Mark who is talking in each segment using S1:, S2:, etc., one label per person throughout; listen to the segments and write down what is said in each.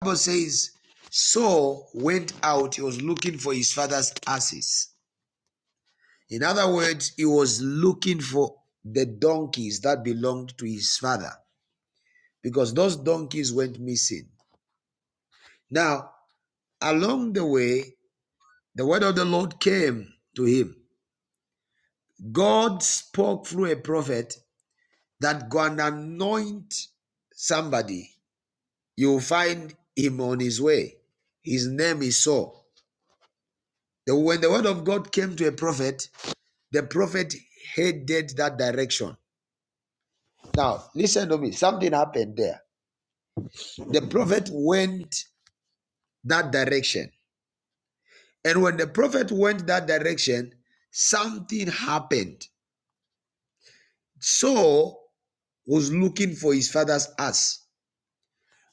S1: Bible says Saul went out, he was looking for his father's asses. In other words, he was looking for the donkeys that belonged to his father because those donkeys went missing. Now, along the way, the word of the Lord came to him. God spoke through a prophet that go and anoint somebody. You'll find him on his way. His name is Saul. when the word of God came to a prophet, The prophet headed that direction. Now, listen to me. Something happened there. The prophet went that direction. And when the prophet went that direction, something happened. Saul was looking for his father's ass.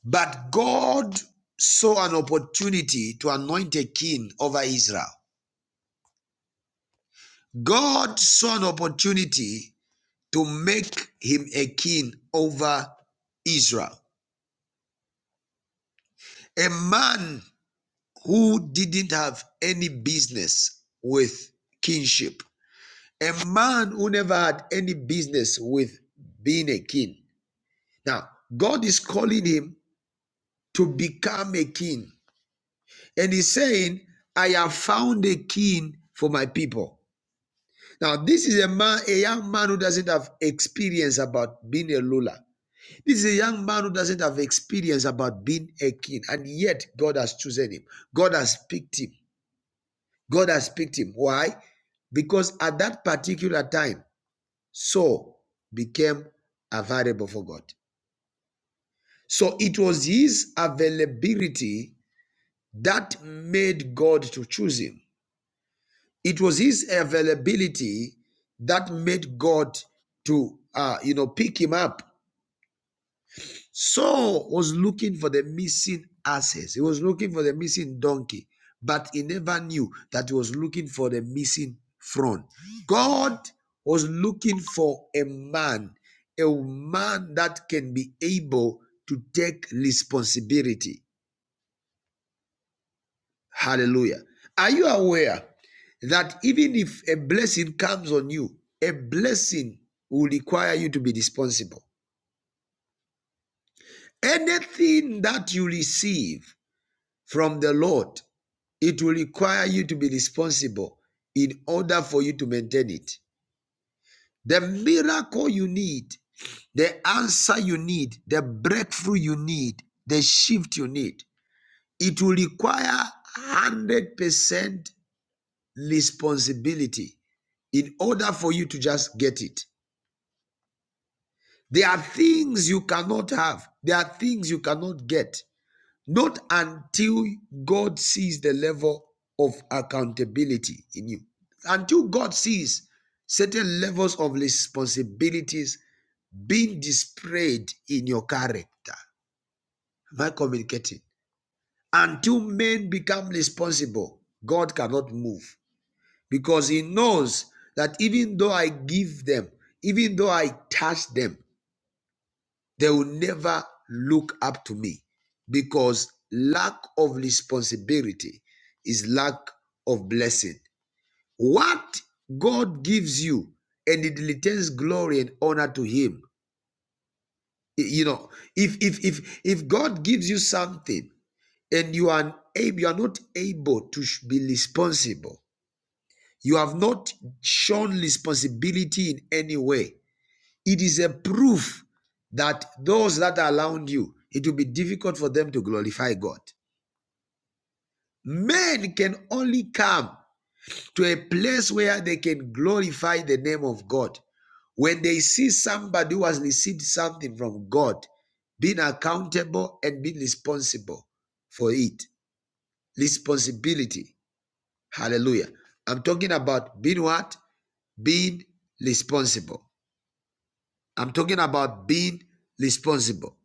S1: But God saw an opportunity to anoint a king over Israel. God saw an opportunity to make him a king over Israel. A man who didn't have any business with kingship, a man who never had any business with being a king. Now, God is calling him to become a king, and he's saying, I have found a king for my people. Now, this is a man, a young man who doesn't have experience about being a ruler. This is a young man who doesn't have experience about being a king, and yet God has chosen him. God has picked him. God has picked him. Why? Because at that particular time, Saul became available for God. So it was his availability that made God to choose him. It was his availability that made God to, uh, you know, pick him up Saul was looking for the missing asses. He was looking for the missing donkey, but he never knew that he was looking for the missing front. God was looking for a man, a man that can be able to take responsibility. Hallelujah. Are you aware that even if a blessing comes on you, a blessing will require you to be responsible? Anything that you receive from the Lord It will require you to be responsible in order for you to maintain it. The miracle you need, the answer you need, the breakthrough you need, the shift you need, it will require 100% responsibility in order for you to just get it. There are things you cannot have, there are things you cannot get. Not until God sees the level of accountability in you. Until God sees certain levels of responsibilities being displayed in your character. Am I communicating? Until men become responsible, God cannot move because He knows that even though I give them, even though I touch them, they will never look up to me because lack of responsibility is lack of blessing. What God gives you and it returns glory and honor to him. You know, if if if if God gives you something and you are unable, you are not able to be responsible, you have not shown responsibility in any way It is a proof that those that are around you, it will be difficult for them to glorify God. Men can only come to a place where they can glorify the name of God when they see somebody who has received something from God being accountable and being responsible for it. Responsibility. Hallelujah. I'm talking about being what? Being responsible. I'm talking about being responsible.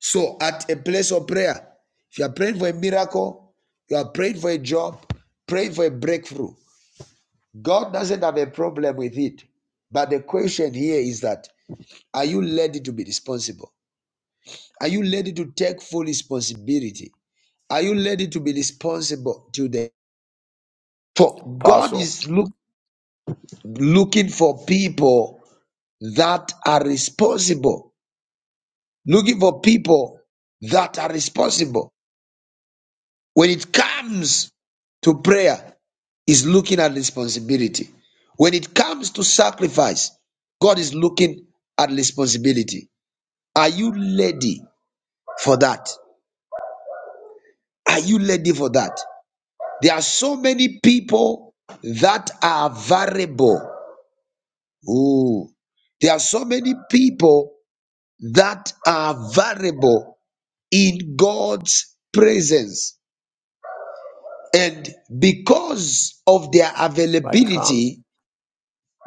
S1: So, at a place of prayer, if you are praying for a miracle, you are praying for a job, praying for a breakthrough, God doesn't have a problem with it. But the question here is that are you ready to be responsible? Are you ready to take full responsibility? Are you ready to be responsible today? For God
S2: Apostle,
S1: is look, looking for people that are responsible, looking for people that are responsible. When it comes to prayer, is looking at responsibility. When it comes to sacrifice, God is looking at responsibility. Are you ready for that? Are you ready for that? There are so many people that are variable. Ooh. There are so many people that are variable in God's presence. And because of their
S2: my comment.
S1: availability,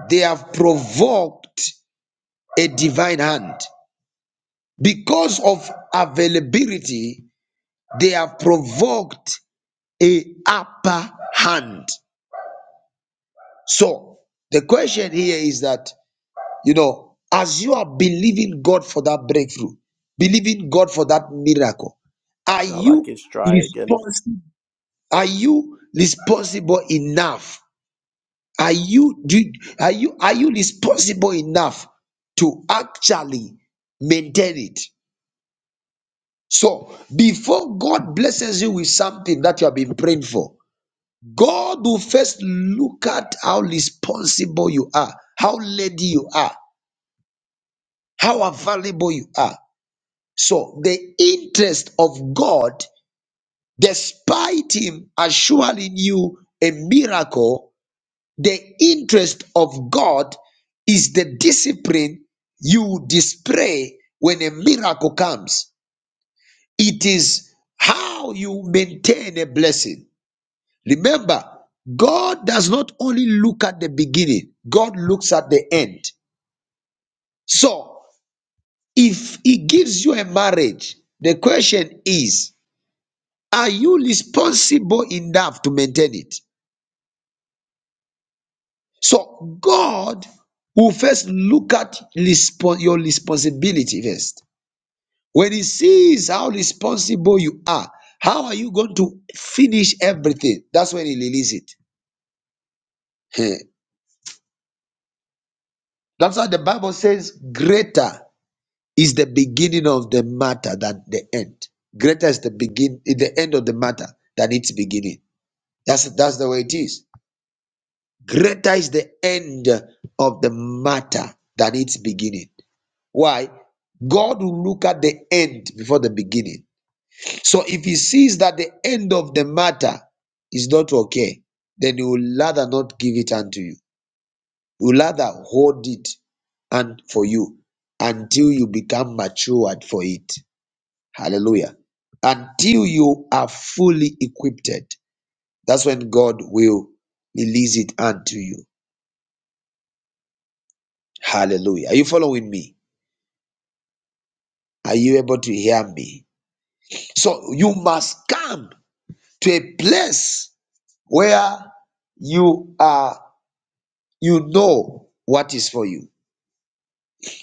S1: They have provoked a divine hand. Because of availability, they have provoked a upper hand. So the question here is that, you know, as you are believing God for that breakthrough, believing God for that miracle, are
S2: Now, like
S1: you
S2: it's dry again.
S1: responsible? Are you responsible enough Are you do you- are you are you responsible enough to actually maintain it? So before God blesses you with something that you have been praying for, God will first look at how responsible you are, how ready you are, how available you are. So the interest of God, despite Him assuring you a miracle, The interest of God is the discipline you display when a miracle comes. It is how you maintain a blessing. Remember, God does not only look at the beginning, God looks at the end. So, if He gives you a marriage, the question is, are you responsible enough to maintain it? So God will first look at respo- your responsibility first. When He sees how responsible you are, how are you going to finish everything? That's when He releases it. Heh. That's why the Bible says, "Greater is the beginning of the matter than the end. Greater is the begin, is the end of the matter than its beginning." That's that's the way it is. Greater is the end of the matter than its beginning. Why? God will look at the end before the beginning. So if he sees that the end of the matter is not okay, then he will rather not give it unto you. He will rather hold it and for you until you become matured for it. Hallelujah. Until you are fully equipped. That's when God will release it unto you. Hallelujah. Are you following me? Are you able to hear me? So you must come to a place where you are you know what is for you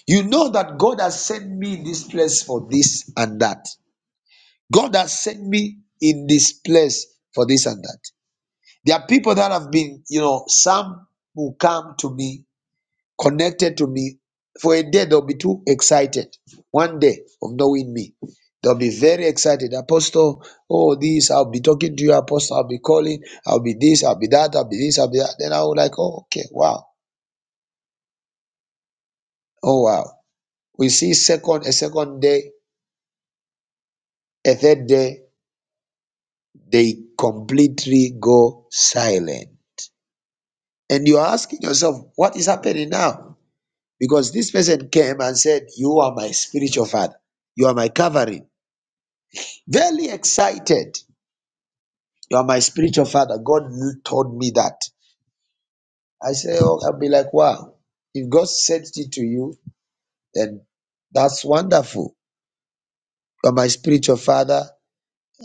S1: you know that god has sent me in this place for this and that god has sent me in this place for this and that there are people that have been you know some will come to me connected to me. For a day, they'll be too excited. One day of knowing me, they'll be very excited. Apostle, oh, this, I'll be talking to you, Apostle, I'll be calling, I'll be this, I'll be that, I'll be this, I'll be that. Then I'll like, oh, okay, wow, oh, wow. We see second, a second day, a third day, they completely go silent. And you're asking yourself, what is happening now? Because this person came and said, You are my spiritual father, you are my covering. Very excited. You are my spiritual father. God told me that. I say, oh, I'll be like, wow. If God sent it to you, then that's wonderful. You are my spiritual father.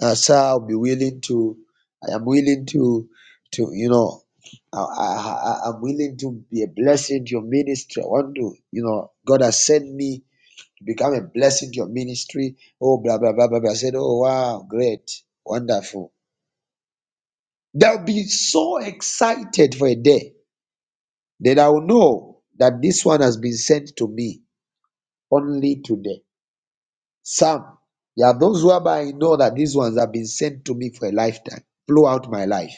S1: Uh, sir, I'll be willing to. I am willing to, to you know, I, I, I- I'm willing to be a blessing to your ministry. I want to, you know, God has sent me to become a blessing to your ministry. Oh, blah blah blah blah. blah. I said, oh wow, great, wonderful. They'll be so excited for a day that I'll know that this one has been sent to me only today. Some, there are those whereby I know that these ones have been sent to me for a lifetime, throughout my life.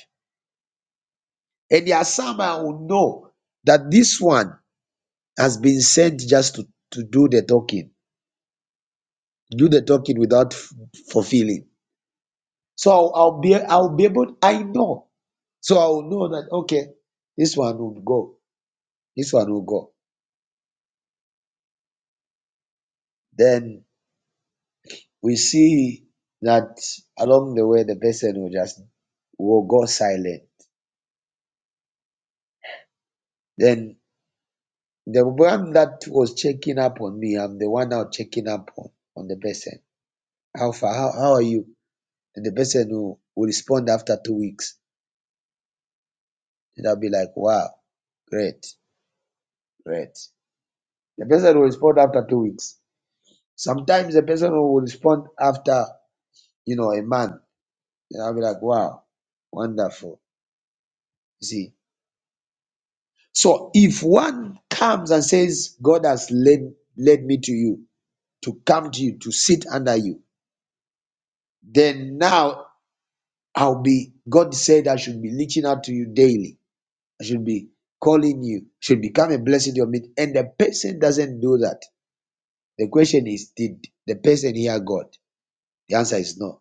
S1: And there are some I will know that this one has been sent just to, to do the talking, do the talking without f- fulfilling. So I'll, I'll be I'll be able I know. So I'll know that okay, this one will go, this one will go. Then we see that along the way the person will just will go silent. Then the one that was checking up on me, I'm the one now checking up on, on the person. How far? How, how are you? And the person will, will respond after two weeks. And I'll be like, wow, great, great. The person will respond after two weeks. Sometimes the person will respond after, you know, a month. And I'll be like, wow, wonderful. You See, So if one comes and says, God has led, led me to you, to come to you, to sit under you, then now I'll be, God said I should be reaching out to you daily. I should be calling you, should become a blessing to your midst. And the person doesn't do that. The question is, did the person hear God? The answer is no.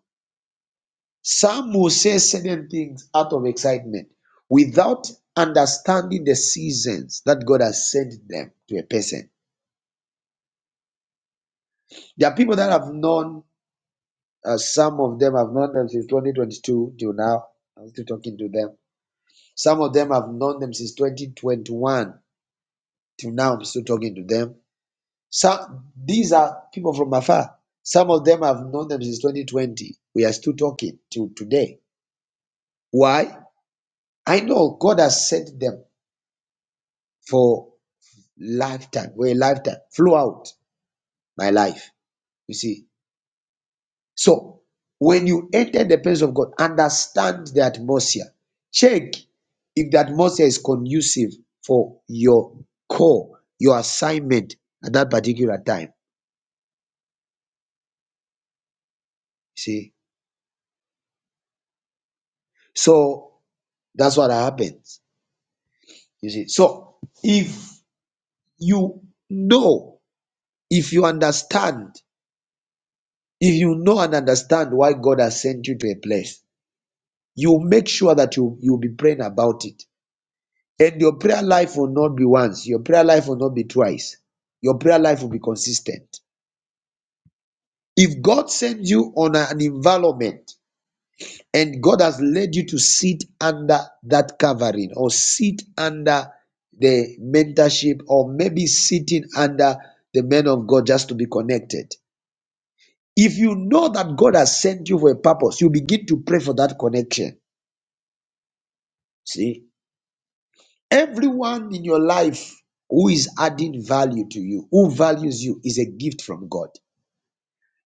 S1: Some will say certain things out of excitement without understanding the seasons that God has sent them to a person. There are people that have known Uh, some of them have known them since 2022 till now. I'm still talking to them. Some of them have known them since 2021 till now. I'm still talking to them. Some these are people from afar. Some of them have known them since 2020. We are still talking till today. Why? I know God has sent them for lifetime, for a lifetime. Flow out my life. You see. So when you enter the presence of God, understand the atmosphere. Check if the atmosphere is conducive for your call, your assignment at that particular time. You see? So that's what happens. You see. So if you know, if you understand, if you know and understand why God has sent you to a place, you make sure that you you'll be praying about it And your prayer life will not be once, your prayer life will not be twice. Your prayer life will be consistent. If God sends you on an environment and God has led you to sit under that covering or sit under the mentorship or maybe sitting under the men of God just to be connected. If you know that God has sent you for a purpose, you begin to pray for that connection. See? Everyone in your life who is adding value to you, who values you, is a gift from God.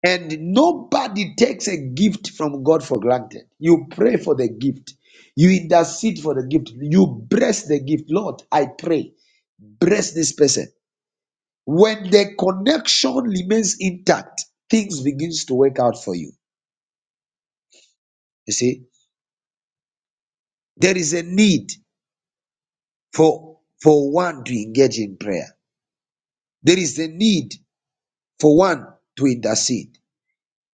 S1: And nobody takes a gift from God for granted. You pray for the gift, you intercede for the gift, you bless the gift. Lord, I pray, bless this person. When the connection remains intact, things begins to work out for you. You see, there is a need for for one to engage in prayer. There is a need for one to intercede.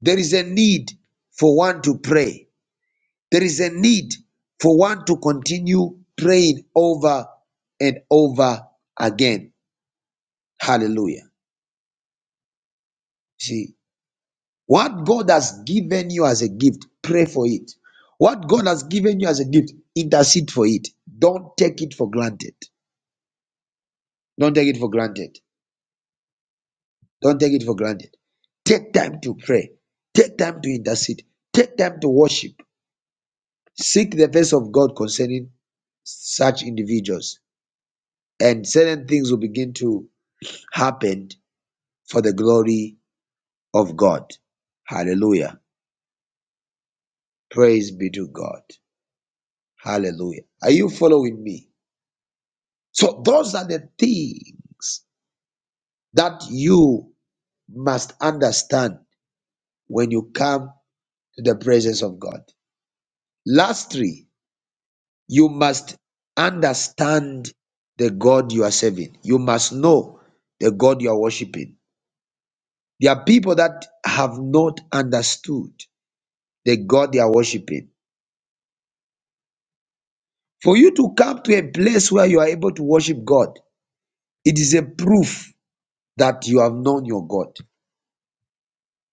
S1: There is a need for one to pray. There is a need for one to continue praying over and over again. Hallelujah. See, what God has given you as a gift, pray for it. What God has given you as a gift, intercede for it. Don't take it for granted. Don't take it for granted. Don't take it for granted. Take time to pray. Take time to intercede. Take time to worship. Seek the face of God concerning such individuals and certain things will begin to happen for the glory of God. Hallelujah. Praise be to God. Hallelujah. Are you following me? So, those are the things that you must understand when you come to the presence of God. Lastly, you must understand the God you are serving. You must know the God you are worshiping. There are people that have not understood the God they are worshiping. For you to come to a place where you are able to worship God, it is a proof that you have known your God.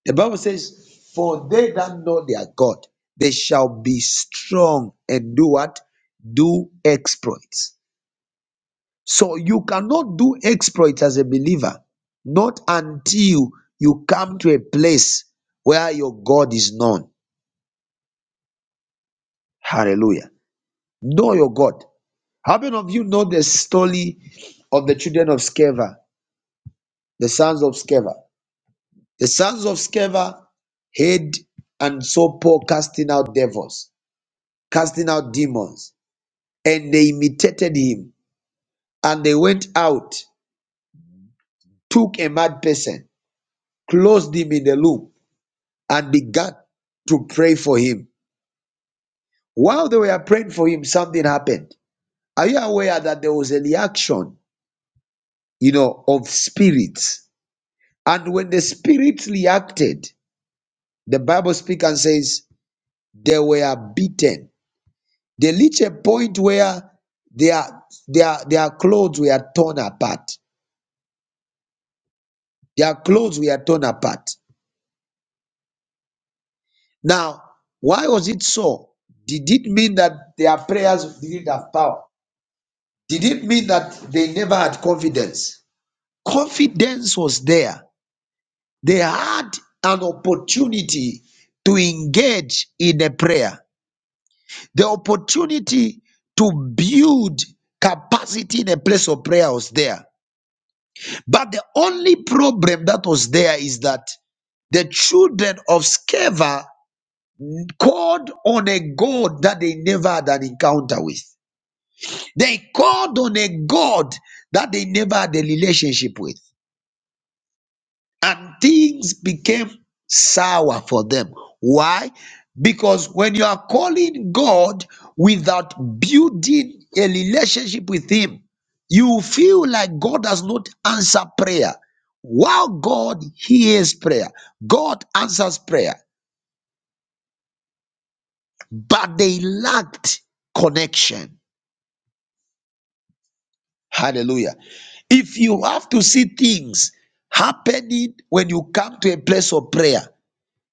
S1: The Bible says, For they that know their God, they shall be strong and do what? Do exploits. So you cannot do exploits as a believer, not until you come to a place where your God is known. Hallelujah. Know your God. How many of you know the story of the children of Sceva? the sons of Sceva. The sons of Sceva had and saw Paul casting out devils, casting out demons, and they imitated him. And they went out, took a mad person, closed him in a loop, and began to pray for him. While they were praying for him, something happened. Are you aware that there was a reaction, you know, of spirits? And when the spirits reacted, the Bible speaks and says they were beaten They reach a point where their, their, their clothes were torn apart. Their clothes were torn apart. Now, why was it so? Did it mean that their prayers didn't have power? Did it mean that they never had confidence? Confidence was there. They had an opportunity to engage in a prayer, the opportunity to build capacity in a place of prayer was there. But the only problem that was there is that the children of Sceva called on a God that they never had an encounter with. They called on a God that they never had a relationship with. and things became sour for them. Why? Because when you are calling God without building a relationship with Him, you feel like God does not answer prayer. While God hears prayer, God answers prayer, but they lacked connection. Hallelujah. If you have to see things happening when you come to a place of prayer,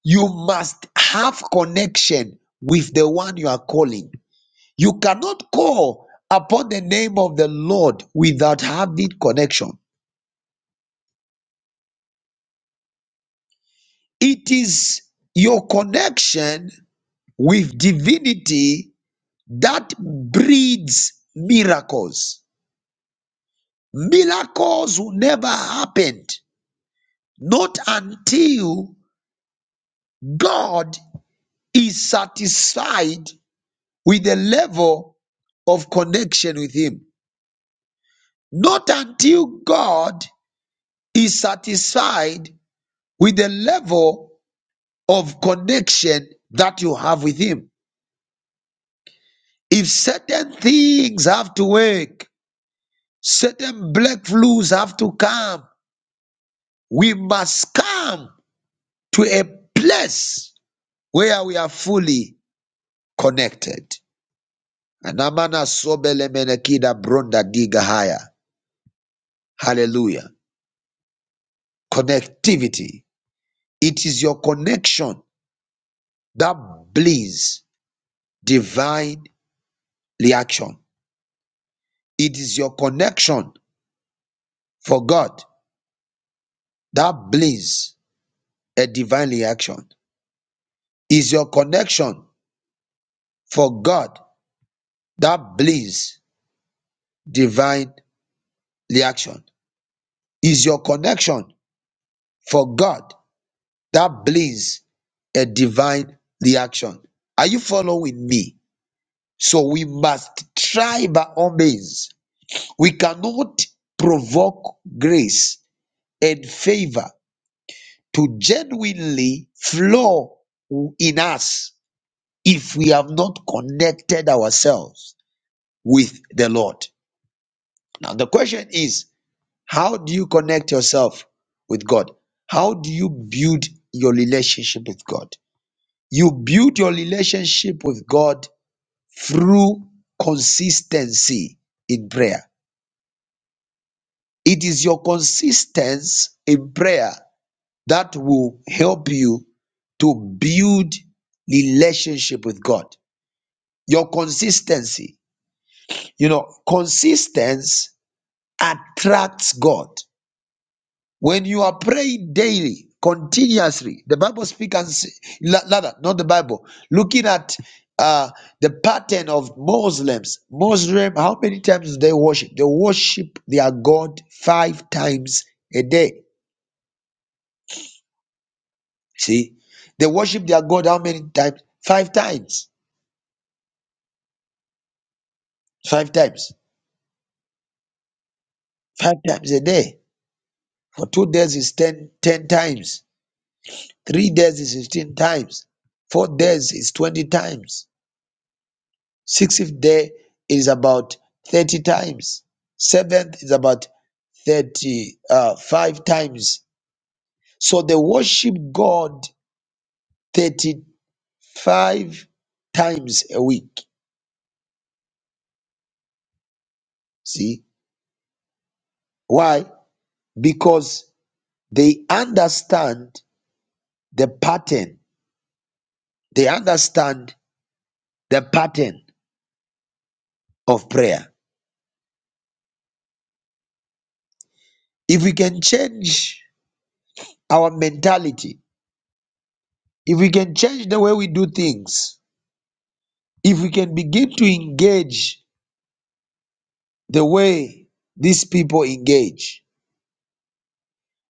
S1: you must have connection with the one you are calling. You cannot call upon the name of the Lord without having connection. It is your connection with divinity that breeds miracles. Miracles will never happen not until God is satisfied with the level of connection with Him. Not until God is satisfied with the level of connection that you have with Him. If certain things have to work, certain black flus have to come, we must come to a place where we are fully connected. Anamana sobele menekida bronda diga haya. Hallelujah. Connectivity. It is your connection that bleeds. divine reaction. It is your connection for God that brings a divine reaction. Is your connection for God that brings divine reaction. Is your connection for God that brings a divine reaction. Are you following me? So we must try by all means. We cannot provoke grace and favor to genuinely flow in us if we have not connected ourselves with the Lord. Now, the question is how do you connect yourself with God? How do you build your relationship with God? You build your relationship with God through consistency in prayer. It is your consistency in prayer that will help you to build relationship with God. Your consistency, you know, consistency attracts God. When you are praying daily, continuously, the Bible speaks and say, la- rather, not the Bible, looking at uh, the pattern of Muslims. Muslim, how many times do they worship? They worship their God five times a day. See, they worship their God how many times? Five times. five times five times a day for two days is 10 10 times three days is 15 times four days is 20 times sixth day is about 30 times seventh is about 30 uh, five times so they worship god 35 times a week see why because they understand the pattern they understand the pattern of prayer. If we can change our mentality, if we can change the way we do things, if we can begin to engage the way these people engage,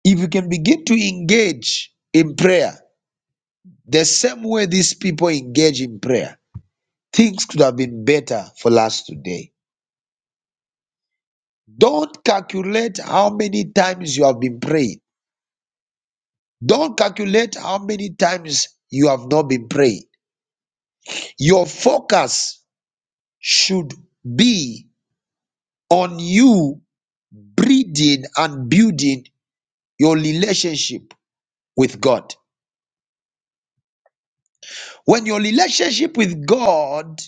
S1: if we can begin to engage in prayer the same way these people engage in prayer, things could have been better for us today. Don't calculate how many times you have been praying. Don't calculate how many times you have not been praying. Your focus should be on you breeding and building your relationship with God. When your relationship with God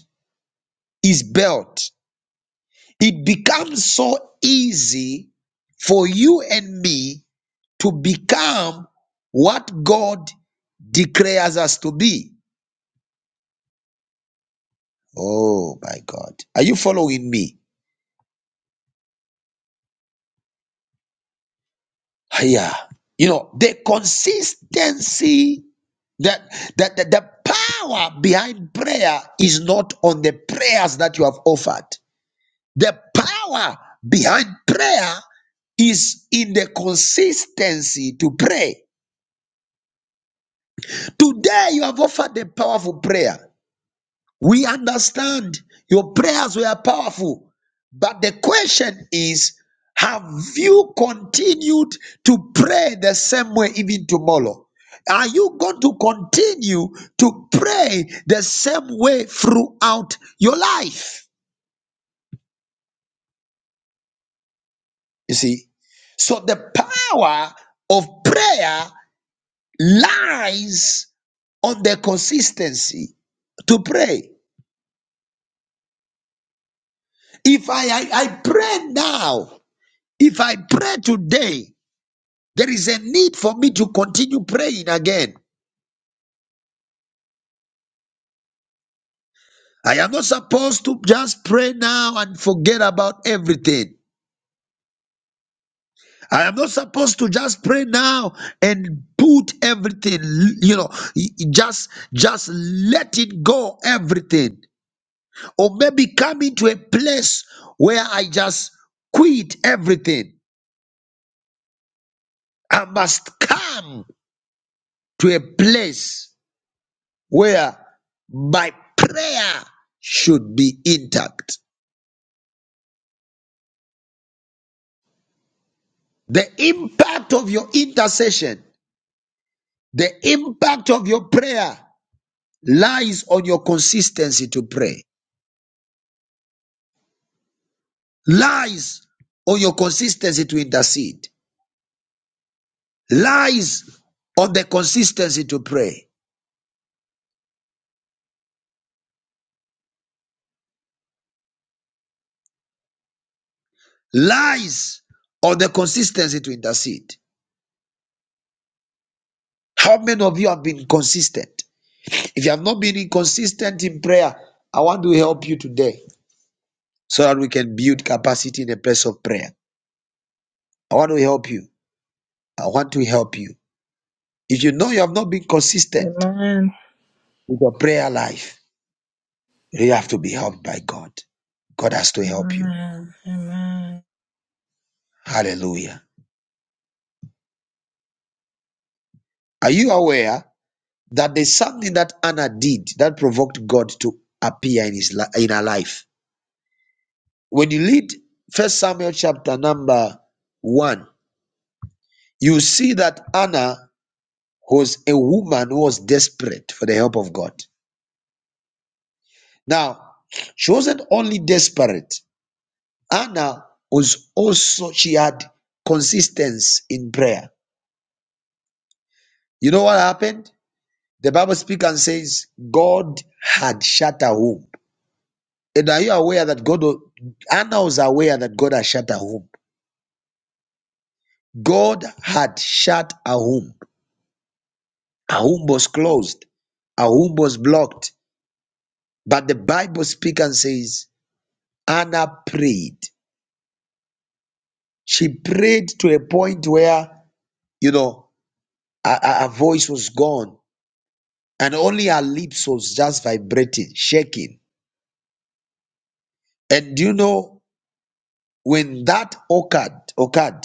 S1: is built, it becomes so easy for you and me to become what God declares us to be. Oh my God. Are you following me? yeah you know the consistency that that, that the power behind prayer is not on the prayers that you have offered the power behind prayer is in the consistency to pray today you have offered a powerful prayer We understand your prayers were powerful, but the question is have you continued to pray the same way even tomorrow? Are you going to continue to pray the same way throughout your life? You see, so the power of prayer lies on the consistency to pray. If I, I, I pray now, if I pray today, There is a need for me to continue praying again. I am not supposed to just pray now and forget about everything. I am not supposed to just pray now and put everything, you know, just just let it go everything. Or maybe come into a place where I just quit everything. I must come to a place where my prayer should be intact. The impact of your intercession, the impact of your prayer lies on your consistency to pray, lies on your consistency to intercede, lies on the consistency to pray, lies on the consistency to intercede. How many of you have been consistent? If you have not been inconsistent in prayer, I want to help you today so that we can build capacity in the place of prayer. I want to help you. I want to help you. If you know you have not been consistent
S3: Amen.
S1: with your prayer life, you have to be helped by God. God has to help you.
S3: Amen. Amen.
S1: Hallelujah. Are you aware that there's something that Anna did that provoked God to appear in his li- in her life? When you read First Samuel chapter number one, you see that Anna was a woman who was desperate for the help of God. Now, she wasn't only desperate, Anna was also, she had consistency in prayer. You know what happened? The Bible speaks and says, God had shut her womb. And are you aware that God, Anna was aware that God had shut her womb? God had shut her womb. Her womb was closed. Her womb was blocked. But the Bible speaks and says, Anna prayed. She prayed to a point where, you know, her, her her voice was gone and only her lips was just vibrating, shaking. And you know when that occurred, occurred,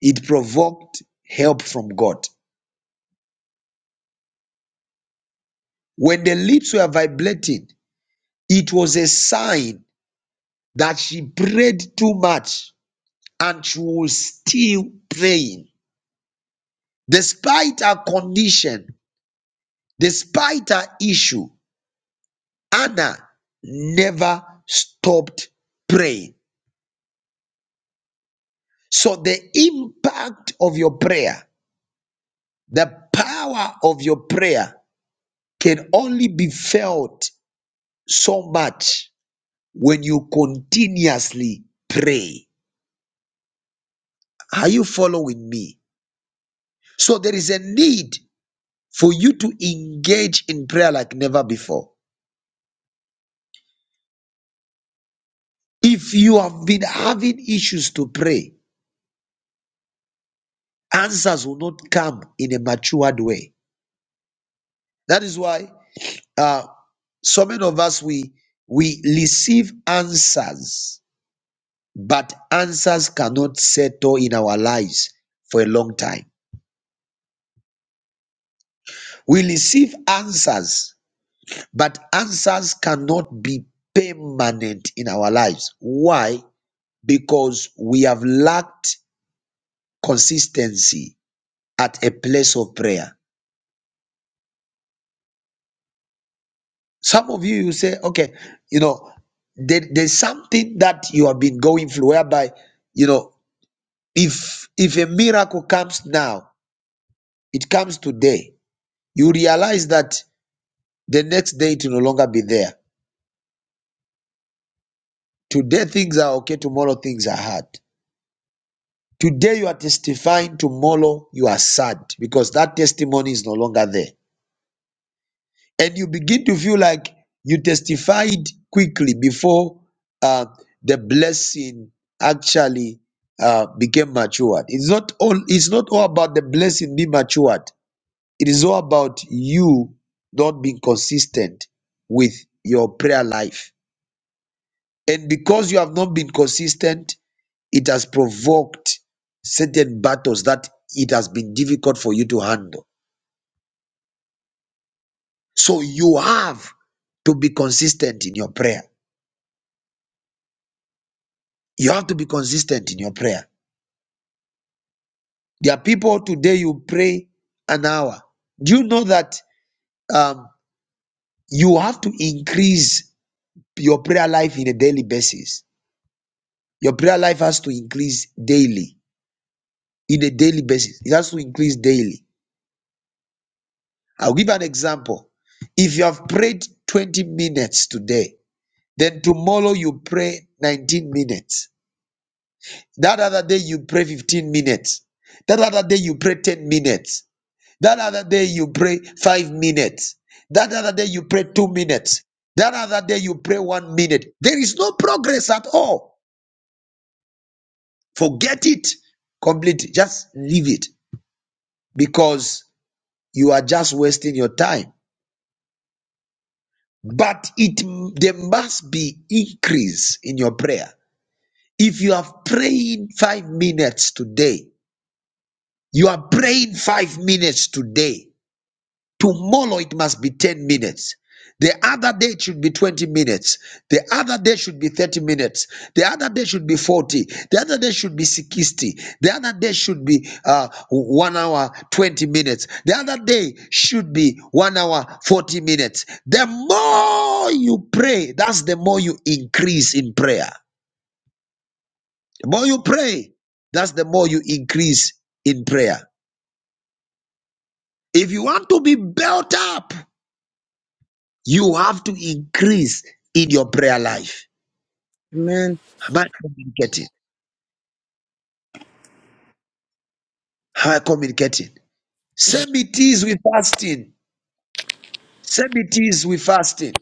S1: it provoked help from God. When the lips were vibrating, it was a sign that she prayed too much and she was still praying. Despite her condition, despite her issue, Anna never stopped praying. So the impact of your prayer The power of your prayer can only be felt so much when you continuously pray. Are you following me? So there is a need for you to engage in prayer like never before. If you have been having issues to pray, answers will not come in a matured way. That is why uh, so many of us we we receive answers but answers cannot settle in our lives for a long time. We receive answers, but answers cannot be permanent in our lives. Why? Because we have lacked consistency at a place of prayer. Some of you, you say, okay, you know, there, there's something that you have been going through whereby, you know, if if a miracle comes now, it comes today, you realize that The next day it will no longer be there. Today things are okay, tomorrow things are hard. Today you are testifying, tomorrow you are sad because that testimony is no longer there. And you begin to feel like you testified quickly before uh, the blessing actually uh, became matured. It's not all it's not all about the blessing being matured. It is all about you not being consistent with your prayer life. And because you have not been consistent, It has provoked certain battles that it has been difficult for you to handle. So you have to be consistent in your prayer. You have to be consistent in your prayer. There are people today you pray an hour. Do you know that um, you have to increase your prayer life in a daily basis? Your prayer life has to increase daily, in a daily basis. It has to increase daily. I'll give an example. If you have prayed 20 minutes today, Then tomorrow you pray 19 minutes. That other day you pray 15 minutes. That other day you pray 10 minutes. That other day you pray 5 minutes. That other day you pray 2 minutes. That other day you pray 1 minute. There is no progress at all. Forget it completely. Just leave it because you are just wasting your time. But it there must be increase in your prayer. If you have praying 5 minutes today, You are praying five minutes today. Tomorrow it must be 10 minutes. The other day it should be 20 minutes. The other day should be 30 minutes. The other day should be 40. The other day should be 60. The other day should be uh, 1 hour 20 minutes. The other day should be 1 hour 40 minutes. The more you pray, that's the more you increase in prayer. The more you pray, that's the more you increase in prayer. If you want to be built up, you have to increase in your prayer life.
S4: Amen.
S1: Am I communicating? Am I communicating? Same it is with fasting. Same it is with fasting.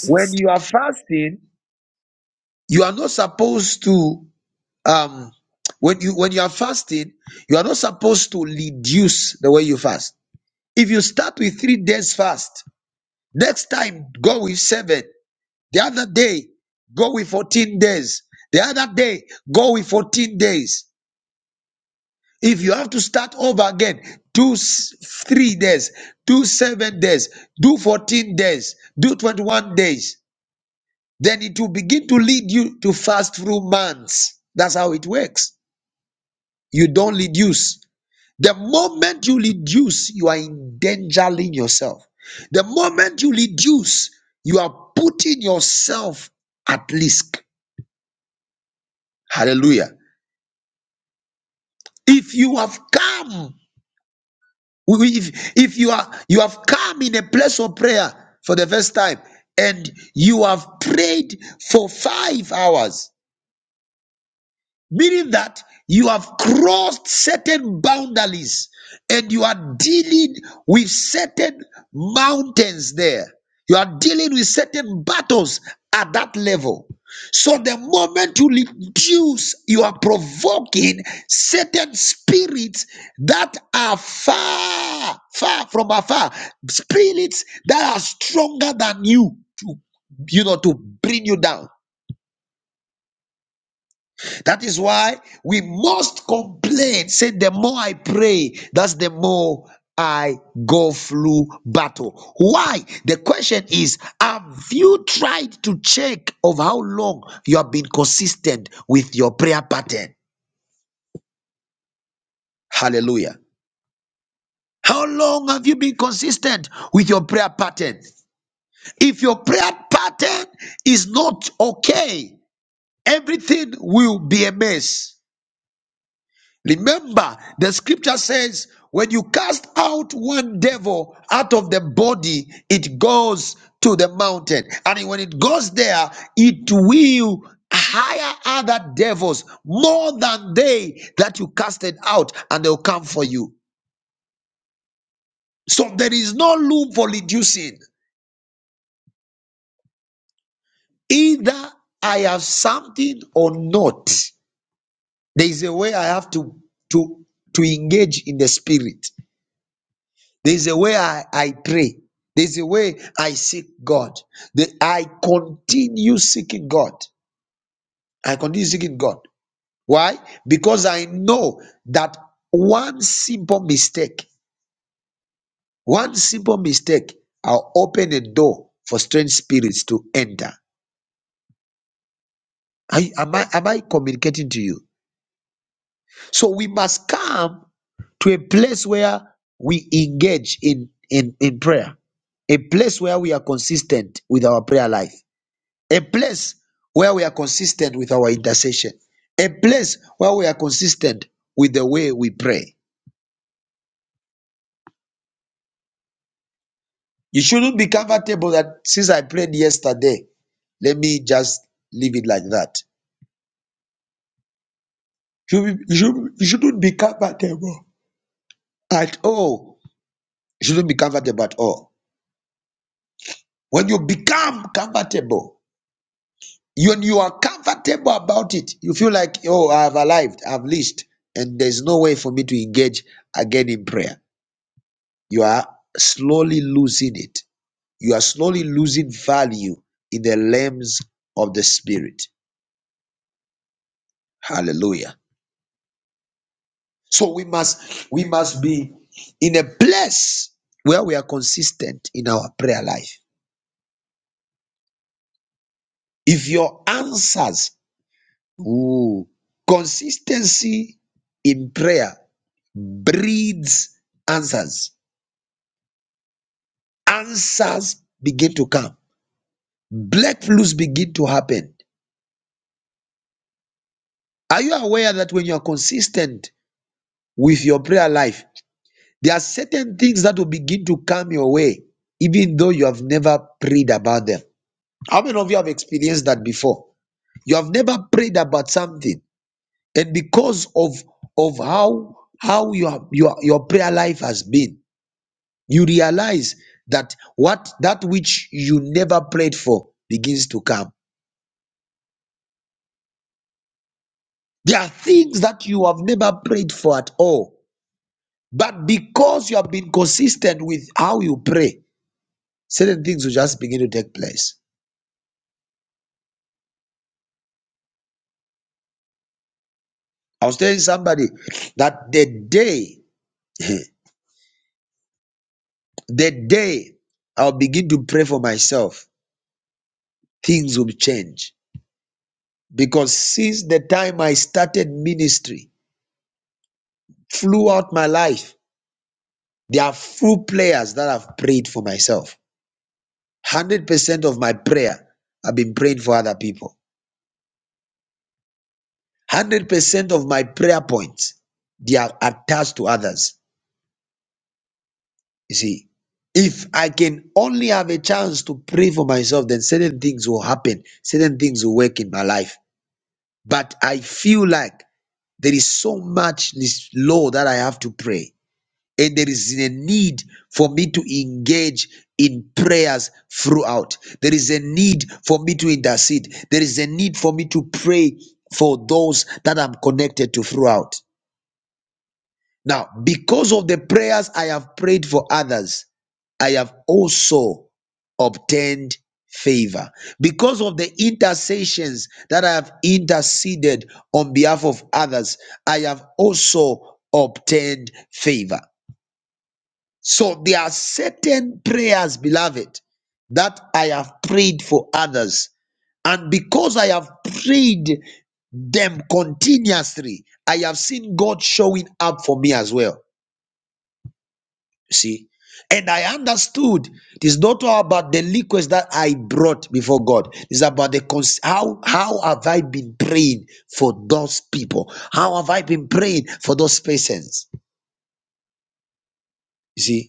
S1: When you are fasting, you are not supposed to um when you when you are fasting, you are not supposed to reduce the way you fast. If you start with three days fast, next time go with seven. The other day, go with 14 days. The other day, go with 14 days. If you have to start over again, do s- three days, do seven days, do 14 days, do 21 days. Then it will begin to lead you to fast through months. That's how it works. You don't reduce. The moment you reduce, you are endangering yourself. The moment you reduce, you are putting yourself at risk. Hallelujah. If you have come, if, if you are you have come in a place of prayer for the first time and you have prayed for five hours, meaning that you have crossed certain boundaries and you are dealing with certain mountains there. You are dealing with certain battles at that level. So the moment you reduce, you are provoking certain spirits that are far, far from afar, spirits that are stronger than you to, you know, to bring you down. That is why we must complain. Say, the more I pray, that's the more I go through battle. Why? The question is Have you tried to check of how long you have been consistent with your prayer pattern? Hallelujah. How long have you been consistent with your prayer pattern? If your prayer pattern is not okay, everything will be a mess. Remember, the scripture says, when you cast out one devil out of the body, it goes to the mountain. And when it goes there, it will hire other devils more than they that you casted out, and they'll come for you. So there is no room for reducing. Either I have something or not. There is a way I have to to to engage in the spirit. There's a way I, I pray. There's a way I seek God. The, I continue seeking God. I continue seeking God. Why? Because I know that one simple mistake, one simple mistake, I'll open a door for strange spirits to enter. I, am, I, am I communicating to you? So we must come to a place where we engage in, in, in prayer, a place where we are consistent with our prayer life a place where we are consistent with our intercession, a place where we are consistent with the way we pray. You shouldn't be comfortable that since I prayed yesterday, let me just leave it like that. You, should you, you shouldn't be comfortable at all. You shouldn't be comfortable at all. When you become comfortable, when you are comfortable about it, you feel like, oh, I have arrived, I have lived, and there's no way for me to engage again in prayer. you are slowly losing it. You are slowly losing value in the realms of the spirit. Hallelujah. So we must we must be in a place where we are consistent in our prayer life. If your answers, ooh, consistency in prayer breeds answers. Answers begin to come. Black flus begin to happen. Are you aware that when you are consistent with your prayer life, there are certain things that will begin to come your way, even though you have never prayed about them. How many of you have experienced that before? You have never prayed about something, and because of of how how your your your prayer life has been, you realize that what that which you never prayed for begins to come. There are things that you have never prayed for at all, but because you have been consistent with how you pray, Certain things will just begin to take place. I was telling somebody that the day, the day I'll begin to pray for myself, things will change. Because since the time I started ministry, throughout my life, there are few prayers that I've prayed for myself. 100% of my prayer, I've been praying for other people. 100% of my prayer points, they are attached to others. You see, if I can only have a chance to pray for myself, then certain things will happen, certain things will work in my life. But I feel like there is so much this law that I have to pray. And there is a need for me to engage in prayers throughout. There is a need for me to intercede. There is a need for me to pray for those that I'm connected to throughout. Now, because of the prayers I have prayed for others, I have also obtained favor. Because of the intercessions that I have interceded on behalf of others, I have also obtained favor. So there are certain prayers, beloved, that I have prayed for others. And because I have prayed them continuously, I have seen God showing up for me as well. You see? And I understood it is not all about the liquids that I brought before God. It's about the cons- how how have I been praying for those people? How have I been praying for those patients? You see?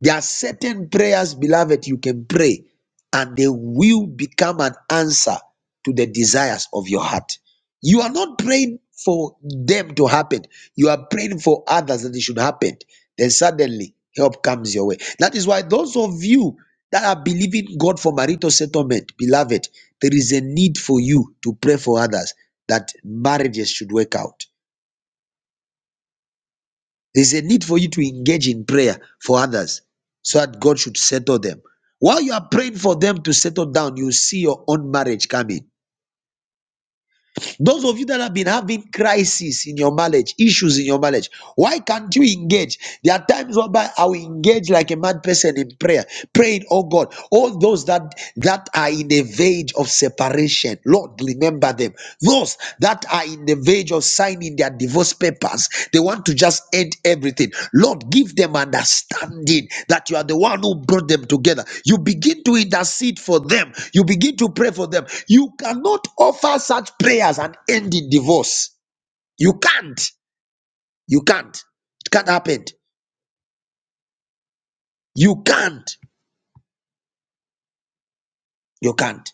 S1: There are certain prayers, beloved, you can pray and they will become an answer to the desires of your heart. You are not praying for them to happen, you are praying for others that it should happen. Then suddenly help comes your way. That is why those of you that are believing God for marital settlement, beloved, there is a need for you to pray for others that marriages should work out. There's a need for you to engage in prayer for others so that God should settle them. While you are praying for them to settle down, you see your own marriage coming. Those of you that have been having crises in your marriage, issues in your marriage, why can't you engage? There are times whereby I will engage like a mad person in prayer, praying, oh God, all those that that are in the verge of separation, Lord, remember them. Those that are in the verge of signing their divorce papers, they want to just end everything. Lord, give them understanding that you are the one who brought them together. You begin to intercede for them, you begin to pray for them. You cannot offer such prayers and end in divorce. You can't. You can't. It can't happen. You can't. You can't.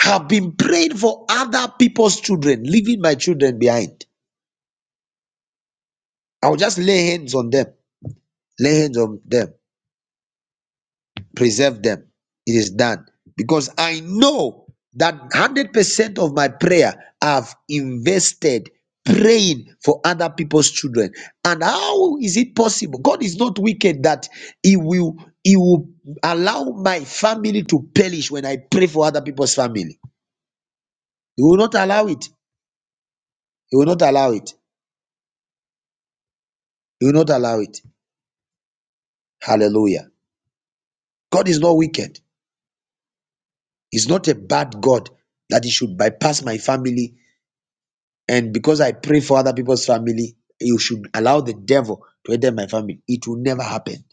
S1: Have been praying for other people's children, leaving my children behind. I'll just lay hands on them. Lay hands on them preserve them. It is done. Because I know that 100% of my prayer I've invested praying for other people's children. And how is it possible? God is not wicked that he will he will allow my family to perish when I pray for other people's family. He will not allow it. He will not allow it. He will not allow it. Hallelujah. God is not wicked. He's not a bad God that he should bypass my family And because I pray for other people's family, you should allow the devil to enter my family. It will never happen.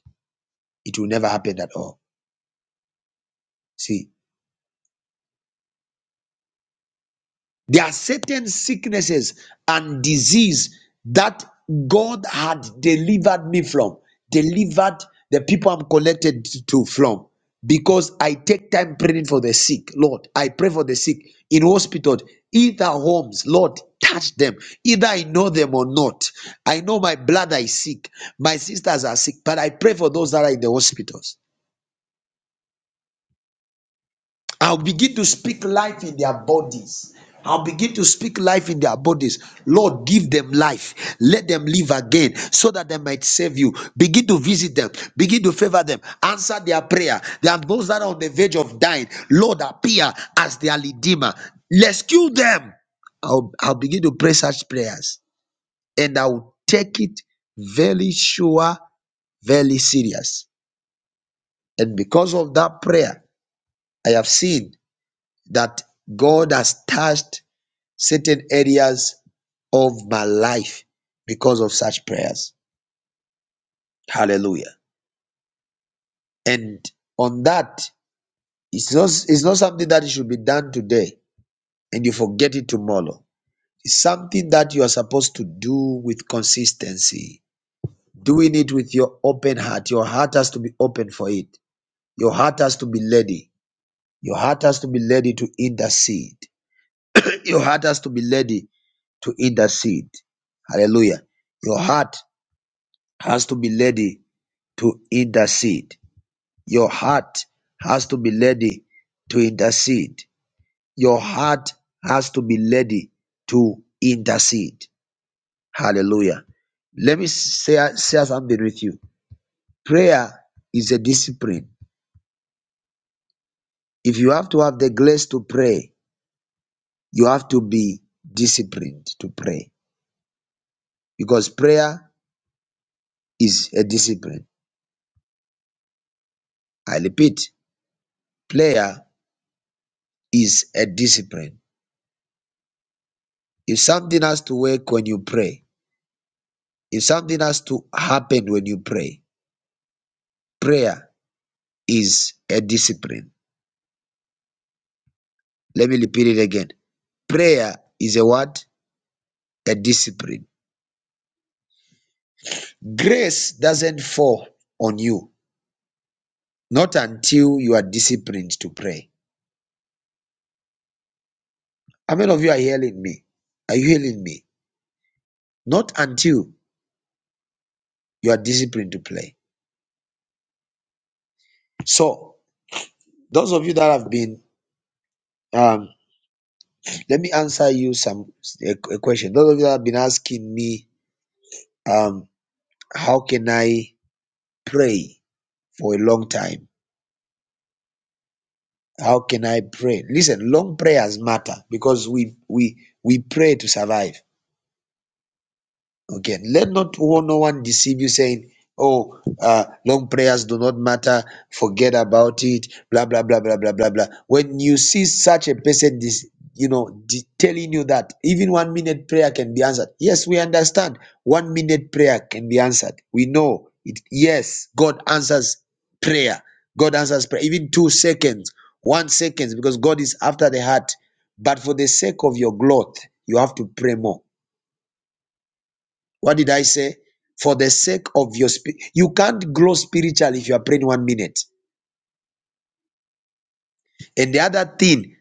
S1: It will never happen at all. See, There are certain sicknesses and disease that God had delivered me from, delivered the people I'm connected to from. Because I take time praying for the sick, Lord. I pray for the sick in hospital, either homes, Lord, touch them. Either I know them or not. I know my brother is sick, my sisters are sick, but I pray for those that are in the hospitals. I'll begin to speak life in their bodies. I'll begin to speak life in their bodies. Lord, give them life. Let them live again so that they might save you. Begin to visit them. Begin to favor them. Answer their prayer. There are those that are on the verge of dying. Lord, appear as their redeemer. Rescue them. I'll, I'll begin to pray such prayers and I will take it very sure, very serious. And because of that prayer, I have seen that God has touched certain areas of my life because of such prayers. Hallelujah. And on that, it's not, it's not something that should be done today and you forget it tomorrow. It's something that you are supposed to do with consistency, doing it with your open heart. Your heart has to be open for it. Your heart has to be ready. Your heart has to be ready to intercede. Your heart has to be ready to eat that seed. Hallelujah. Your heart has to be ready to eat that seed. Your heart has to be ready to intercede. Your heart has to be ready to intercede. Hallelujah. Let me share, share something with you. Prayer is a discipline. If you have to have the grace to pray, you have to be disciplined to pray because prayer is a discipline. I repeat, Prayer is a discipline. If something has to work when you pray, if something has to happen when you pray, prayer is a discipline. Let me repeat it again. Prayer is a what? A discipline. Grace doesn't fall on you, not until you are disciplined to pray. How many of you are hearing me? Are you hearing me? Not until you are disciplined to pray. So, those of you that have been um, Let me answer you some a, a question. Those of you have been asking me, um, how can I pray for a long time? How can I pray? Listen, long prayers matter because we we we pray to survive. Okay, let not one, no one deceive you saying, Oh, uh, long prayers do not matter, forget about it, blah blah blah blah blah blah blah. When you see such a person, this you know, de- telling you that even one minute prayer can be answered. Yes, we understand one minute prayer can be answered. We know it. Yes, God answers prayer, God answers prayer, even two seconds, one seconds, because God is after the heart. But for the sake of your growth, you have to pray more what did I say? For the sake of your spirit, you can't grow spiritual if you are praying one minute. And the other thing,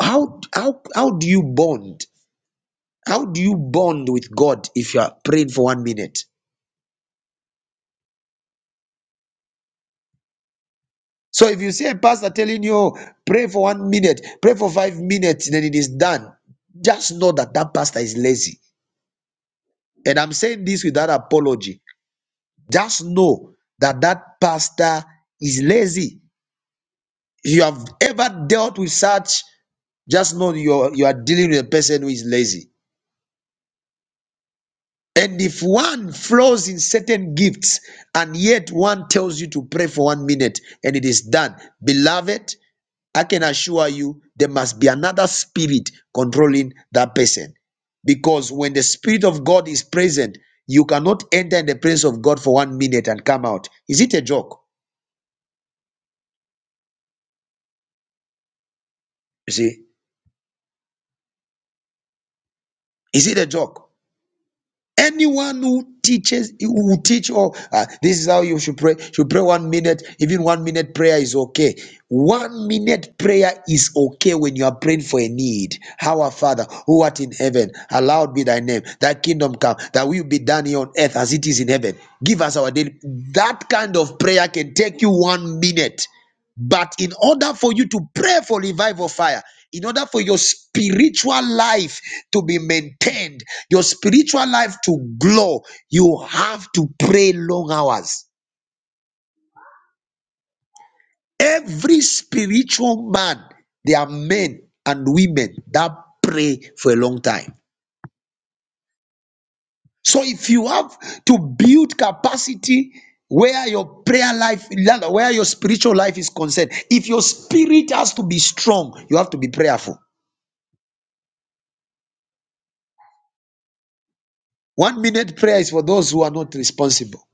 S1: how how how do you bond? How do you bond with God if you are praying for one minute? So if you see a pastor telling you "Oh, pray for one minute, pray for five minutes, then it is done. Just know that that pastor is lazy. And I'm saying this without apology. Just know that that pastor is lazy. If you have ever dealt with such Just know you are, you are dealing with a person who is lazy. And if one flows in certain gifts and yet one tells you to pray for one minute and it is done, beloved, I can assure you there must be another spirit controlling that person. Because when the spirit of God is present, you cannot enter in the presence of God for one minute and come out. Is it a joke? You see, is it a joke? anyone who teaches who will teach or uh, this is how you should pray should pray one minute even one minute prayer is okay one minute prayer is okay when you are praying for a need our father who art in heaven hallowed be thy name thy kingdom come thy will be done here on earth as it is in heaven give us our daily that kind of prayer can take you one minute but in order for you to pray for revival fire, in order for your spiritual life to be maintained, your spiritual life to glow, you have to pray long hours. Every spiritual man, there are men and women that pray for a long time. So if you have to build capacity where your prayer life, where your spiritual life is concerned, if your spirit has to be strong, you have to be prayerful. One minute prayer is for those who are not responsible.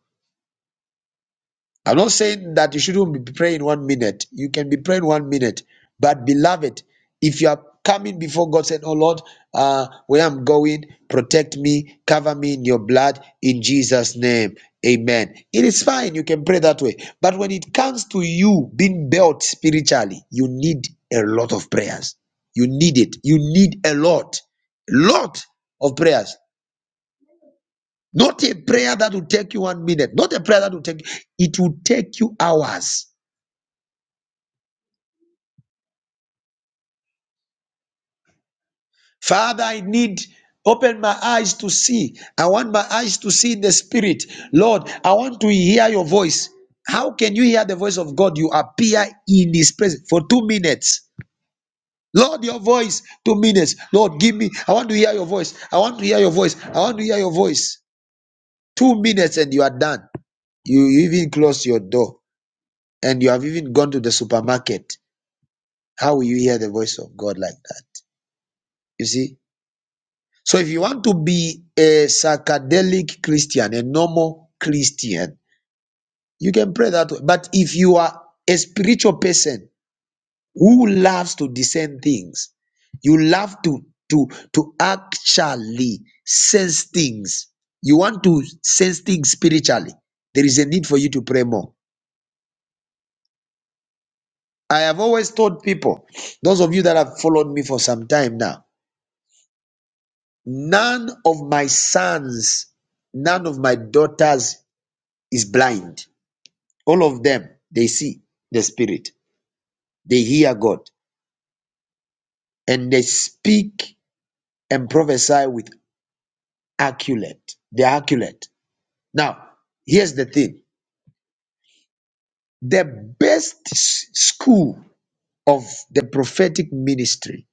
S1: I'm not saying that you shouldn't be praying one minute. You can be praying one minute. But beloved, if you are coming before God saying, Oh Lord, uh, where I'm going, protect me, cover me in your blood in Jesus' name. Amen. It is fine. You can pray that way. But when it comes to you being built spiritually, you need a lot of prayers. You need it. You need a lot, lot of prayers. Not a prayer that will take you one minute, not a prayer that will take you, it will take you hours. Father, I need open my eyes to see. I want my eyes to see in the spirit. Lord, I want to hear your voice. How can you hear the voice of God? You appear in his presence for two minutes. Lord, your voice, two minutes. Lord, give me. I want to hear your voice. I want to hear your voice. I want to hear your voice. Two minutes and you are done. You even close your door and you have even gone to the supermarket How will you hear the voice of God like that? You see? So if you want to be a psychedelic Christian, a normal Christian, you can pray that way. But if you are a spiritual person who loves to discern things, you love to to to actually sense things. You want to sense things spiritually. There is a need for you to pray more. I have always told people, those of you that have followed me for some time now, None of my sons, none of my daughters is blind. All of them, they see the Spirit, they hear God, and they speak and prophesy with accurate. They're accurate. Now, here's the thing the best s- school of the prophetic ministry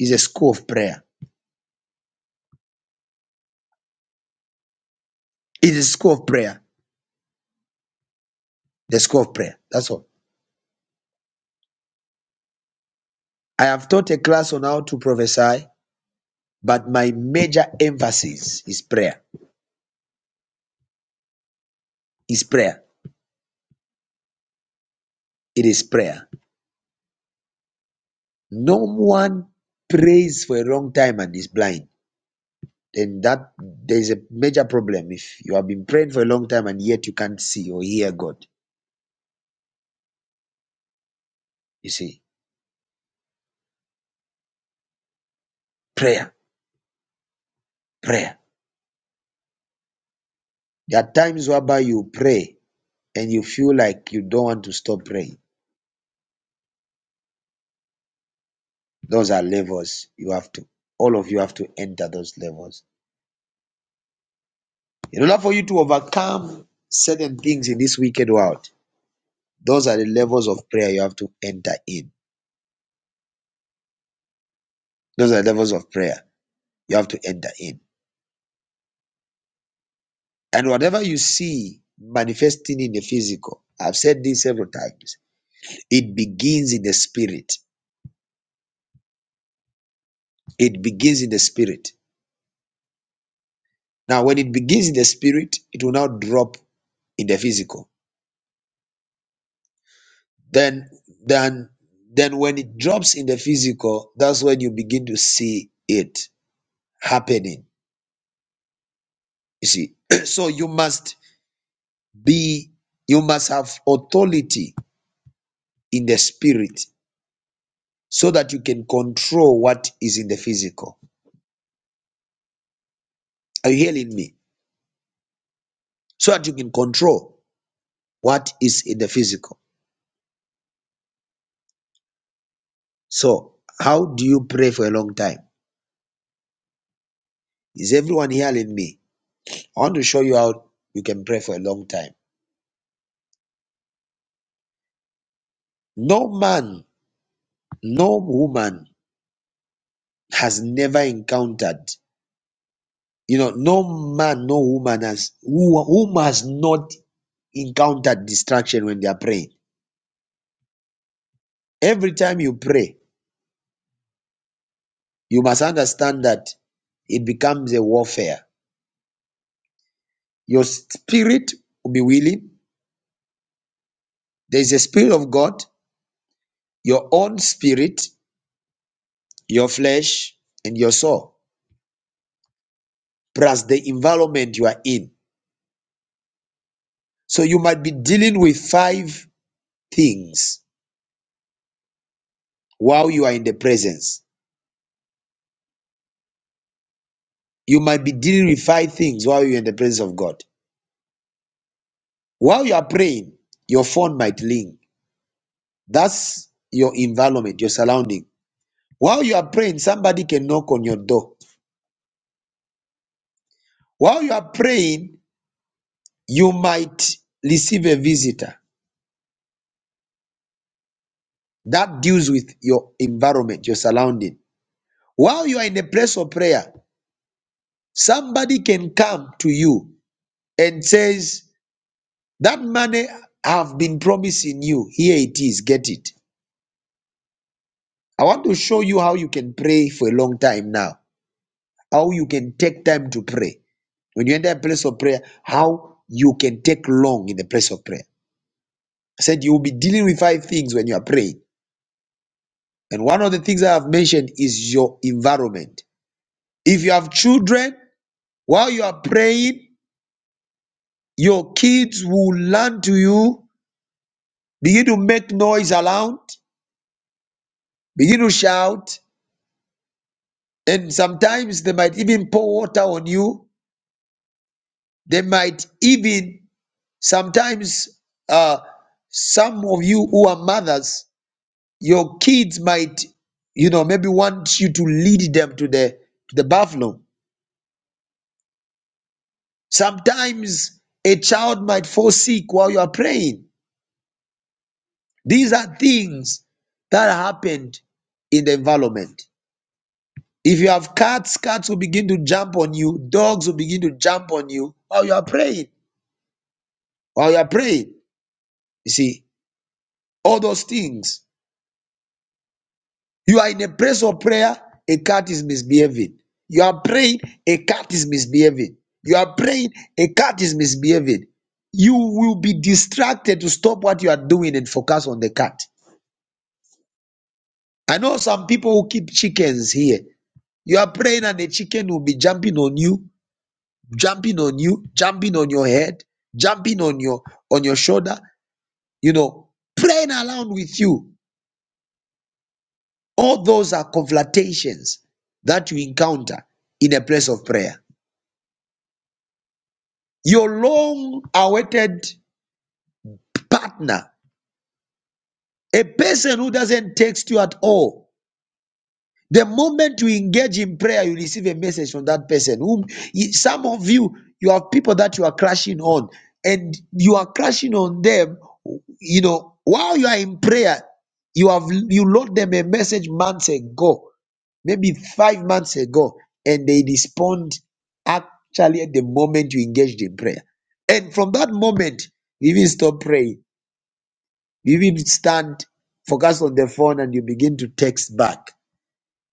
S1: is a school of prayer. It is a school of prayer. The school of prayer. That's all. I have taught a class on how to prophesy, but my major emphasis is prayer. is prayer. It is prayer. No one prays for a long time and is blind. Then that there's a major problem if you have been praying for a long time and yet you can't see or hear God. You see, prayer, prayer. There are times whereby you pray and you feel like you don't want to stop praying. Those are levels you have to, all of you have to enter those levels. In order for you to overcome certain things in this wicked world, those are the levels of prayer you have to enter in. Those are the levels of prayer. you have to enter in. And whatever you see manifesting in the physical, I've said this several times, it begins in the spirit. It begins in the spirit. Now, when it begins in the spirit, it will now drop in the physical. Then, then, then when it drops in the physical, that's when you begin to see it happening. You see, so you must be, you must have authority in the spirit so that you can control what is in the physical. Are you hearing me? So that you can control what is in the physical. So, how do you pray for a long time? Is everyone hearing me? I want to show you how you can pray for a long time. No man, no woman has never encountered, you know, no man, no woman has who, whom has not encountered distraction when they are praying. Every time you pray, you must understand that it becomes a warfare. Your spirit will be willing, There is a spirit of God, your own spirit, your flesh, and your soul, plus the environment you are in. So you might be dealing with five things while you are in the presence. You might be dealing with five things while you're in the presence of God. While you are praying, your phone might ring. That's your environment, your surrounding. While you are praying, somebody can knock on your door. While you are praying, you might receive a visitor. that deals with your environment, your surrounding. While you are in a place of prayer, somebody can come to you and says, "That money I've been promising you, here it is. Get it." I want to show you how you can pray for a long time now. How you can take time to pray when you enter a place of prayer. How you can take long in the place of prayer. I said you will be dealing with five things when you are praying, and one of the things I have mentioned is your environment. If you have children, While you are praying, your kids will learn to you. Begin to make noise around, begin to shout, and sometimes they might even pour water on you. They might even, sometimes, uh, some of you who are mothers, your kids might, you know, maybe want you to lead them to the to the bathroom. Sometimes a child might fall sick while you are praying These are things that happened in the environment. If you have cats, cats will begin to jump on you, dogs will begin to jump on you while you are praying. While you are praying, you see, all those things. You are in a place of prayer, a cat is misbehaving. You are praying, a cat is misbehaving. You are praying, a cat is misbehaving. You will be distracted to stop what you are doing and focus on the cat. I know some people who keep chickens here You are praying and the chicken will be jumping on you, jumping on you, jumping on your head, jumping on your on your shoulder, you know, playing around with you. All those are confrontations that you encounter in a place of prayer. Your long awaited partner, a person who doesn't text you at all, The moment you engage in prayer, you receive a message from that person. Whom some of you, you have people that you are crashing on, and you are crashing on them. You know, while you are in prayer, you have you wrote them a message months ago, maybe five months ago, and they respond actually at the moment you engaged in prayer. And from that moment, you even stop praying. You even stand, focus on the phone, and you begin to text back.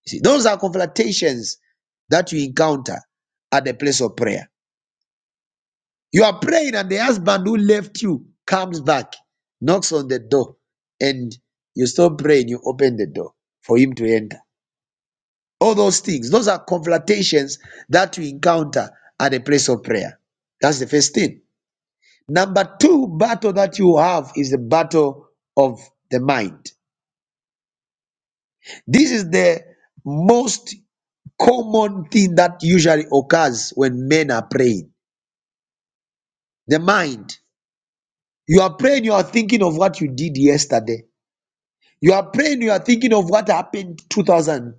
S1: You see, those are confrontations that you encounter at the place of prayer. You are praying, and the husband who left you comes back, knocks on the door, and you stop praying, you open the door for him to enter. All those things, those are confrontations that you encounter at the place of prayer. That's the first thing. Number two battle that you have is the battle of the mind. This is the most common thing that usually occurs when men are praying the mind. You are praying, you are thinking of what you did yesterday. You are praying, you are thinking of what happened 2000,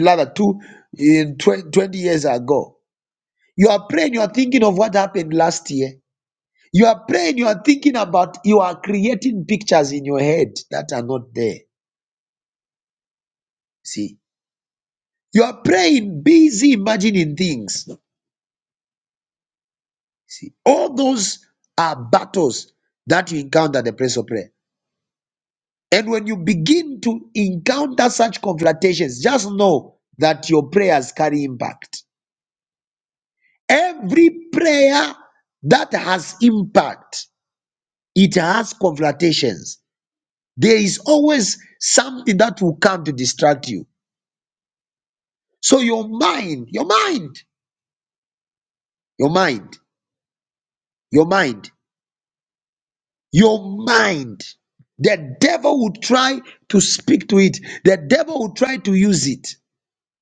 S1: rather, two, in 20, 20 years ago. You are praying, you are thinking of what happened last year. You are praying, you are thinking about, you are creating pictures in your head that are not there. See, you are praying, busy imagining things. See, all those are battles that you encounter at the place of prayer. And when you begin to encounter such confrontations, just know that your prayers carry impact. Every prayer that has impact, it has confrontations. There is always something that will come to distract you. So your mind, your mind, your mind, your mind, your mind, the devil will try to speak to it. The devil will try to use it.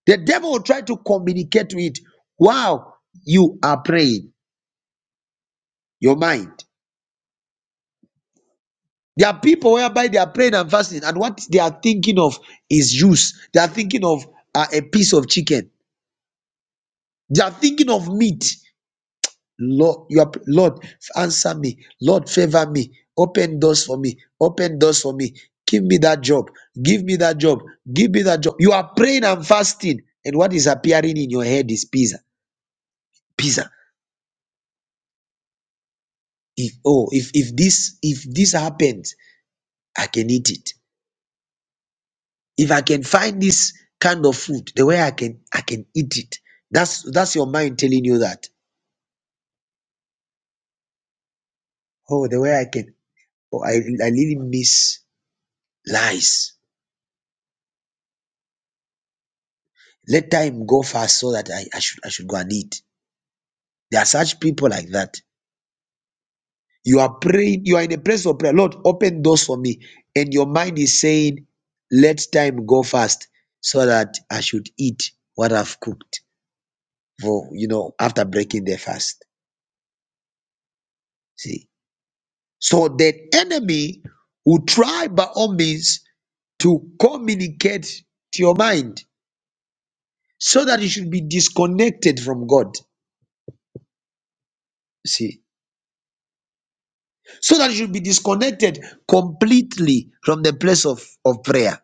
S1: The devil will try to communicate to it while you are praying, your mind. There are people whereby they are praying and fasting, and what they are thinking of is juice. They are thinking of uh, a piece of chicken. They are thinking of meat. Lord, you are, Lord, answer me. Lord, favor me. Open doors for me. Open doors for me. Give me that job. Give me that job. Give me that job. You are praying and fasting, and what is appearing in your head is pizza. Pizza if oh if if this if this happens i can eat it if i can find this kind of food the way i can i can eat it that's that's your mind telling you that oh the way i can oh i, I really miss lies let time go fast so that I, I should i should go and eat there are such people like that you are praying you are in a place of prayer lord open doors for me and your mind is saying let time go fast so that i should eat what i've cooked for you know after breaking their fast. See, so the enemy will try by all means to communicate to your mind so that you should be disconnected from God. See, so that you should be disconnected completely from the place of, of prayer.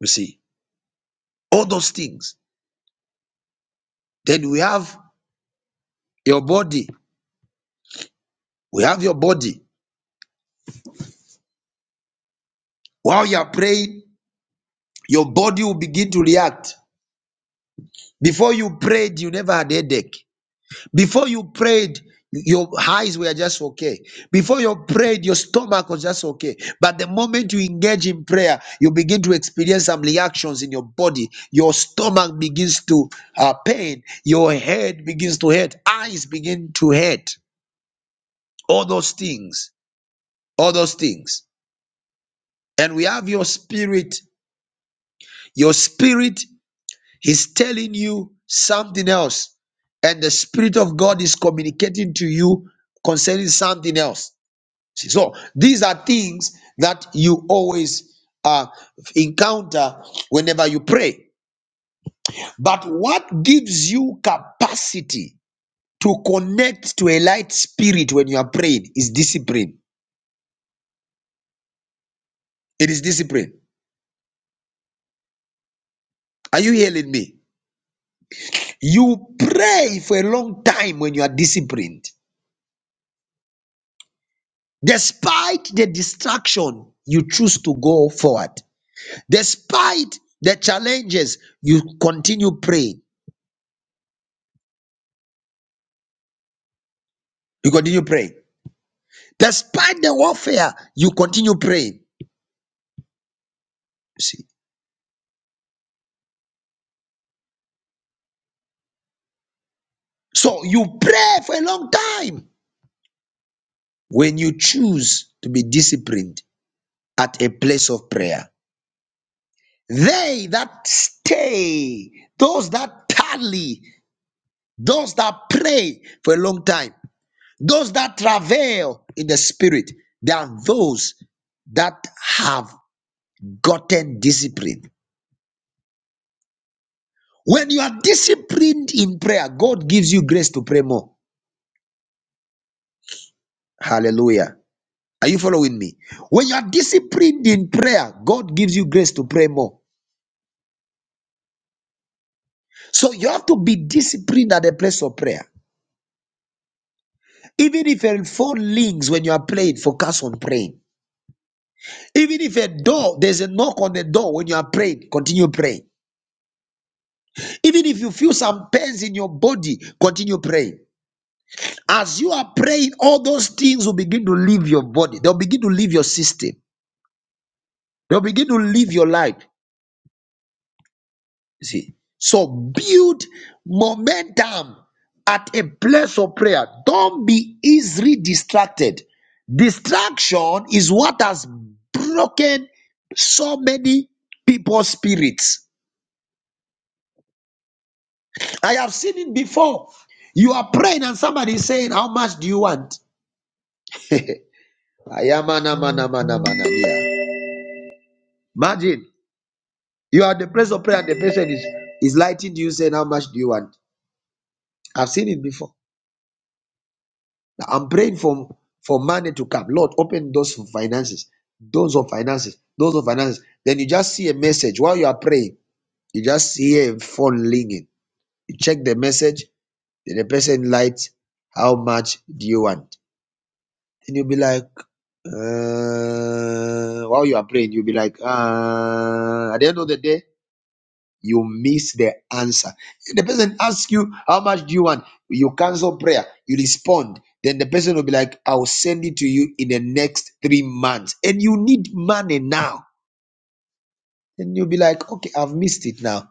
S1: You see, all those things. Then we have your body. We have your body. While you are praying, your body will begin to react. Before you prayed, you never had a headache. Before you prayed, your eyes were just okay. Before you prayed, your stomach was just okay. But the moment you engage in prayer, you begin to experience some reactions in your body. Your stomach begins to uh, pain. Your head begins to hurt. Eyes begin to hurt. All those things. All those things. And we have your spirit. Your spirit is telling you something else. And the spirit of God is communicating to you concerning something else See, So these are things that you always uh, encounter whenever you pray. But what gives you capacity to connect to a light spirit when you are praying is discipline. It is discipline. Are you hearing me? You pray for a long time when you are disciplined. Despite the distraction, you choose to go forward. Despite the challenges, you continue praying. You continue praying. Despite the warfare, you continue praying. You see, so you pray for a long time when you choose to be disciplined at a place of prayer. They that stay, those that tarry, those that pray for a long time, those that travail in the spirit, they are those that have gotten discipline. When you are disciplined in prayer, God gives you grace to pray more. Hallelujah. Are you following me? When you are disciplined in prayer, God gives you grace to pray more. So you have to be disciplined at the place of prayer. Even if a phone rings when you are praying, focus on praying. Even if a door, there's a knock on the door when you are praying, continue praying. Even if you feel some pains in your body, continue praying. As you are praying, all those things will begin to leave your body. They'll begin to leave your system. They'll begin to live your life. You See, so build momentum at a place of prayer. Don't be easily distracted. Distraction is what has broken so many people's spirits. I have seen it before. You are praying and somebody is saying, How much do you want? Ayamanamanamanamania. Imagine you are at the place of prayer and the person is, is lighting to you saying, How much do you want? I've seen it before. Now, I'm praying for, for money to come. Lord, open those finances, those of finances, those of finances. Then you just see a message while you are praying. You just hear a phone ringing. You check the message, then the person lights, how much do you want? And you'll be like, uh, while you are praying, you'll be like, uh, at the end of the day, you miss the answer. the person asks you, How much do you want? You cancel prayer, you respond. Then the person will be like, I'll send it to you in the next three months. And you need money now. And you'll be like, Okay, I've missed it now.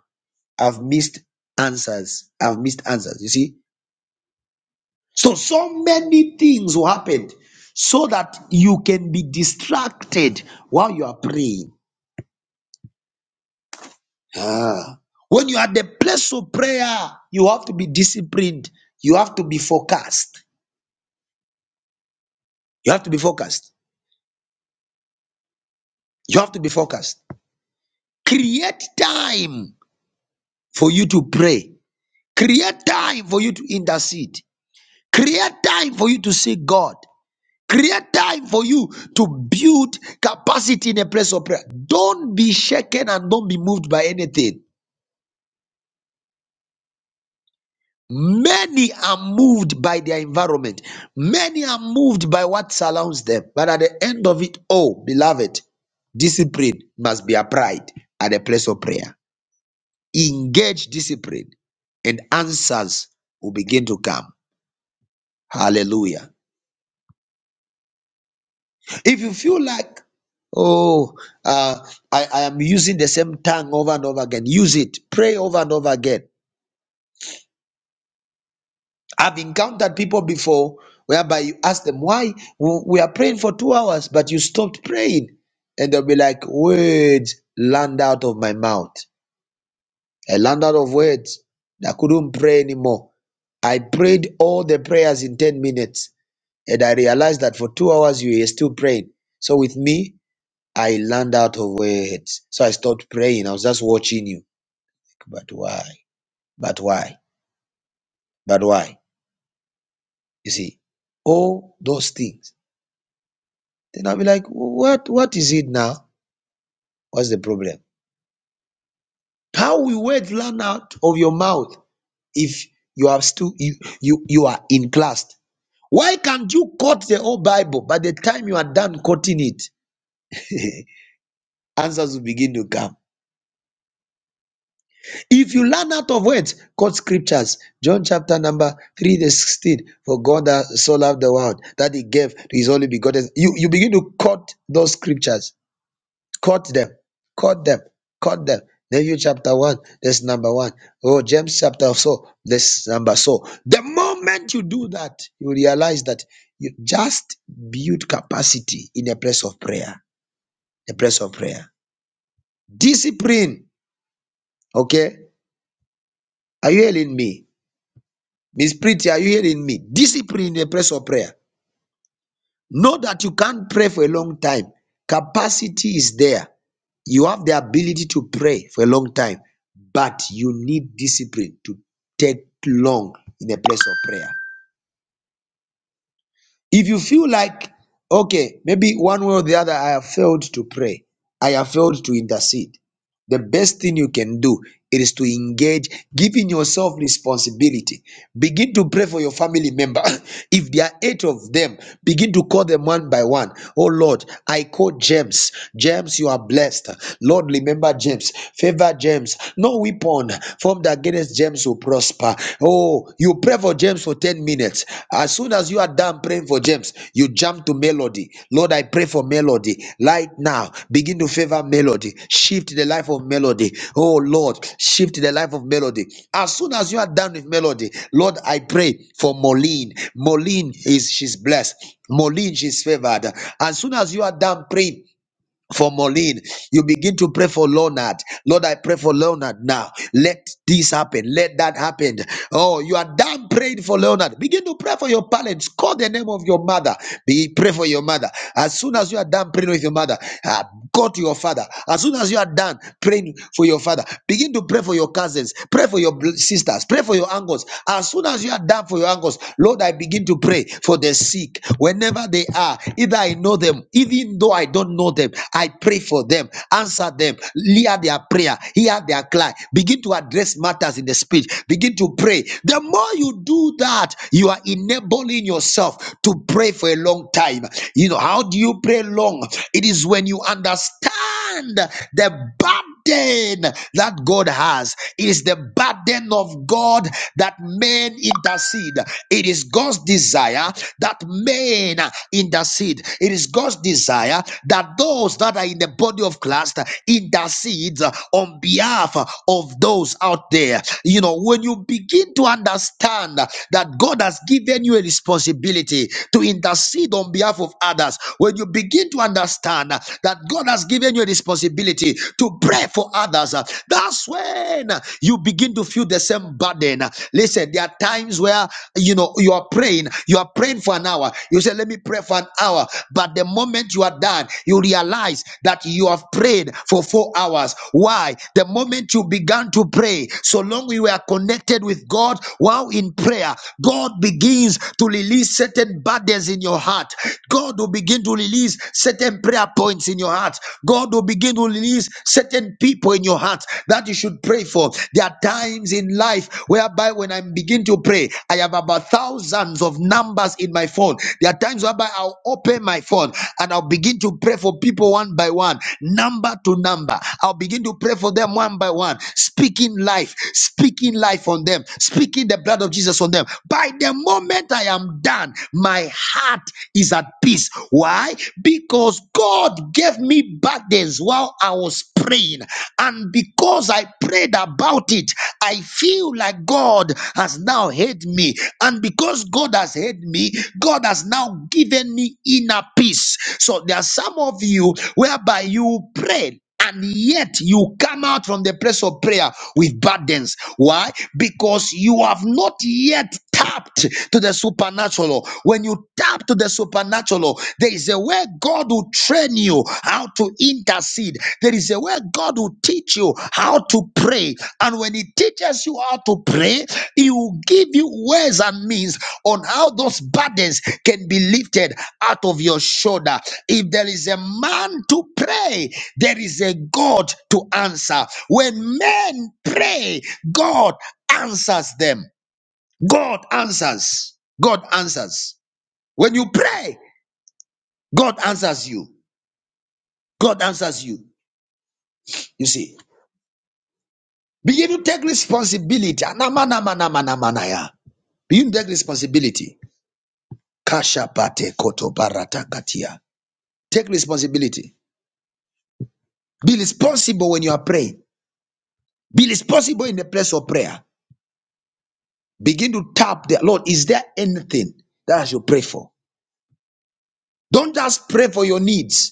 S1: I've missed answers. I've missed answers. You see? So, so many things will happen so that you can be distracted while you are praying. Ah. When you are at the place of prayer, you have to be disciplined. You have to be focused. You have to be focused. You have to be focused. Create time for you to pray. Create time for you to intercede. Create time for you to seek God. Create time for you to build capacity in a place of prayer. Don't be shaken and don't be moved by anything. Many are moved by their environment. Many are moved by what surrounds them. But at the end of it all, beloved, discipline must be applied at the place of prayer. Engage discipline, and answers will begin to come. Hallelujah. If you feel like, oh, uh, I, I am using the same tongue over and over again, use it. Pray over and over again. I've encountered people before whereby you ask them, Why? We we are praying for two hours, but you stopped praying. And they'll be like, Words land out of my mouth. I land out of words. I couldn't pray anymore. I prayed all the prayers in 10 minutes. And I realized that for two hours, you were still praying. So with me, I land out of words. So I stopped praying. I was just watching you. But why? But why? But why? You see, all those things Then I'll be like, what, what is it now? What's the problem? How will words learn out of your mouth if you are still you, you you are in class? Why can't you quote the whole Bible by the time you are done quoting it? Answers will begin to come. If you learn out of words, quote scriptures. John chapter number 3, the 16. For God that so loved the world that he gave to his only begotten. You, you begin to quote those scriptures Cut them, cut them, cut them. Nehemiah chapter 1, this number 1. Oh, James chapter so. this number so. The moment you do that, you realize that you just build capacity in a place of prayer. A place of prayer. Discipline. Okay. Are you hearing me? Miss Pretty, are you hearing me? Discipline in a place of prayer. Know that you can't pray for a long time. Capacity is there. You have the ability to pray for a long time, but you need discipline to take long in a place of prayer. If you feel like, okay, maybe one way or the other, I have failed to pray, I have failed to intercede, the best thing you can do is to engage, giving yourself responsibility. Begin to pray for your family member. If there are eight of them, begin to call them one by one. Oh Lord, I call James. James, you are blessed. Lord, remember James. Favor James. No weapon formed against James will prosper. Oh, you pray for James for for 10 minutes. As soon as you are done praying for James, you jump to Melody. Lord, I pray for Melody. Right now, begin to favor Melody. Shift the life of Melody. Oh, Lord, shift the life of Melody. As soon as you are done with Melody, Lord, I pray for Moline. Moline is, she's blessed. Moline, she's favored. As soon as you are done praying, for Moline. You begin to pray for Leonard. Lord, I pray for Leonard now. Let this happen. Let that happen. Oh, you are done praying for Leonard. Begin to pray for your parents. Call the name of your mother. Be pray for your mother. As soon as you are done praying with your mother, ah, go to your father. As soon as you are done praying for your father, begin to pray for your cousins. Pray for your bl- sisters. Pray for your uncles. As soon as you are done for your uncles, Lord, I begin to pray for the sick. Whenever wherever they are, either I know them, even though I don't know them, I pray for them, answer them, hear their prayer, hear their cry, begin to address matters in the spirit, begin to pray. The more you do that, you are enabling yourself to pray for a long time. You know, how do you pray long? It is when you understand the battle burden that God has. It is the burden of God that men intercede. It is God's desire that men intercede. It is God's desire that those that are in the body of Christ intercede on behalf of those out there. You know, when you begin to understand that God has given you a responsibility to intercede on behalf of others, when you begin to understand that God has given you a responsibility to pray for others. uh, That's when uh, you begin to feel the same burden. Uh, Listen, there are times where you know you are praying, you are praying for an hour. You say, Let me pray for an hour. But the moment you are done, you realize that you have prayed for four hours. Why? The moment you began to pray, so long you are connected with God while in prayer, God begins to release certain burdens in your heart. God will begin begin to release certain prayer points in your heart. God will begin to release certain people in your heart that you should pray for. There are times in life whereby when I begin to pray, I have about thousands of numbers in my phone. There are times whereby I'll open my phone and I'll begin to pray for people one by one, number to number. I'll begin to pray for them one by one, speaking life, speaking life on them, speaking the blood of Jesus on them. By the moment I am done, my heart is at peace. Why? Because God gave me burdens while I was praying. And because I prayed about it, I feel like God has now heard me. And because God has heard me, God has now given me inner peace. So there are some of you whereby you prayed and yet you come out from the place of prayer with burdens. Why? Because you have not yet tapped to the supernatural. When you tap to the supernatural, there is a way God will train you how to intercede. There is a way God will teach you how to pray. And when He teaches you how to pray, He will give you ways and means on how those burdens can be lifted out of your shoulder. If there is a man to pray, there is a God to answer. When men pray, God answers them. God answers. God answers. When you pray, God answers you. God answers you. You see, begin to take responsibility. Anamanamanamanamaya. You take responsibility. Kasha bate koto barata katia. Take responsibility. Be responsible when you are praying. Be responsible in the place of prayer. Begin to tap the Lord. Is there anything that I should pray for? Don't just pray for your needs.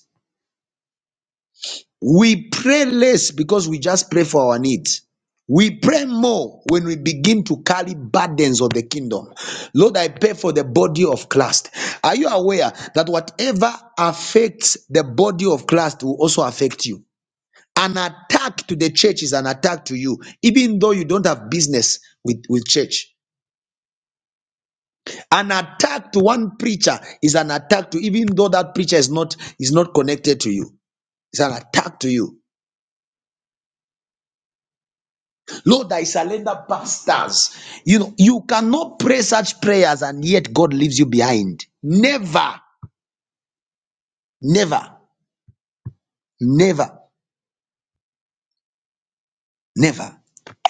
S1: We pray less because we just pray for our needs. We pray more when we begin to carry burdens of the kingdom. Lord, I pray for the body of Christ. Are you aware that whatever affects the body of Christ will also affect you? An attack to the church is an attack to you, even though you don't have business with, with church. An attack to one preacher is an attack to even though that preacher is not is not connected to you. It's an attack to you. Lord, I surrender pastors. You know, you cannot pray such prayers and yet God leaves you behind. Never, never, never. Never.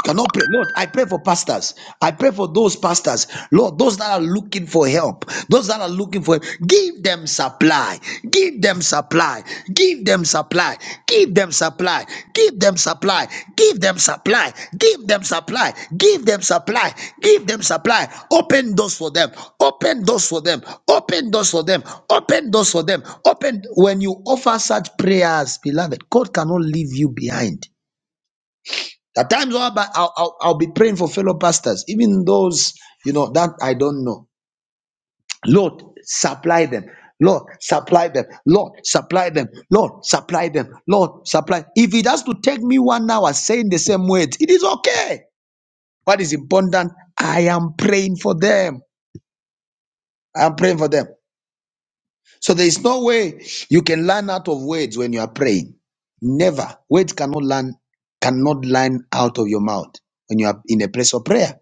S1: You cannot pray. Lord, I pray for pastors. I pray for those pastors. Lord, those that are looking for help, those that are looking for give them supply. Give them supply. Give them supply. Give them supply. Give them supply. Give them supply. Give them supply. Give them supply. Give them supply. Open doors for them. Open doors for them. Open doors for them. Open doors for them. Open when you offer such prayers, beloved, God cannot leave you behind. At times, I'll, be- I'll, I'll I'll be praying for fellow pastors, even those, you know, that I don't know. Lord, supply them. Lord, supply them. Lord, supply them. Lord, supply them. Lord, supply. If it has to take me one hour saying the same words, it is okay. What is important, I am praying for them. I am praying for them. So there is no way you can learn out of words when you are praying. Never. Words cannot learn, cannot learn out of your mouth when you are in a place of prayer.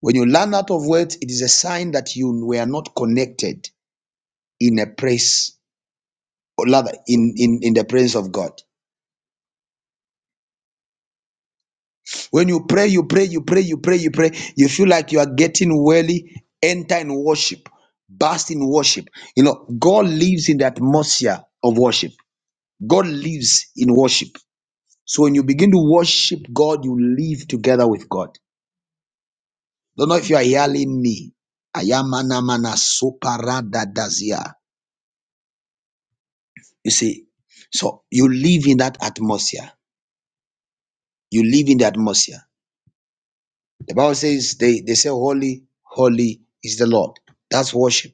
S1: When you learn out of words, it is a sign that you were not connected in a praise or rather in, in, in the presence of God. When you pray, you pray, you pray, you pray, you pray, you feel like you are getting weary. enter in worship, burst in worship. You know, God lives in the atmosphere of worship. God lives in worship. So when you begin to worship God, you live together with God. Don't know if you are hearing me. Ayamana mana soparada dazia. You see, so you live in that atmosphere. You live in the atmosphere. The Bible says they, they say, Holy, holy is the Lord. That's worship.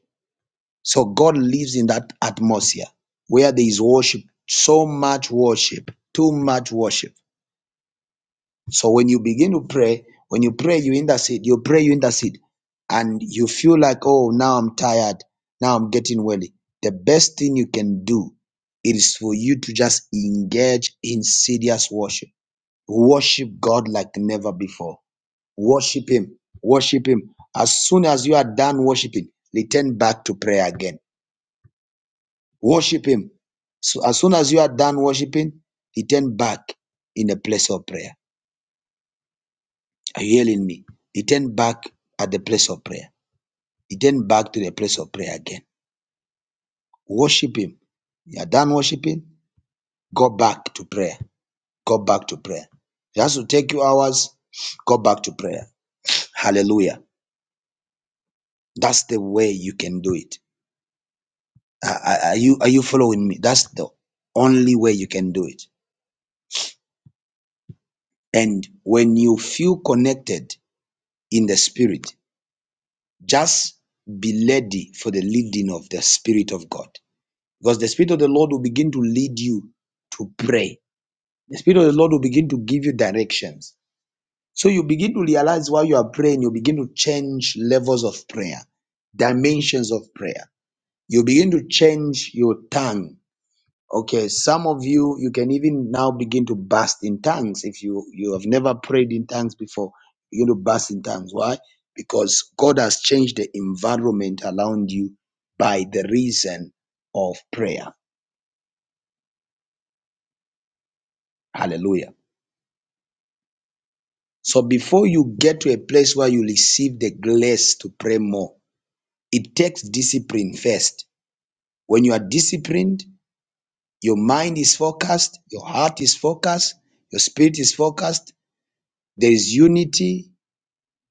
S1: So God lives in that atmosphere where there is worship, so much worship, too much worship. So when you begin to pray, when you pray, you intercede, you pray, you intercede, and you feel like, oh, now I'm tired, now I'm getting weary. The best thing you can do is for you to just engage in serious worship Worship God like never before. Worship Him. Worship Him. As soon as you are done worshiping, return back to prayer again. Worship Him. So as soon as you are done worshiping, return back in a place of prayer. Are you hearing me? Return back at the place of prayer. Return back to the place of prayer again. Worship Him. You are done worshiping, go back to prayer. Go back to prayer. It has to take you hours, go back to prayer. Hallelujah. That's the way you can do it. Are, are are you are you following me? That's the only way you can do it. And when you feel connected in the spirit, just be ready for the leading of the spirit of God, because the spirit of the Lord will begin to lead you to pray. The spirit of the Lord will begin to give you directions. So you begin to realize while you are praying, you begin to change levels of prayer, dimensions of prayer. You begin to change your tongue Okay, some of you you can even now begin to burst in tongues if you you have never prayed in tongues before. Begin to burst in tongues. Why? Because God has changed the environment around you by the reason of prayer. Hallelujah. So before you get to a place where you receive the grace to pray more, it takes discipline first. When you are disciplined, your mind is focused, your heart is focused, your spirit is focused, there is unity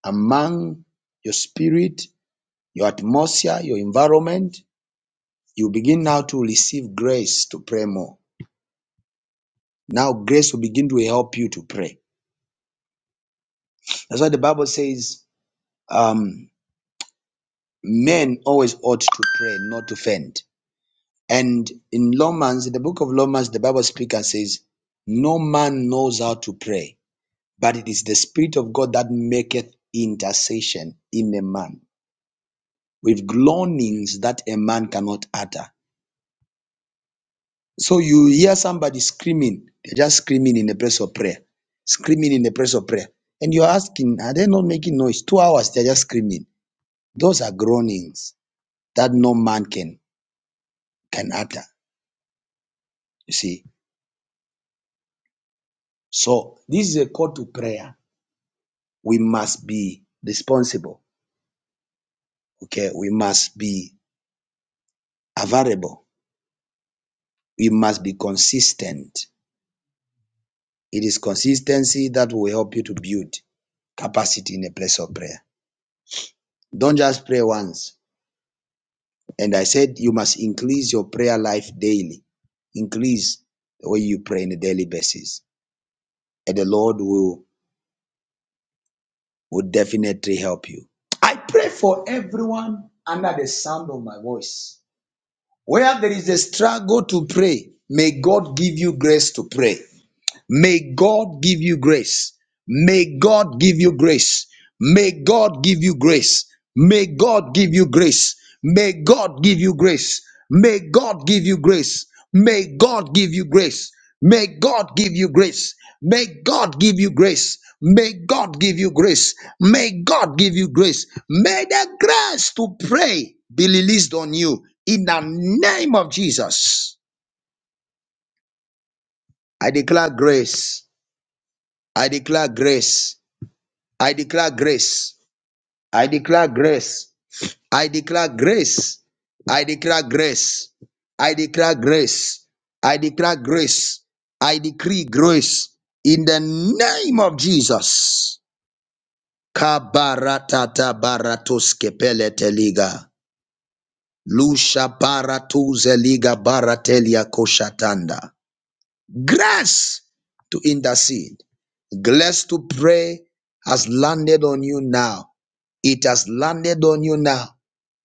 S1: among your spirit, your atmosphere, your environment, you begin now to receive grace to pray more. Now, grace will begin to help you to pray. That's why the Bible says, um, men always ought to pray, not to faint. And in Romans, in the book of Romans, the Bible speaks and says, No man knows how to pray, but it is the Spirit of God that maketh intercession in a man with groanings that a man cannot utter. So you hear somebody screaming, they're just screaming in the place of prayer, screaming in the place of prayer. And you're asking, are they not making noise? Two hours, they're just screaming. Those are groanings that no man can, can utter, you see. So this is a call to prayer. We must be responsible, okay? We must be available. We must be consistent. It is consistency that will help you to build capacity in the place of prayer. Don't just pray once And I said, you must increase your prayer life daily. Increase the way you pray on a daily basis. And the Lord will, will definitely help you. I pray for everyone under the sound of my voice. Where there is a struggle to pray, may God give you grace to pray. May God give you grace. May God give you grace. May God give you grace. May God give you grace. May God give you grace. May God give you grace. May God give you grace. May God give you grace. May God give you grace. May God give you grace. May God give you grace. May the grace to pray be released on you in the name of Jesus. I declare grace. I declare grace. I declare grace. I declare grace. I declare grace. I declare grace. I declare grace. I declare grace. I decree grace in the name of Jesus. Kabaratata baratoske peleteliga. Lusha baratuze liga baratelia koshatanda. Grace to intercede. Grace to pray has landed on you now It has landed on you now.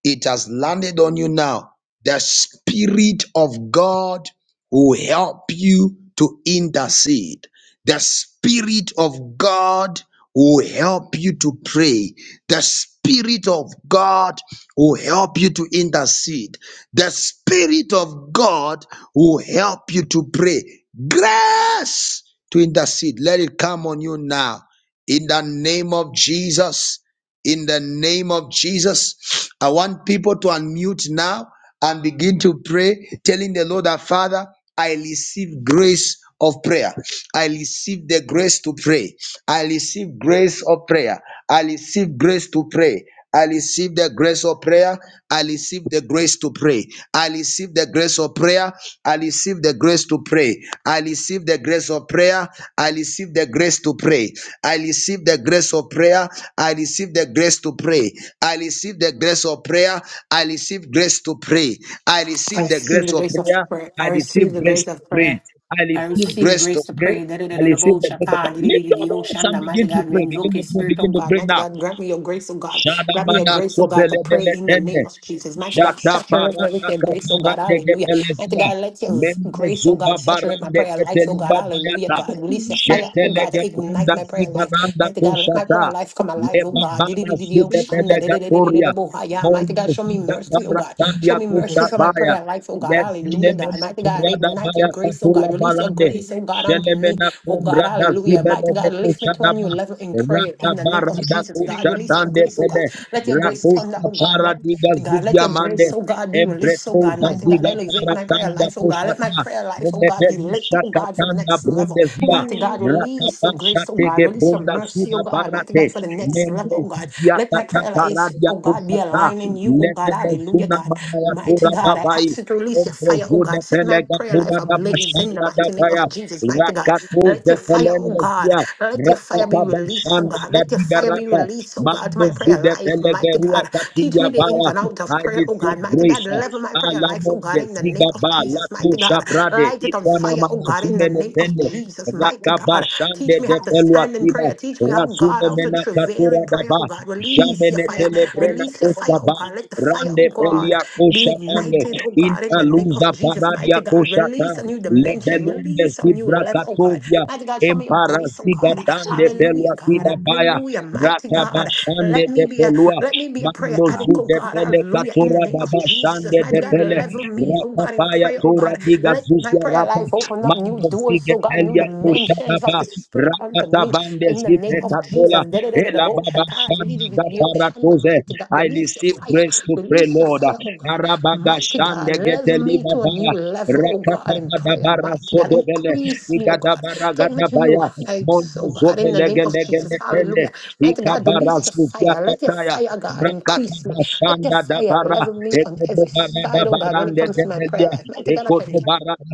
S1: It has landed on you now. The Spirit of God will help you to intercede. The Spirit of God will help you to pray. The Spirit of God will help you to intercede. The Spirit of God will help you to pray. Grace to intercede. Let it come on you now. In the name of Jesus in the name of Jesus. I want people to unmute now and begin to pray, telling the Lord our Father, I receive grace of prayer. I receive the grace to pray. I receive grace of prayer. I receive grace to pray. I receive the grace of prayer. I receive the grace to pray. I receive the grace of prayer. I receive the grace to pray. I receive the grace of prayer. I receive the grace to pray. I receive the grace of prayer. I receive the grace to pray. I receive the grace of prayer. I receive grace to pray. I
S5: I
S1: receive the
S5: receive the
S1: grace of
S5: grace of
S1: prayer.
S5: prayer.
S1: I
S5: I
S1: receive
S5: receive the
S1: grace
S5: grace
S1: to
S5: of
S1: pray.
S5: prayer.
S1: I
S5: I
S1: receive
S5: receive
S1: grace to
S5: grace to
S1: pray.
S5: pray. Da- da- da-
S1: I
S5: da- da-
S1: receive
S5: bo-
S1: the grace of
S5: shata, di-
S1: prayer.
S5: di- di-
S1: Lift
S5: di-
S1: your
S5: di- oh,
S1: voice and
S5: shanda. Mighty
S1: begin to
S5: God, we
S1: pray.
S5: invoke
S1: Begin
S5: your
S1: to pray.
S5: spirit, oh
S1: Begin to
S5: God.
S1: pray
S5: Mighty
S1: now.
S5: God, grant me your grace, oh God. Grant me your
S1: Shadamana
S5: grace, oh God, to pray in the name
S1: sobelebeletende.
S5: of Jesus. Mighty God,
S1: Jata
S5: saturate me with
S1: parata
S5: your grace, oh God.
S1: kaparate
S5: Hallelujah. Mighty
S1: gepelesia.
S5: God, let your
S1: Mendo
S5: grace, oh
S1: zuba
S5: God, saturate my
S1: barande
S5: prayer life, oh God.
S1: keteliba
S5: Hallelujah.
S1: bayata.
S5: God, release your
S6: It works
S5: fire, oh
S1: Jetele
S5: God, to ignite
S1: gepunda
S5: my prayer life.
S1: sigananda
S5: Mighty God, let my
S1: kushata.
S5: prayer life come alive, oh
S6: this
S5: God. Di- di-
S1: Lebabana
S5: di-
S6: way.
S5: di- di- oh,
S6: It has
S5: shanda. Di- di- di- di- di- di-
S1: sudebelegatoria.
S5: di- bo- ha- yeah. Mighty God,
S1: Mondo
S5: show me
S1: sida
S5: mercy, oh God. Show
S1: paratania
S5: me mercy for
S6: grace
S5: my
S1: kushabaya.
S6: and
S5: prayer life life, oh God.
S1: Lesile
S5: Hallelujah, God.
S1: mena
S6: Jesus,
S5: Mighty God,
S1: turada
S5: ignite
S1: baya
S5: your grace, oh
S1: katula
S5: God. Release your
S1: balande.
S5: grace, oh
S6: fear,
S5: God, unto me,
S1: Jelemena
S5: oh God.
S1: kumrada
S5: Hallelujah. Mighty
S1: zibelege
S5: God, lift me to a
S1: kushadaba.
S5: new level in prayer in the name of Jesus, God.
S6: restraint,
S5: Release your
S1: Ratabaradakushatande
S5: grace, oh God.
S1: pede.
S5: Let your grace
S6: Jesus,
S5: thunder,
S1: Rakusta
S5: oh
S6: and
S5: God.
S6: shit.
S1: paradiga
S5: Mighty God, let
S1: zuzia
S5: your grace,
S1: mande.
S5: oh God, be released, oh
S1: Embreto
S5: God.
S6: Um,
S5: Mighty God,
S1: vaziga
S5: elevate my prayer
S1: paratanda
S5: life, oh God. Let my
S1: poshata.
S5: prayer life, oh God, be lit, oh God, for the
S1: Elebelishakatanda
S5: next level.
S1: brundezia.
S5: Mighty
S6: Fire,
S5: God, release your grace, oh God.
S1: Rakapashatege
S5: Release your
S1: brunda
S5: mercy,
S1: suda
S5: oh God. Mighty
S1: parate.
S5: God, for the next
S1: Mendo
S5: level, oh God.
S1: zuzia
S5: Let my
S1: kata
S5: prayer life,
S1: paradia
S5: oh God, be alive
S1: kushata.
S5: aligning you, oh God.
S1: Lebele
S5: Hallelujah,
S1: zuna
S5: God.
S1: mana ya
S5: Mighty
S1: tura
S5: God, I
S1: babai.
S5: ask you to release your fire, oh
S1: Ombrezune
S5: God. Set my
S1: pelega
S5: prayer
S1: tura
S5: life
S1: da
S5: ablaze in the
S1: bashanda da
S5: mighty name
S1: paya.
S5: of Jesus, mighty God.
S1: Rakatu
S5: Let your fire, oh God.
S1: zefelendezia.
S5: Let your fire be released, oh
S1: Rakabashanda
S5: God. Let your fire be
S1: Gadigarata
S5: released, oh God, to
S1: Mando
S5: my prayer
S1: Zude
S5: life, mighty
S1: Pelegerua
S5: God. Teach
S1: Katilia
S5: me the ins
S1: Bala
S5: and outs of
S1: I
S5: prayer, oh God.
S1: receive
S5: Mighty God,
S1: grace
S5: level my prayer life, oh God,
S1: Alamonde
S5: in the name of
S1: Zigaba
S5: Jesus, mighty God.
S1: Latusha Brade
S5: Light it on
S1: Ikwana
S5: fire, oh God, in the
S1: Manasume
S6: Feel
S5: name
S6: like
S5: of
S6: it
S1: Netende
S6: did.
S5: Jesus, mighty God. Teach
S1: Rakabashande
S5: me how
S1: de
S5: to stand in
S1: Peluakida
S5: prayer. Teach me how God,
S1: Rasume
S5: how to to
S1: Mena
S5: travail
S1: Katura
S5: in prayer,
S1: Daba
S5: oh God.
S6: Think
S5: Release your
S1: Jamene
S6: that
S5: fire.
S6: I love
S1: Telebrena
S5: Release your fire,
S1: Costa
S5: oh
S1: Ba
S5: God. Let the fire,
S1: Rande
S5: oh God,
S1: Pelia
S5: be
S1: Kosha
S6: you.
S1: Pande
S5: ignited, oh God, in the name of
S1: Intaluza
S5: Jesus.
S1: Paradia
S5: Mighty God, release
S1: Koshata
S5: a new dimension.
S1: Lebelunde
S5: Release a new
S1: Zibra
S5: level, oh God.
S1: Katovia
S5: Mighty God, show me your grace, oh
S1: Emparaziga
S5: God.
S6: It's
S1: dande
S5: Hallelujah,
S1: pelua kida
S5: God.
S6: one.
S1: baya.
S5: Hallelujah, mighty
S1: Rata
S5: God.
S1: bashande
S5: Let me
S1: de
S5: be a
S1: pelua.
S5: let me be a prayer
S1: Mando
S6: I
S5: addict,
S1: zu
S5: oh
S1: de
S5: God.
S1: pele
S5: Hallelujah. In the
S1: katura
S5: name
S1: da
S5: of
S1: bashande
S5: Jesus. Mighty
S1: de
S5: God,
S6: feel I
S1: pele.
S5: level me, oh
S1: Rata
S5: God, in
S1: baya
S5: prayer, oh
S1: tura
S6: love
S5: God.
S1: diga
S6: you.
S5: Let my
S1: zuzia
S5: prayer
S1: rata.
S5: life open up new
S1: Mando
S5: doors,
S1: zige
S5: oh God, new
S1: pelia
S5: dimensions
S1: kusha da
S5: sins of
S1: ba.
S5: the Spirit unto
S1: Rata
S5: me
S1: bande
S5: in the
S1: zipe
S5: name of
S6: And
S1: katola.
S5: Jesus. Da da da da da.
S1: Ela baba shanda da paratuze.
S5: Mighty God,
S1: I
S5: release your
S1: receive
S5: fire.
S1: grace to pray,
S5: Release your
S1: Lord.
S5: fire, oh God.
S1: Arabaga
S5: Mighty God,
S1: shande gete
S5: level me
S1: liba
S5: to a new level, oh
S1: Rakata
S5: God, in
S1: bada
S5: prayer.
S1: bara
S5: Mighty God,
S1: sodobele.
S5: increase me, oh
S1: Igada
S5: God. Take me
S1: baragada
S5: to new
S1: baya. Mondo
S5: heights, oh God, in the name
S1: Igadabaragabaya,
S5: of Jesus.
S1: Mondozovelegelegele,
S5: Hallelujah. Mighty God, release your
S1: Ikabarazuzia
S5: fire. Let your
S1: Kataya,
S5: fire, God,
S1: Brakata
S5: increase me. Let your
S1: Bashanda da
S5: fire
S1: bara. Dabara,
S5: level me on every
S1: Ekodobarada
S5: side, oh God, when it
S1: Barande
S5: comes to my prayer
S1: Debelia,
S5: life. Mighty God, I thank you.
S1: Ekodobarada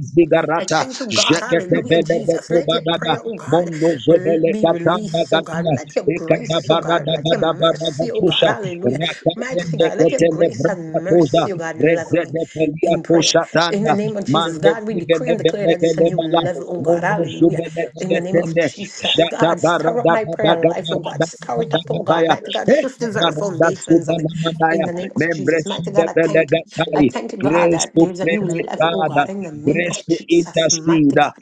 S5: I
S1: Zigarata,
S5: thank you, God. Hallelujah,
S1: Jeketebele
S5: Jesus. Let your
S1: Dokobagada,
S5: prayer, oh God, rel-
S1: Mondozovele
S5: be
S1: Katanga
S5: released, oh God.
S1: Gatia,
S5: Let your grace, oh
S1: Ekadabarada
S5: God. Let your
S1: Gadabara
S5: mercy, oh God.
S1: Gatusha,
S5: Hallelujah. Mighty
S1: Rakatende
S5: God, let your
S1: Ketele
S5: grace and
S1: Brakatoza,
S5: mercy, oh God, level me
S1: Rezede Pelia
S5: in prayer. In the
S1: Koshatanda,
S5: name of Jesus,
S1: Mande
S5: God, we decree and declare that it's a new
S1: Zigelebele
S5: level, oh God. Hallelujah. In the name of
S1: Mozubelebeletende,
S5: Jesus, God, stir up my prayer life, oh God. Stir it up, oh God.
S1: jatabaradabaradabaradabaya,
S5: Mighty God, shift the very foundations of it. In
S1: ekabaradazubalamandaya,
S5: the name of Jesus. Mighty God, I thank you. I
S1: membresudebelegatai.
S5: thank you, God,
S1: Grace
S5: that
S1: to
S5: there's a
S1: pray,
S5: new
S1: my
S5: level, oh
S1: Father.
S5: God. In the name
S1: Grace
S5: of
S1: to
S5: Jesus, mighty
S1: intercede.
S5: God.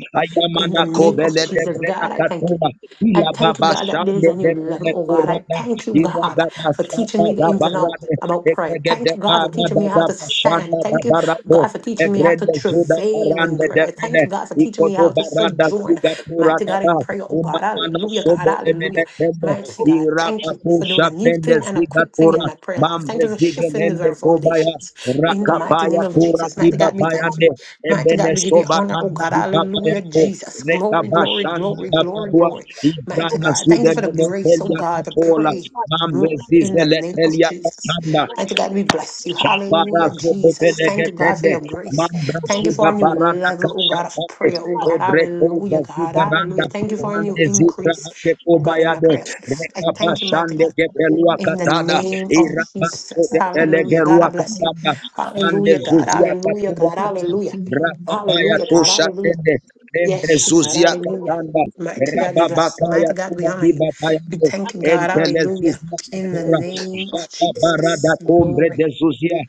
S5: In
S1: Ayamana
S5: the name of
S1: kobele de
S5: Jesus,
S1: brena
S5: God, I thank you.
S1: katuna.
S5: I
S1: Ila
S5: thank you,
S1: baba
S5: God, that there is
S1: shande
S5: a new
S1: de
S5: level,
S1: pele
S5: oh God. I
S1: kurada.
S5: thank you,
S1: Ira da
S5: God, for teaching
S1: basata
S5: me the
S1: da
S5: ins and outs
S1: barade.
S5: about prayer.
S1: Ekege de
S5: Thank you, God, for
S1: bana
S5: teaching
S1: da
S5: me how
S1: da
S5: to
S1: bashanda
S5: stand.
S1: da
S5: Thank you,
S1: barato.
S5: God, for teaching me how to
S1: Ebrende zuda
S5: travail in
S1: parande de
S5: prayer.
S1: pele.
S5: Thank you, God, for teaching me
S1: Ikodo
S5: how to
S1: barada
S5: sojourn,
S1: suga tura
S5: mighty God, in
S1: daba.
S5: prayer, oh God.
S1: Umamana
S5: Hallelujah, God,
S1: sobo emene
S5: hallelujah.
S1: tembe.
S5: Mighty God, thank
S1: Iraba
S5: you for doing
S1: pusha
S5: a new
S1: pende
S5: thing and a
S1: ziga
S5: quick thing
S1: tura.
S5: in my prayer life.
S1: Mamre
S5: Thank you for
S1: zige
S5: shifting the
S1: lende
S5: very
S1: kobaya.
S5: foundations in the mighty
S1: Rakapaya
S5: name of
S1: tura
S5: Jesus. Mighty
S1: diba
S5: God, we thank
S1: bayande.
S5: you. Mighty
S1: Ebene
S5: God, we give you
S1: soba
S5: honor, oh
S1: nana
S5: God.
S1: diba
S5: Hallelujah,
S1: bayako.
S5: Jesus. Glory, glory,
S1: Rekabashana
S5: glory, glory,
S1: dababwa.
S5: glory. Mighty to
S1: Ibrana
S5: God, thank you
S1: zude
S5: for the
S1: mene
S5: grace, oh
S1: telia
S5: God, to
S1: katola.
S5: pray
S1: Mamre
S5: more in
S1: zize
S5: the
S1: le
S5: name of
S1: telia
S5: Jesus.
S1: katanda.
S5: Mighty God, we bless you. Hallelujah,
S1: Shabarazo
S5: Jesus. Thank you, God, for
S1: bebelegetende,
S5: your grace. Thank you
S1: mambrazuda
S5: for a new
S1: barana
S5: level, oh God, of
S1: kashatane,
S5: prayer, oh God.
S1: ebrepoza
S5: Hallelujah, God.
S1: zudaranda,
S5: Hallelujah. Thank you for a new
S1: mande zidra
S5: increase,
S1: ate
S5: oh God, in my
S1: kobayado,
S5: prayer life. I thank you, mighty
S1: rekabashande
S5: God.
S1: gepelua
S5: In the
S1: katada,
S5: name of
S1: irabaso
S5: Jesus.
S6: I'm talking
S5: Hallelujah. God, I
S1: gepelegerua
S6: about my
S5: bless you.
S1: katanda, mande
S5: Hallelujah, God.
S1: zuzia
S5: Hallelujah,
S1: katura
S5: God.
S6: fear.
S1: dada,
S5: Hallelujah.
S1: brakabaya
S5: Hallelujah, God. Hallelujah.
S1: toshatende, membre
S5: Yes, God,
S1: zuzia
S5: hallelujah.
S1: katanda,
S5: Might to God be blessed. Might
S1: rababakaya
S5: to God be
S1: tuba
S5: honored.
S1: diba
S5: We
S1: payando,
S5: thank you, God, hallelujah.
S1: Entelezuzia
S5: In the
S1: katura,
S5: name
S1: jata
S5: of
S1: barada
S5: Jesus,
S1: kumbre
S5: glory.
S1: de zuzia,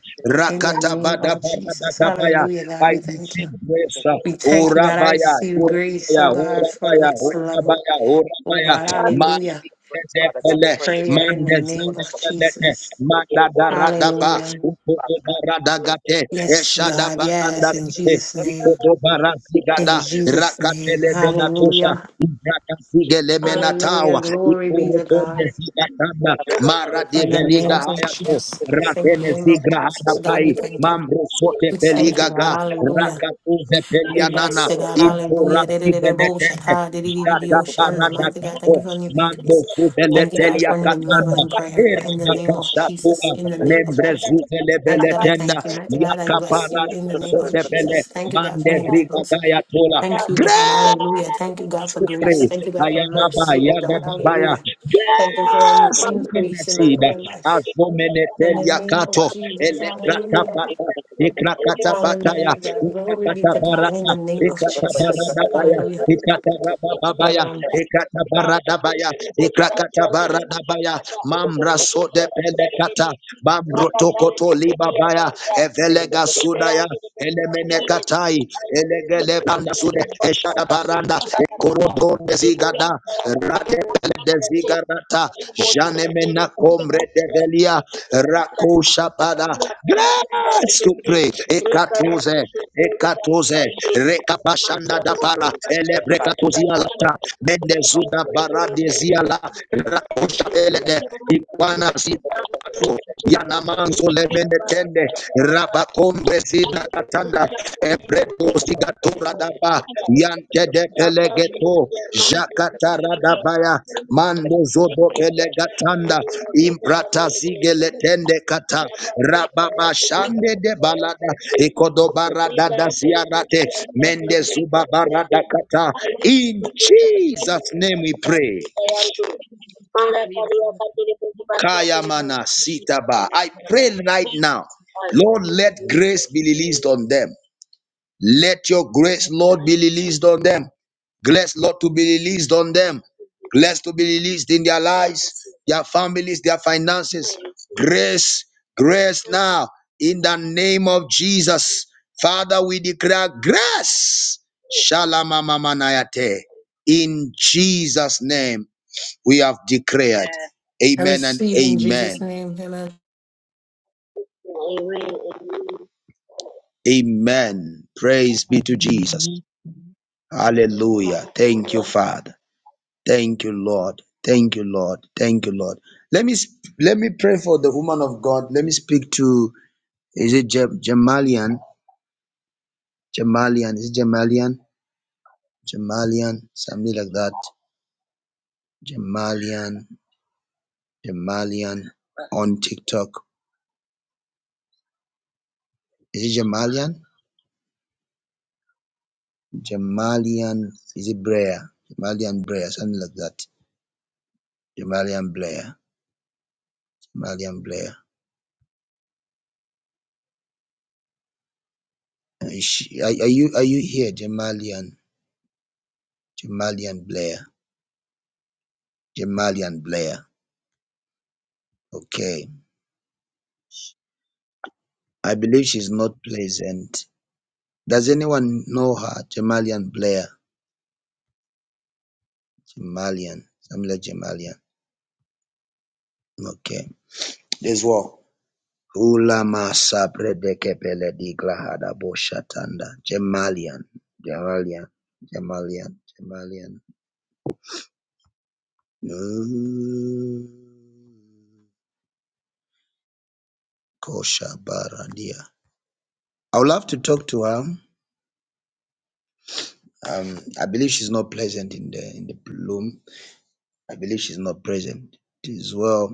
S5: In the
S1: rakata
S5: name
S1: bada
S5: of
S1: barada
S5: Jesus,
S1: gabaya.
S5: hallelujah, God,
S1: I
S5: we thank you.
S1: receive grace. uh,
S5: We thank you, God. I
S1: Urabaya,
S5: receive grace, oh
S1: urabaya,
S5: God, for the
S1: urabaya,
S5: next level.
S1: urabaya,
S5: Oh
S1: urabaya.
S5: God,
S1: Man
S5: hallelujah.
S1: zedepele,
S5: Prayer
S1: man
S5: in the name of
S1: zedepele,
S5: Jesus,
S1: manda darada ba,
S5: hallelujah.
S1: ukodo barada gate,
S5: Yes,
S1: eshada
S5: God,
S1: baranda
S5: yes, in
S1: kate,
S5: Jesus' name.
S1: ukodo
S5: In
S1: barazigada,
S5: Jesus' name,
S1: rakatele menatosha,
S5: hallelujah.
S1: ubrakazigele
S5: Hallelujah.
S1: menatawa.
S5: Glory be to
S1: Ikorobonde
S5: God.
S1: zikatanda mara
S5: In the
S1: develiga
S5: name of
S1: hayato
S5: Jesus, in the
S1: ratene
S5: name of
S1: zigra hada
S5: Jesus, God,
S1: pai
S5: we thank you.
S1: mamro sote
S5: We thank you,
S1: peliga ga
S5: God, hallelujah.
S1: rakatuze
S5: We
S1: pelianana
S5: bless you, God, hallelujah.
S1: intorasi
S5: Dedededebo
S1: beletende
S5: shata,
S1: jata
S5: dedididio shanda.
S1: karada
S5: Mighty God, thank
S1: kako
S5: you for new
S1: mando
S5: increase. Thank you, God,
S1: subeletelia
S5: for new level
S1: katana
S5: in prayer.
S1: era
S5: In the name of
S1: bakashatura
S5: Jesus, in the name of
S1: membre
S5: Jesus.
S1: zuzele
S5: Mighty God, I
S1: beletenda
S5: thank you. Mighty God, I bless
S1: yakapara
S5: you in the name of
S1: sote bele
S5: Jesus. Thank you, God, for
S1: mande
S5: new
S1: riga
S5: levels.
S1: gayatola
S5: Thank you, God, hallelujah. Thank you, God, for
S1: to pray.
S5: grace. Thank you, God, for
S1: Ayababa,
S5: mercy, oh God,
S1: Yadabaya.
S5: hallelujah. Thank you for a new
S1: Yes, even that
S5: increase in my
S1: seed.
S5: prayer life. In the
S1: Azomenetelia
S5: name of
S1: kato.
S5: Jesus, hallelujah.
S1: Elekrakapata. Ikrakatabaya.
S5: Hallelujah. Glory be to God in
S1: Ikrakatabaraka.
S5: the name of Jesus.
S1: Ikratabaradabaya.
S5: Hallelujah.
S1: Ikratarababaya.
S5: Amen.
S1: Ikratabaradabaya. Ikrakatabaradabaya. Mamra so sode pelekata. Bamrotokoto libabaya. Evelega sudaya. Elemene katai. Elegele panda sude. Eshada baranda. Korodon de Zigada, Ratepele de Zigarata, Janemena Comre de Velia, Rako Shapada. Grace to pray. Ekatose, Ekatose, Rekapashanda da Para, Elebrekatozia Lata, Mendezuda Baradezia La, Rako Shapele de Iguana Yanamanso Yanamanso Lemenetende Rabakombe Sida Katanda Ebreto Sigatura Daba Yante de Pelegeto Jakatara Dabaya Mando Zodo Pelegatanda Imprata Zigeletende Kata Rababa Shande de Balada Ikodobara Dada Mende Subabarada Kata In Jesus' name we pray. Kayamana Sitaba. I pray right now, Lord, let grace be released on them. Let your grace, Lord, be released on them. Grace, Lord, to be released on them. Grace to be released in their lives, their families, their finances. Grace, grace now, in the name of Jesus. Father, we declare grace. Shalamamamanayate. In Jesus' name, we have declared.
S5: I
S1: Amen and
S5: receive in Jesus'
S1: amen.
S5: name. Amen.
S1: Amen. Praise be to Jesus.
S6: Amen. We
S1: Hallelujah. Thank you, Father. Thank you, Lord. Thank you, Lord. Thank you, Lord. Let me sp- let me pray for the woman of God. Let me speak to is it Jem- Jamalian? Jamalian. Is it Jamalian? Jamalian. Something like that. Jamalian. Jamalian on TikTok. Is it Jamalian? Jamalian. Is it Blair? Jamalian Blair Something like that. Jamalian Blair. Jamalian Blair. Uh, Is She, are, are you are you here, Jamalian? Jamalian Blair. Jamalian Blair. Okay. I believe she's not pleasant. Does anyone know her? Jamalian Blair. Jamalian. Samuel Jamalian. Okay. There's what? Ulama sabre de kepele di glahada boshatanda. Jamalian. Jamalian. Jamalian. Jamalian. Mm. Kosha baradia. I would love to talk to her. Um, I believe she's not present in the in the room. I believe she's not present It is well.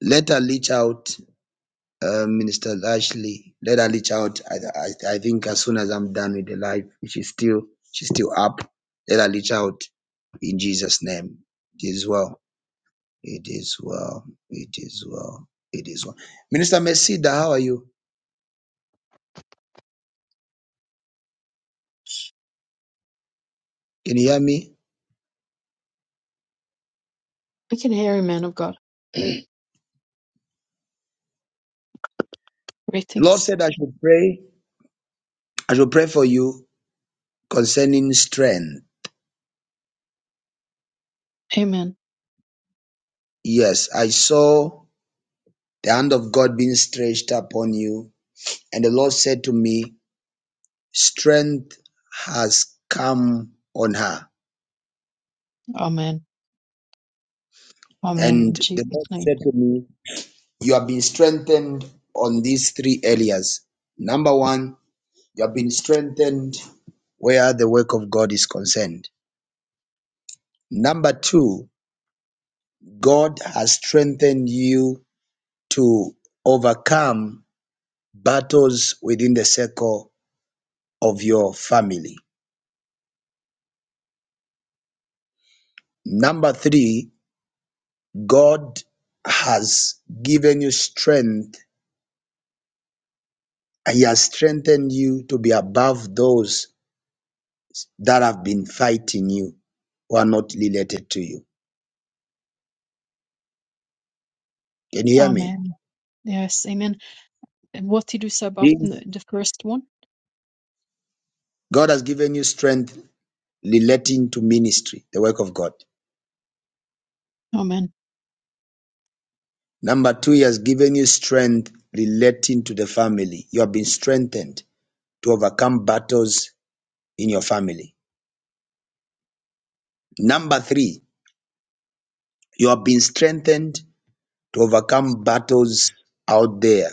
S1: Let her reach out, uh, Minister Ashley. Let her reach out. I, I I think as soon as I'm done with the live, if she's still she's still up. Let her reach out in Jesus' name. It is well. It is well. It is well. It is well. Minister Mesida, how are you? Can you hear me?
S6: can hear him, man of God.
S1: The Lord
S6: Greetings.
S1: said I should pray. I should pray for you concerning strength.
S6: Amen.
S1: Yes, I saw. the hand of God being stretched upon you. And the Lord said to me, Strength has come on her.
S6: Amen. Amen.
S1: And
S6: In
S1: the
S6: Jesus'
S1: Lord
S6: name.
S1: said to me, You have been strengthened on these three areas. Number one, you have been strengthened where the work of God is concerned. Number two, God has strengthened you to overcome battles within the circle of your family. Number three, God has given you strength and He has strengthened you to be above those that have been fighting you who are not related to you. Can you hear me?
S6: Amen. Yes. Amen. And what did you say about
S1: Yes.
S6: the the first one?
S1: God has given you strength relating to ministry, the work of God.
S6: Amen.
S1: Number two, He has given you strength relating to the family. You have been strengthened to overcome battles in your family. Number three, you have been strengthened to overcome battles out there.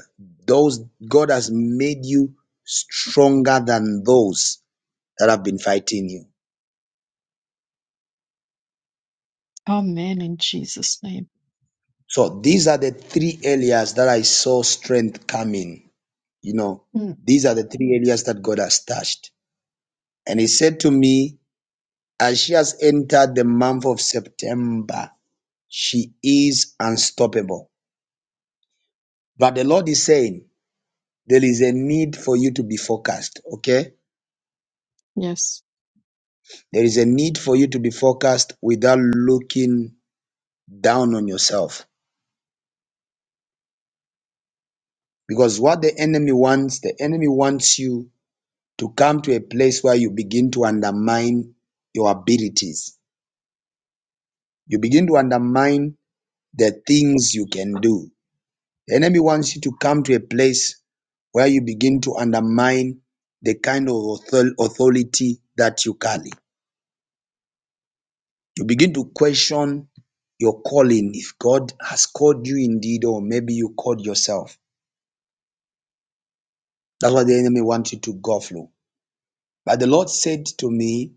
S1: Those God has made you stronger than those that have been fighting you.
S6: Amen. In Jesus' name.
S1: So these are the three areas that I saw strength coming. You know,
S6: Mm.
S1: these are the three areas that God has touched. And he said to me, as she has entered the month of September, she is unstoppable. But the Lord is saying, there is a need for you to be focused, okay?
S6: Yes.
S1: There is a need for you to be focused without looking down on yourself. Because what the enemy wants, the enemy wants you to come to a place where you begin to undermine your abilities. You begin to undermine the things you can do. The enemy wants you to come to a place where you begin to undermine the kind of authority that you carry. You begin to question your calling if God has called you indeed, or maybe you called yourself. That's what the enemy wants you to go through. But the Lord said to me,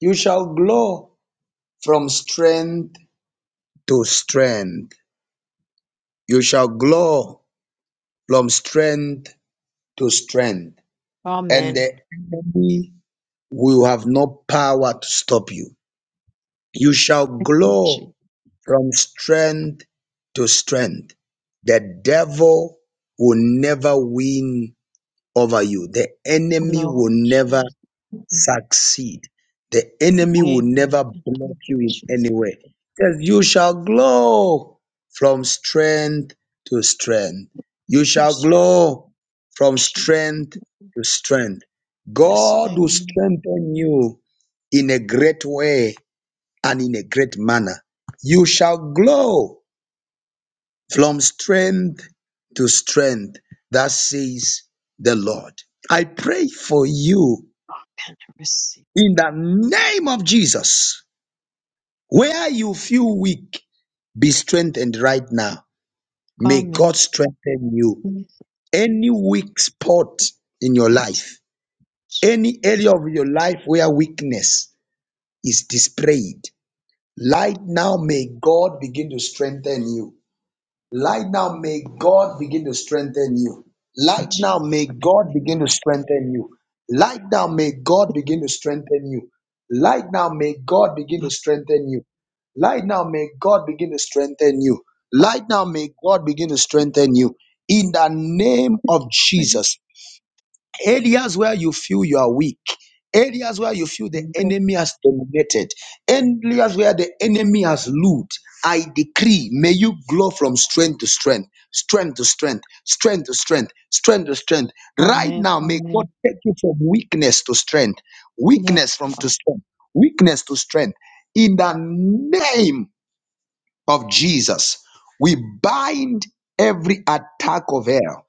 S1: You shall grow from strength to strength. You shall grow from strength to strength. And
S6: Amen.
S1: the enemy will have no power to stop you. You shall
S6: Thank you,
S1: grow
S6: Jesus.
S1: from strength to strength. The devil will never win over you. The enemy
S6: No,
S1: will
S6: in
S1: never
S6: Jesus' name.
S1: succeed. The enemy will
S6: Amen.
S1: never
S6: Thank
S1: block
S6: you,
S1: you in
S6: Jesus.
S1: any way. Yes, you shall glow from strength to strength. You
S6: Thank
S1: shall
S6: you,
S1: glow from
S6: Jesus.
S1: strength to strength.
S6: Yes.
S1: God will
S6: Amen.
S1: strengthen you in a great way and in a great manner. You shall glow from strength to strength. That says the Lord. I pray for you
S6: Amen. I receive.
S1: in the name of Jesus. Where you feel weak, be strengthened right now. May God
S6: Amen.
S1: strengthen you.
S6: In Jesus' name.
S1: Any weak spot in your
S6: Yes.
S1: life, any
S6: Jesus.
S1: area of your life where weakness is displayed, right now may God begin to strengthen you. Right now, may God begin to strengthen you.
S6: In
S1: Right now,
S6: Jesus'
S1: may
S6: mighty
S1: God begin
S6: name,
S1: to strengthen you. Right now, may God begin to strengthen you. Right now, may God begin to
S6: I
S1: strengthen you. Right now, may God begin to strengthen you. Right now, may God begin to strengthen you. In the name of Jesus areas where you feel you are weak, areas where you feel the
S6: pray.
S1: enemy has dominated, areas where the enemy has looped. I decree, may you grow from strength to strength, strength to strength, strength to strength, strength to strength. Right
S6: Amen.
S1: now, may God
S6: Amen.
S1: take you from weakness to strength, weakness
S6: Yes,
S1: from to
S6: Father.
S1: strength, weakness to strength. In the name of Jesus, we bind every attack of hell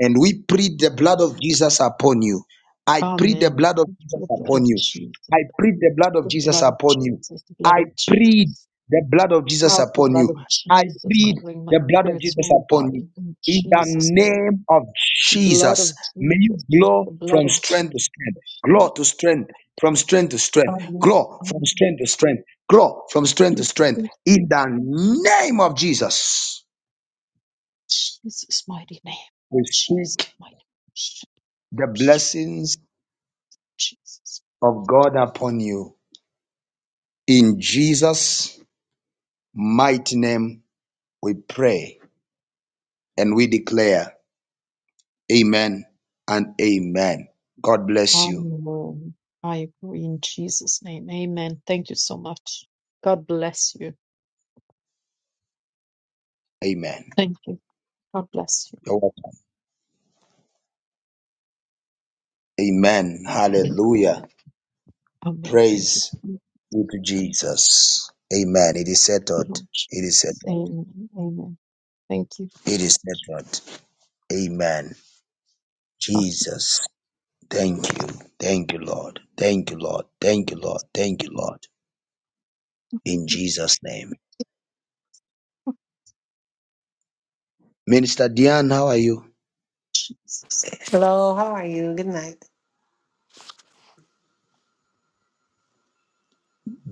S1: and we plead the blood of Jesus upon you. I plead the
S6: Amen.
S1: blood of Jesus
S6: The blood
S1: upon
S6: of
S1: you.
S6: Jesus.
S1: I plead the blood of
S6: the
S1: Jesus
S6: blood of
S1: upon you.
S6: Jesus. The blood
S1: I
S6: of
S1: plead
S6: Jesus.
S1: the blood of Jesus
S6: Powerful
S1: upon
S6: blood
S1: you.
S6: of
S1: I
S6: Jesus
S1: plead
S6: covering my
S1: the blood of
S6: spirit,
S1: Jesus
S6: soul, and
S1: upon you.
S6: body. In
S1: In the
S6: Jesus' name.
S1: name of
S6: The blood
S1: Jesus,
S6: of
S1: may you
S6: Jesus.
S1: glow
S6: The blood
S1: from
S6: of
S1: strength
S6: Jesus.
S1: to strength, glow to strength, from strength to strength,
S6: Amen.
S1: glow from
S6: Amen.
S1: strength to strength, glow from strength to strength.
S6: In
S1: In the name of Jesus,
S6: Jesus' mighty name. In
S1: we
S6: Jesus'
S1: speak
S6: mighty
S1: the
S6: name.
S1: blessings
S6: Jesus.
S1: of God upon you. In Jesus' mighty name, we pray and we declare, Amen and Amen. God bless you.
S6: Amen. I agree in Jesus' name. Amen. Thank you so much. God bless you.
S1: Amen.
S6: Thank you. God bless
S1: You're welcome. Amen.
S6: you.
S1: Hallelujah.
S6: Amen. Thank you.
S1: Praise
S6: Thank
S1: be to Jesus. Amen. It is
S6: you,
S1: settled.
S6: Lord
S1: It is
S6: Jesus.
S1: settled.
S6: Amen. Amen. Thank you,
S1: It is settled. Amen.
S6: Taki.
S1: Jesus. Thank you. Thank you, Lord. Thank you, Lord. Thank you, Lord. Thank you, Lord. In Jesus' name. Minister Diane, how are you?
S6: Jesus.
S5: Hello, how are you? Good night.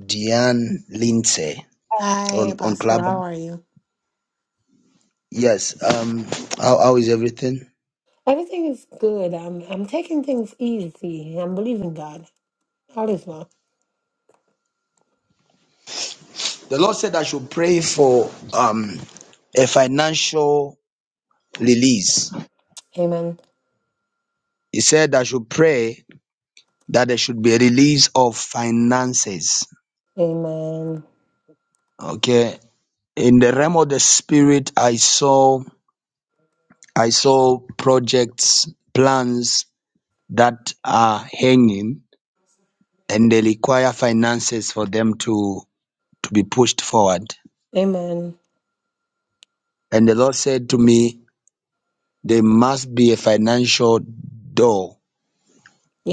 S1: Diane Lindsay
S5: Hi,
S1: on, on
S5: Apostle,
S1: Club.
S5: how are you?
S1: Yes. Um, how, how is everything?
S5: Everything is good. I'm I'm taking things easy. I'm believing God. All is well.
S1: The Lord said I should pray for um a financial release.
S5: Amen.
S1: He said I should pray that there should be a release of finances.
S5: Amen.
S1: Okay. In the realm of the spirit, I saw I saw projects, plans that are hanging and they require finances for them to, to be pushed forward.
S5: Amen.
S1: And the Lord said to me, There must be a financial door.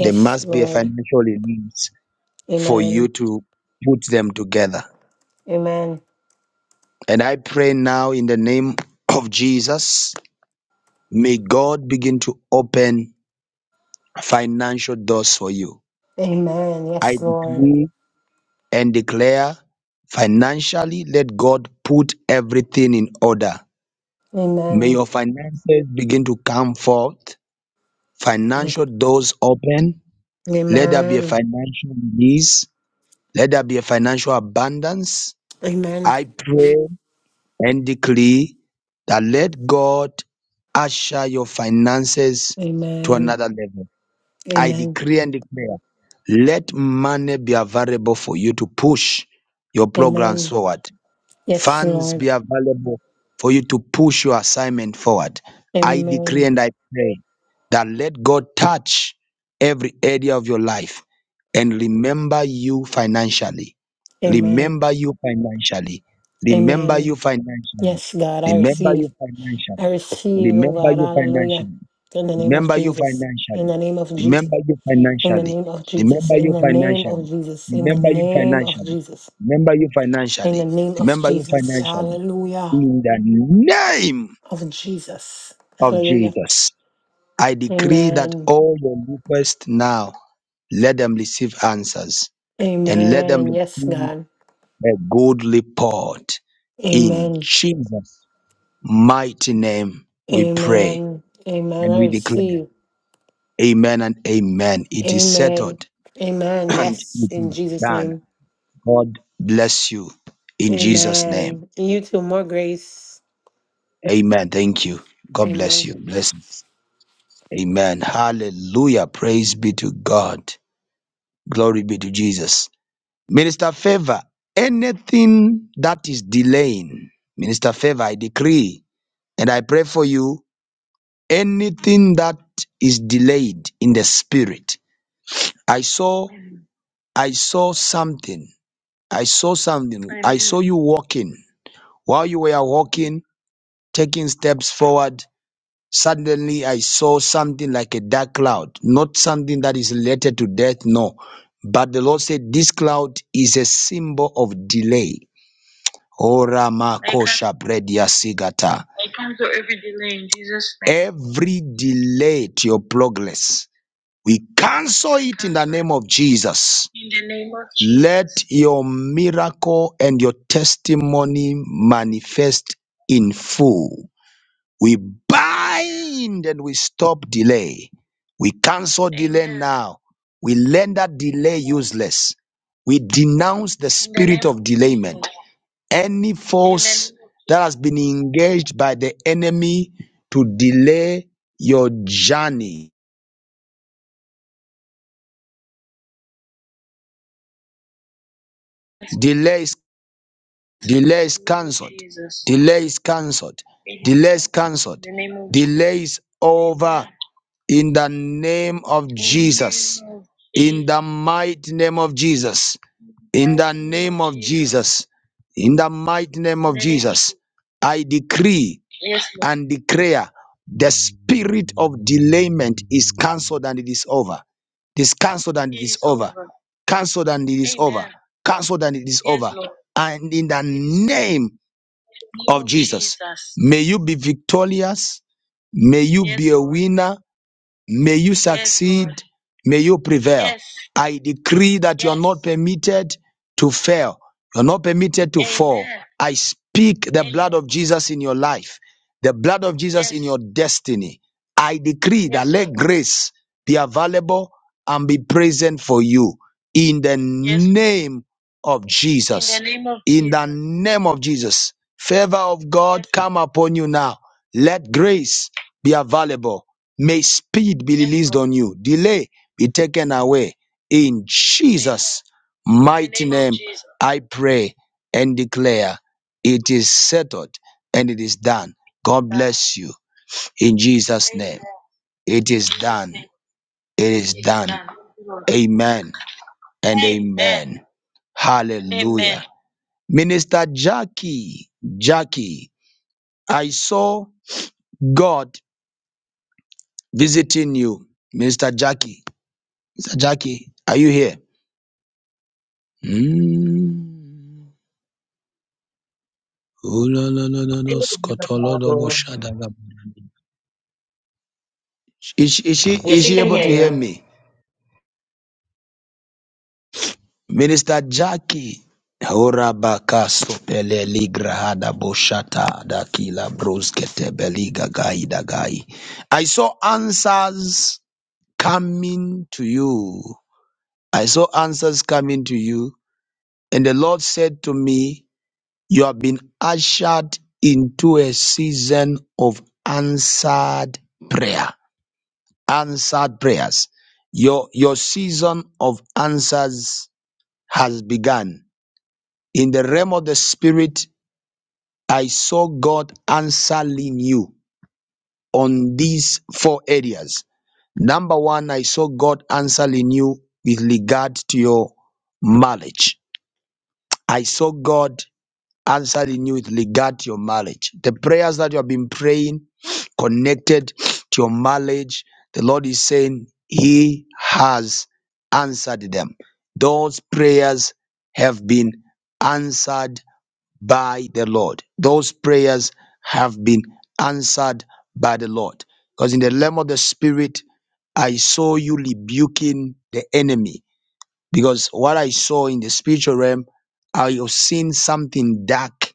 S1: There must be a
S5: Lord.
S1: financial release for you
S5: Amen.
S1: to put them together.
S5: Amen.
S1: And I pray now in the name of Jesus May God begin to open financial doors for you.
S5: Amen.
S1: I
S5: Yes, Lord.
S1: decree and declare financially, let God put everything in order. May
S5: Amen.
S1: your finances begin to come forth, financial doors open. Let there be a
S5: Amen.
S1: financial release. Let there be a financial abundance.
S5: Amen.
S1: I pray and decree that let God usher your finances to
S5: Amen.
S1: another level. I
S5: Amen.
S1: decree and declare. Let money be available for you to push your programs
S5: Amen.
S1: forward.
S5: Yes,
S1: Funds be
S5: Lord.
S1: available for you to push your assignment forward. I decree
S5: Amen.
S1: and I pray that let God touch every area of your life and remember you financially.
S5: Amen.
S1: Remember you financially. Remember you
S5: Amen.
S1: financially.
S5: Yes, God, I
S1: Remember you
S5: receive. I
S1: financially.
S5: receive, oh
S1: Remember
S5: God.
S1: you
S5: Hallelujah.
S1: financially.
S5: In the name of
S1: Remember you
S5: Jesus. In
S1: financially.
S5: the name of Jesus.
S1: Remember you
S5: In the
S1: financially.
S5: name of Jesus.
S1: Remember
S5: In
S1: you
S5: the name of
S1: financially.
S5: Jesus. In the
S1: Remember you
S5: name of
S1: financially.
S5: Jesus.
S1: Remember you
S5: In the
S1: financially.
S5: name of
S1: Remember you
S5: Jesus.
S1: financially.
S5: Hallelujah.
S1: In the name
S5: Of Jesus.
S1: of
S5: Hallelujah.
S1: Jesus, I decree that
S5: Amen.
S1: all your requests now, let them receive answers and let them
S5: Amen. Yes,
S1: receive
S5: God.
S1: a good report. In
S5: Amen.
S1: Jesus' mighty name, we pray
S5: Amen. Amen.
S1: and
S5: I
S1: we declare,
S5: receive.
S1: Amen and Amen. It is
S5: Amen.
S1: settled
S5: Amen.
S1: and
S5: Yes,
S1: it
S5: in
S1: is
S5: Jesus'
S1: done
S5: name.
S1: God bless you in Jesus' name.
S5: Amen. And you too. More grace.
S1: Amen. Thank you. God
S5: Amen.
S1: bless you. Bless. Amen. Hallelujah. Praise be to God. Glory be to Jesus. Minister Favor, anything that is delaying, Minister Favor, I decree and I pray for you. Anything that is delayed in the spirit. I saw, I saw something. I saw something. I saw you walking. While you were walking, taking steps forward, Suddenly, I saw something like a dark cloud, not something that is related to death, no. But the Lord said, This cloud is a symbol of delay. Ora I cancel, makosha bredia sigata. I cancel every delay in Jesus' name. Every delay to your progress, we cancel it in the name of Jesus. in the name of Jesus. Let your miracle and your testimony manifest in full. We bind and we stop delay. We cancel delay Amen. now. We render delay useless. We denounce the In the spirit name of of delayment. Jesus. Any In the force name of that has Jesus. been engaged by the enemy to delay your journey, delay is, delay is cancelled. Jesus. Delay is cancelled. Delay is In cancelled. the name of Jesus. Delay is over. in the name of Jesus. In the mighty name of Jesus. In the name of Jesus. In the mighty name of Jesus. I decree and declare the spirit of delayment is cancelled and it is over. It is cancelled and it is over. Cancelled and it is over. Cancelled and it is over. And in the name of Jesus, may you be victorious. May you be a winner. May you Yes, Lord. succeed. Lord. May you prevail. Yes. I decree that you are Yes. not Yes. permitted to fail. You're not permitted to fall. Amen. I speak the blood of Jesus in your life, the blood of Jesus Yes. in Yes. your destiny. I decree that Yes, let Lord. grace be available and be present for you in the Yes, Lord. name of In the Jesus. name of In the Jesus. name of Jesus, favor of God Yes. come upon you now. Let grace be available May speed be released on you, delay be taken away. In Jesus' mighty name, I pray and declare it is settled and it is done. God bless you in Jesus' name. It is done. It is done. Amen and amen. Hallelujah. Minister Jackie, Jackie, I saw God visiting you. Minister Jackie, Minister Jackie, are you here? Mm. Oh, la, la, la, la, la, skotolodobo
S7: Hello.
S1: shadaba. Is, she- is she
S7: Yeah,
S1: is
S7: she
S1: she
S7: can
S1: able
S7: hear
S1: to hear
S7: you.
S1: me? Minister Jackie. Horabaka sopele ligrahada boshata dakila broskete beliga gaida gai. I saw answers coming to you. I saw answers coming to you. And the Lord said to me, You have been ushered into a season of answered prayer. Answered prayers. Your, your season of answers has begun. In the realm of the spirit, I saw God answering you on these four areas. Number one, I saw God answering you with regard to your marriage. I saw God answered in you with regard to your marriage. The prayers that you have been praying connected to your marriage, the Lord is saying He has answered them. Those prayers have been answered by the Lord. Those prayers have been answered by the Lord. Because in the realm of the Spirit, I saw you rebuking the enemy. Because what I saw in the spiritual realm, I have seen something dark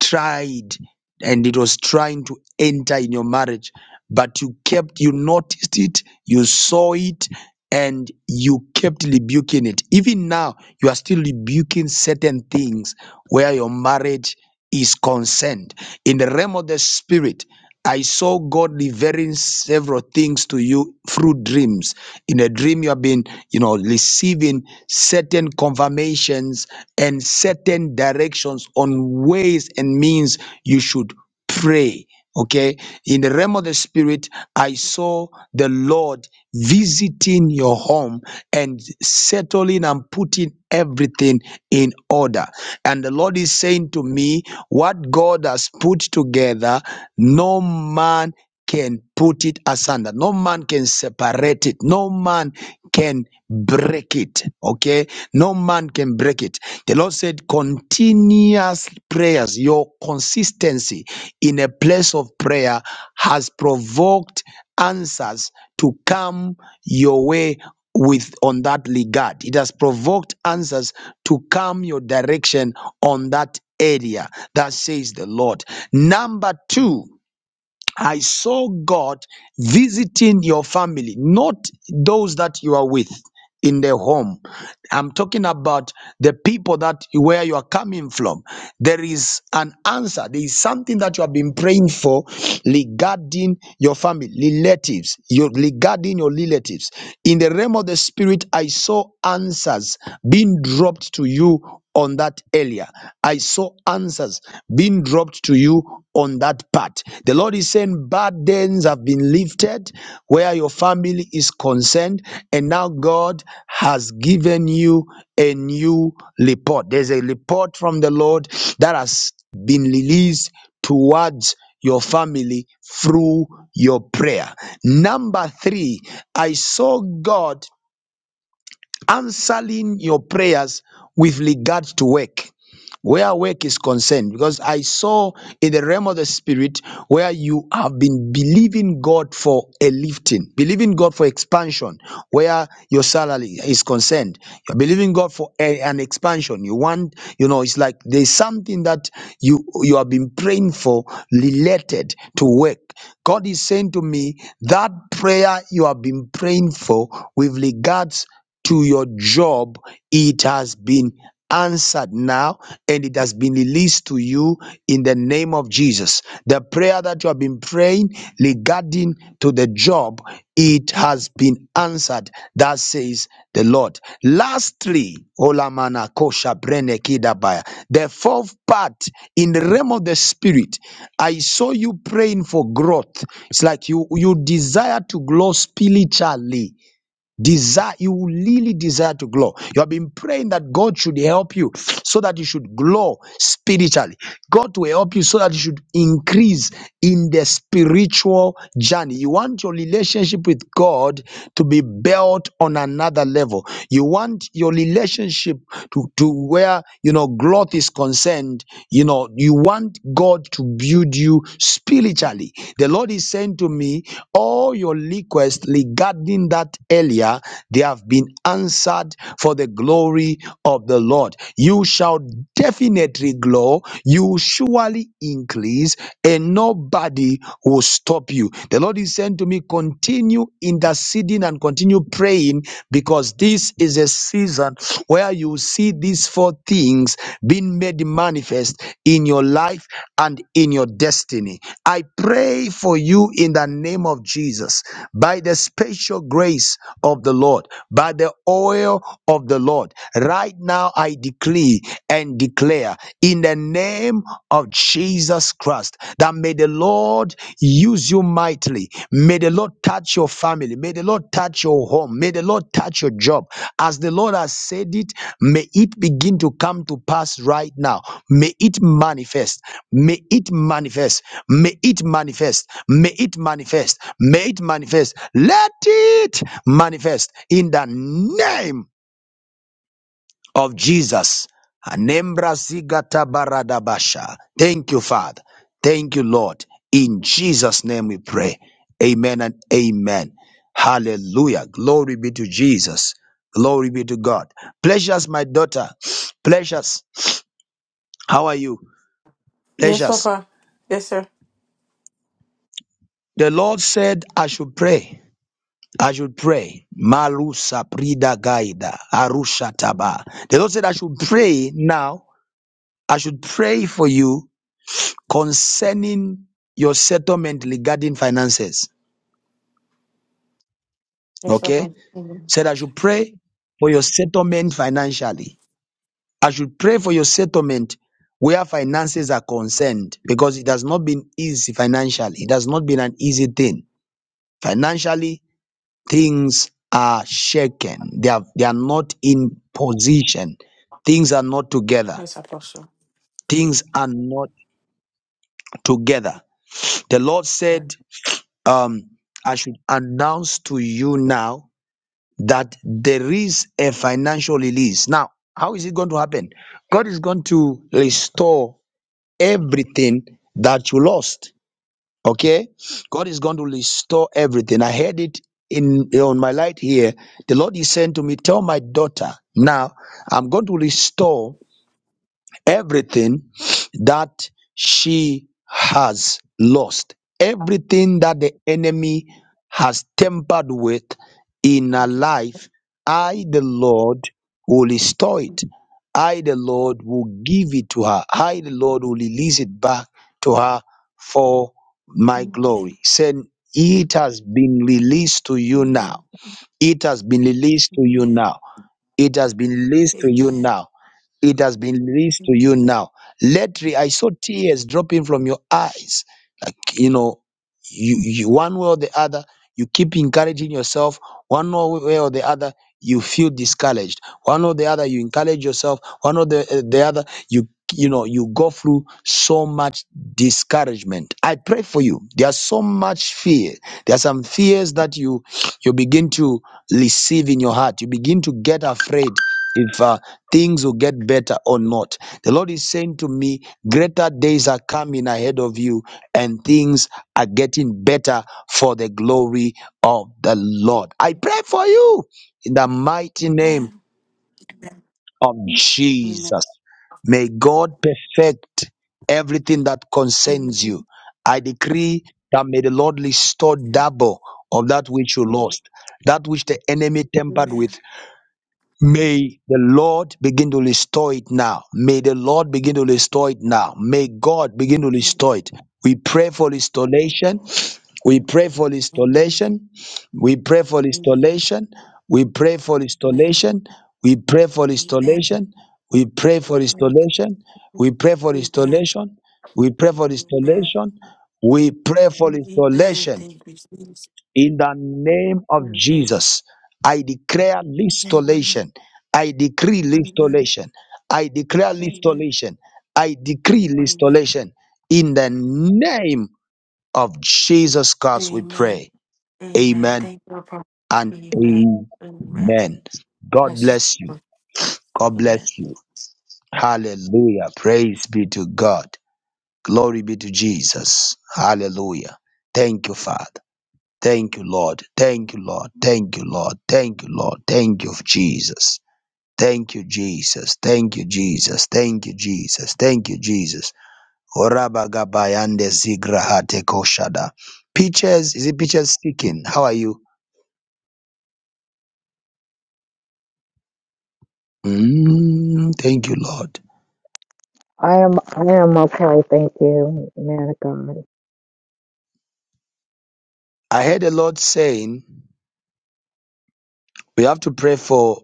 S1: tried and it was trying to enter in your marriage, but you kept, you noticed it, you saw it, and you kept rebuking it. Even now, you are still rebuking certain things where your marriage is concerned. In the realm of the spirit, I saw God revealing several things to you through dreams. In a dream, you have been, you know, receiving certain confirmations and certain directions on ways and means you should pray. Okay. In the realm of the spirit, I saw the Lord visiting your home and settling and putting everything in order. And the Lord is saying to me, What God has put together, no man can put it asunder. No man can separate it. No man can break it. Okay? No man can break it. The Lord said, continuous prayers, your consistency in a place of prayer has provoked answers to come your way with on that regard it has provoked answers to come your direction on that area that says the lord number two I saw God visiting your family, not those that you are with in their home. I'm talking about the people that where you are coming from. There is an answer. There is something that you have been praying for regarding your family, relatives, your regarding your relatives. In the realm of the spirit, I saw answers being dropped to you on that earlier. I saw answers being dropped to you on that part. The Lord is saying burdens have been lifted where your family is concerned, and now God has given you a new report. There's a report from the Lord that has been released towards your family through your prayer. Number three, I saw God answering your prayers with regard to work where work is concerned because i saw in the realm of the spirit where you have been believing god for a lifting believing god for expansion where your salary is concerned you're believing god for a- an expansion you want you know it's like there's something that you you have been praying for related to work god is saying to me that prayer you have been praying for with regards to your job, it has been answered now and it has been released to you in the name of Jesus. The prayer that you have been praying regarding to the job, it has been answered. That says the Lord. Lastly, Olamana Kosha Brene Kidabaya. The fourth part in the realm of the spirit, I saw you praying for growth. It's like you you desire to grow spiritually Desire, you will really desire to glow. You have been praying that God should help you so that you should glow spiritually. God will help you so that you should increase in the spiritual journey. You want your relationship with God to be built on another level. You want your relationship to, to where, you know, growth is concerned. You know, you want God to build you spiritually. The Lord is saying to me, all your requests regarding that earlier, they have been answered for the glory of the Lord. You shall definitely grow, you surely increase, and nobody will stop you. The Lord is saying to me, continue interceding and continue praying because." because this is a season where you see these four things being made manifest in your life and in your destiny. I pray for you in the name of Jesus by the special grace of the Lord, by the oil of the Lord. Right now, I decree and declare in the name of Jesus Christ past that may the Lord use you mightily. May the Lord touch your family. May the Lord touch your home. May the Lord touch your job. As the Lord has said it, may it begin to come to pass right now. May it manifest. May it manifest. May it manifest. May it manifest. May it manifest. Let it manifest in the name of Jesus. Anembra zigata baradabasha. Thank you, Father. Thank you, Lord. In Jesus' name we pray. Amen and amen. Hallelujah. Glory be to Jesus. Glory be to God. Pleasures, my daughter. Pleasures. How are you?
S8: Yes,
S1: Pleasures.
S8: Papa. Yes, sir.
S1: The Lord said, I should pray. I should pray. Marusa prida gaida. Arusha taba.
S8: Mhm.
S1: The Lord said, I should pray now. I should pray for you concerning your settlement regarding finances.
S8: Yes,
S1: Okay?
S8: Papa. Amen.
S1: Said I should pray for your settlement financially. I should pray for your settlement where finances are concerned because it has not been easy financially. It has not been an easy thing. Financially, things are shaken. They are, they are not in position. Things are not together.
S8: Yes, Apostle.
S1: Things are not together. The Lord
S8: Amen.
S1: said, um, I should announce to you now that there is a financial release. Now, how is it going to happen? God is going to restore everything that you lost. Okay? God is going to restore everything. I heard it in on my light here. The Lord is saying to me, Tell my daughter, now I'm going to restore everything that she has
S8: Thank
S1: lost, everything that the enemy has tempered with in her
S8: thank you.
S1: life, I, the Lord, will restore it.
S8: Jesus.
S1: I, the Lord, will give it to her. I, the Lord, will release it back to her for my
S8: Amen.
S1: glory. Saying, It has been released to you now.
S8: Amen.
S1: It has been released to you
S8: Amen.
S1: now. It has been released to you
S8: Amen.
S1: now. It has been released to
S8: Amen.
S1: you now. Let re- I saw tears dropping from your eyes. Like, you know, you, you one way or the other, you keep encouraging yourself. One way or the other, you feel discouraged. One or the other, you encourage yourself. One or the, uh, the other, you you know you go through so much discouragement i pray for you there's so much fear there are some fears that you you begin to receive in your heart. You begin to get afraid if uh, things will get better or not. The Lord is saying to me, Greater days are coming ahead of you, and things are getting better for the glory of the Lord. I pray for you in the
S8: Amen.
S1: mighty
S8: Amen.
S1: name of
S8: Amen. Amen. Amen. Amen. Amen. Amen. Amen.
S1: Jesus.
S8: Amen.
S1: May God perfect everything that concerns you. I decree that may the Lord restore double of that which you lost, that which the enemy tempered with. May the Lord begin to restore it now. May the Lord begin to restore it now. May God begin to restore it. We pray for restoration. We pray for
S8: Amen.
S1: restoration. We pray for restoration. We pray for restoration. We pray for restoration. We pray for
S8: Amen.
S1: restoration. We pray for
S8: Amen.
S1: restoration. We pray for
S8: Amen.
S1: restoration. We pray for
S8: Amen.
S1: restoration.
S8: Thank you, Jesus.
S1: In the name of
S8: Amen.
S1: Jesus, I declare
S8: Amen.
S1: restoration. I decree
S8: Amen.
S1: restoration. I declare
S8: Amen.
S1: restoration. I decree
S8: Amen.
S1: restoration. In the name of Jesus Christ, we
S8: Amen.
S1: pray.
S8: Amen.
S1: Amen
S8: Thank you, Apostle.
S1: and
S8: Amen. Amen.
S1: amen. God
S8: Bless you.
S1: bless you.
S8: Lord.
S1: God
S8: Amen.
S1: bless you. Hallelujah. Praise be to God. Glory be to Jesus. Hallelujah. Thank you, Father. Thank you, Lord. Thank you, Lord. Thank you, Lord. Thank you, Lord. Thank you, Jesus. Thank you, Jesus. Thank you, Jesus. Thank you, Jesus. Thank you, Jesus. Orabagabayande zigrahate koshada. Peaches, is it Peaches speaking? How are you? Mm, thank you, Lord.
S9: I am I am okay, thank you, man of God.
S1: I heard the Lord saying we have to pray for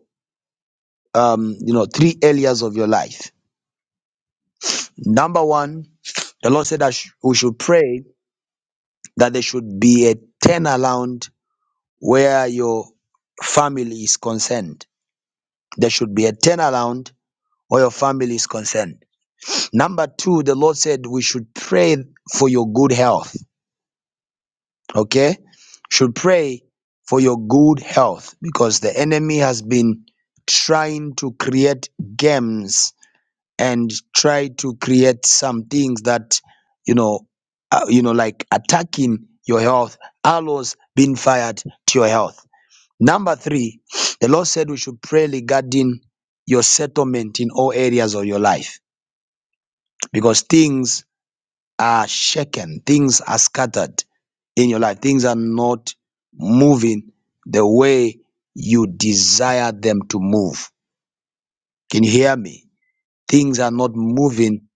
S1: um, you know three areas of your life. Number one, the Lord said that sh- we should pray that there should be a turnaround where your family is concerned. There should be a turnaround where your family is concerned. Number two, the Lord said we should pray for your good health. Okay? Should pray for your good health because the enemy has been trying to create games and try to create some things that you know uh, you know like attacking your health arrows being fired to your health Number three, the Lord said we should pray regarding your settlement in all areas of your life because things are shaken, things are scattered in your life, things are not moving the way you desire them to move. Can you hear me? Things are not moving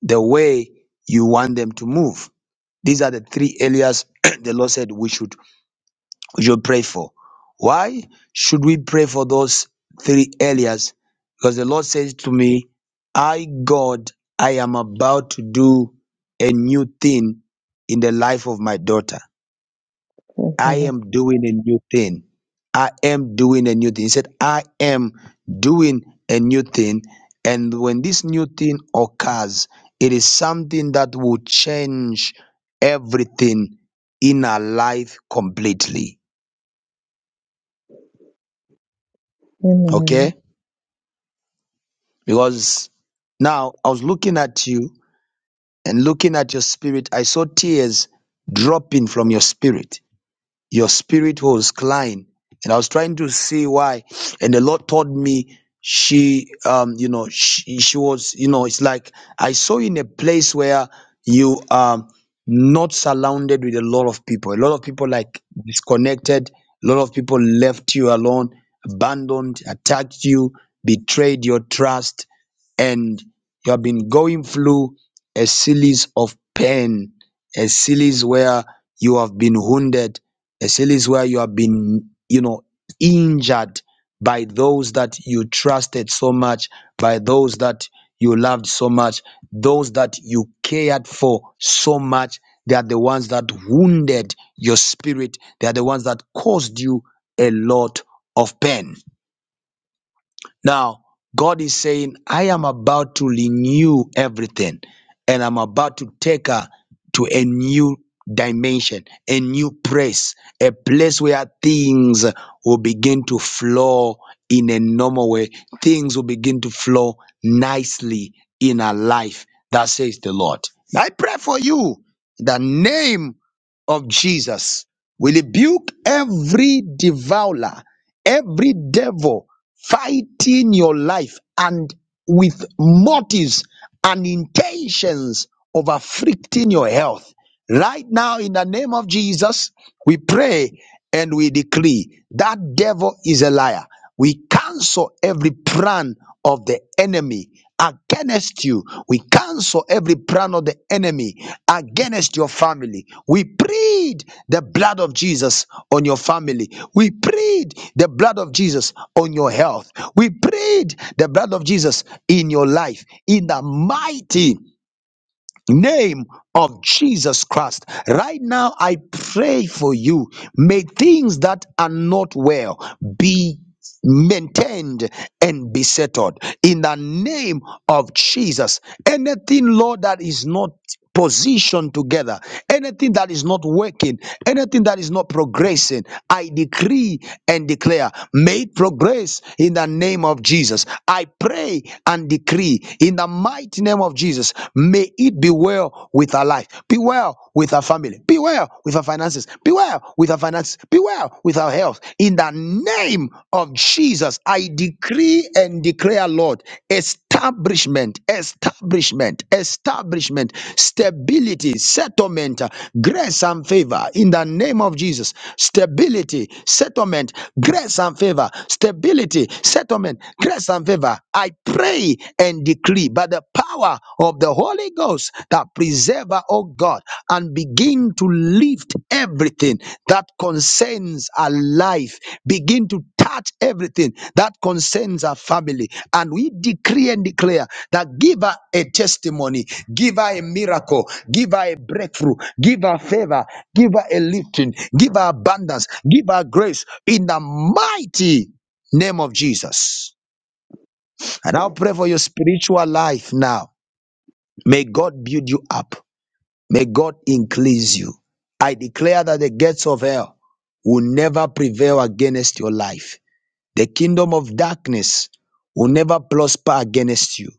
S1: the way you want them to move. These are the three areas the Lord said we should we should pray for. Why should we pray for those three areas? Because the Lord says to me, I, God, I am about to do a new thing in the life of my daughter. I
S9: Amen.
S1: am doing a new thing. I am doing a new thing. He said, I am doing a new thing. And when this new thing occurs, it is something that will change everything in our life completely.
S9: Amen.
S1: Okay? Because now I was looking at you and looking at your spirit. I saw tears dropping from your spirit. Your spirit was crying. And I was trying to see why. And the Lord told me she, um, you know, she, she was, you know, it's like I saw you in a place where you um not surrounded with a lot of people. A lot of people like disconnected. A lot of people left you alone, abandoned, attacked you, betrayed your trust, and you have been going through a series of pain, a series where you have been wounded Except is where you have been, you know, injured by those that you trusted so much, by those that you loved so much, those that you cared for so much. They are the ones that wounded your spirit. They are the ones that caused you a lot of pain. Now, God is saying, I am about to renew everything and I'm about to take her to a new dimension, a new place, a place where things will begin to flow in a normal way. Things will begin to flow nicely in our life. That says the Lord. I pray for you in the name of Jesus. We rebuke every devourer Every devil fighting your life and with motives and intentions of afflicting your health Right now, in the name of Jesus, we pray and we decree that devil is a liar. We cancel every plan of the enemy against you. We cancel every plan of the enemy against your family. We plead the blood of Jesus on your family. We plead the blood of Jesus on your health. We plead the blood of Jesus in your life in the mighty name of Jesus Christ. Right now, I pray for you. May things that are not well be maintained and be settled in the name of Jesus. Anything, Lord, that is not position together. Anything that is not working, anything that is not progressing, I decree and declare, may it progress in the name of Jesus. I pray and decree in the mighty name of Jesus, may it be well with our life, be well with our family, be well with our finances, be well with our finances, be well with our health. In the name of Jesus, I decree and declare, Lord, establishment, establishment, establishment, stability, settlement, uh, grace and favor in the name of Jesus. Stability, settlement, grace and favor, stability, settlement, grace and favor. I pray and decree by the power of the Holy Ghost, that preserver, oh God, and begin to lift everything that concerns our life, begin to touch everything that concerns our family. And we decree and declare that give her a testimony, give her a miracle, give her a breakthrough, give her favor, give her a lifting, give her abundance, give her grace in the mighty name of Jesus. And I'll pray for your spiritual life now. May God build you up. May God increase you. I declare that the gates of hell will never prevail against your life. The kingdom of darkness will never prosper against you.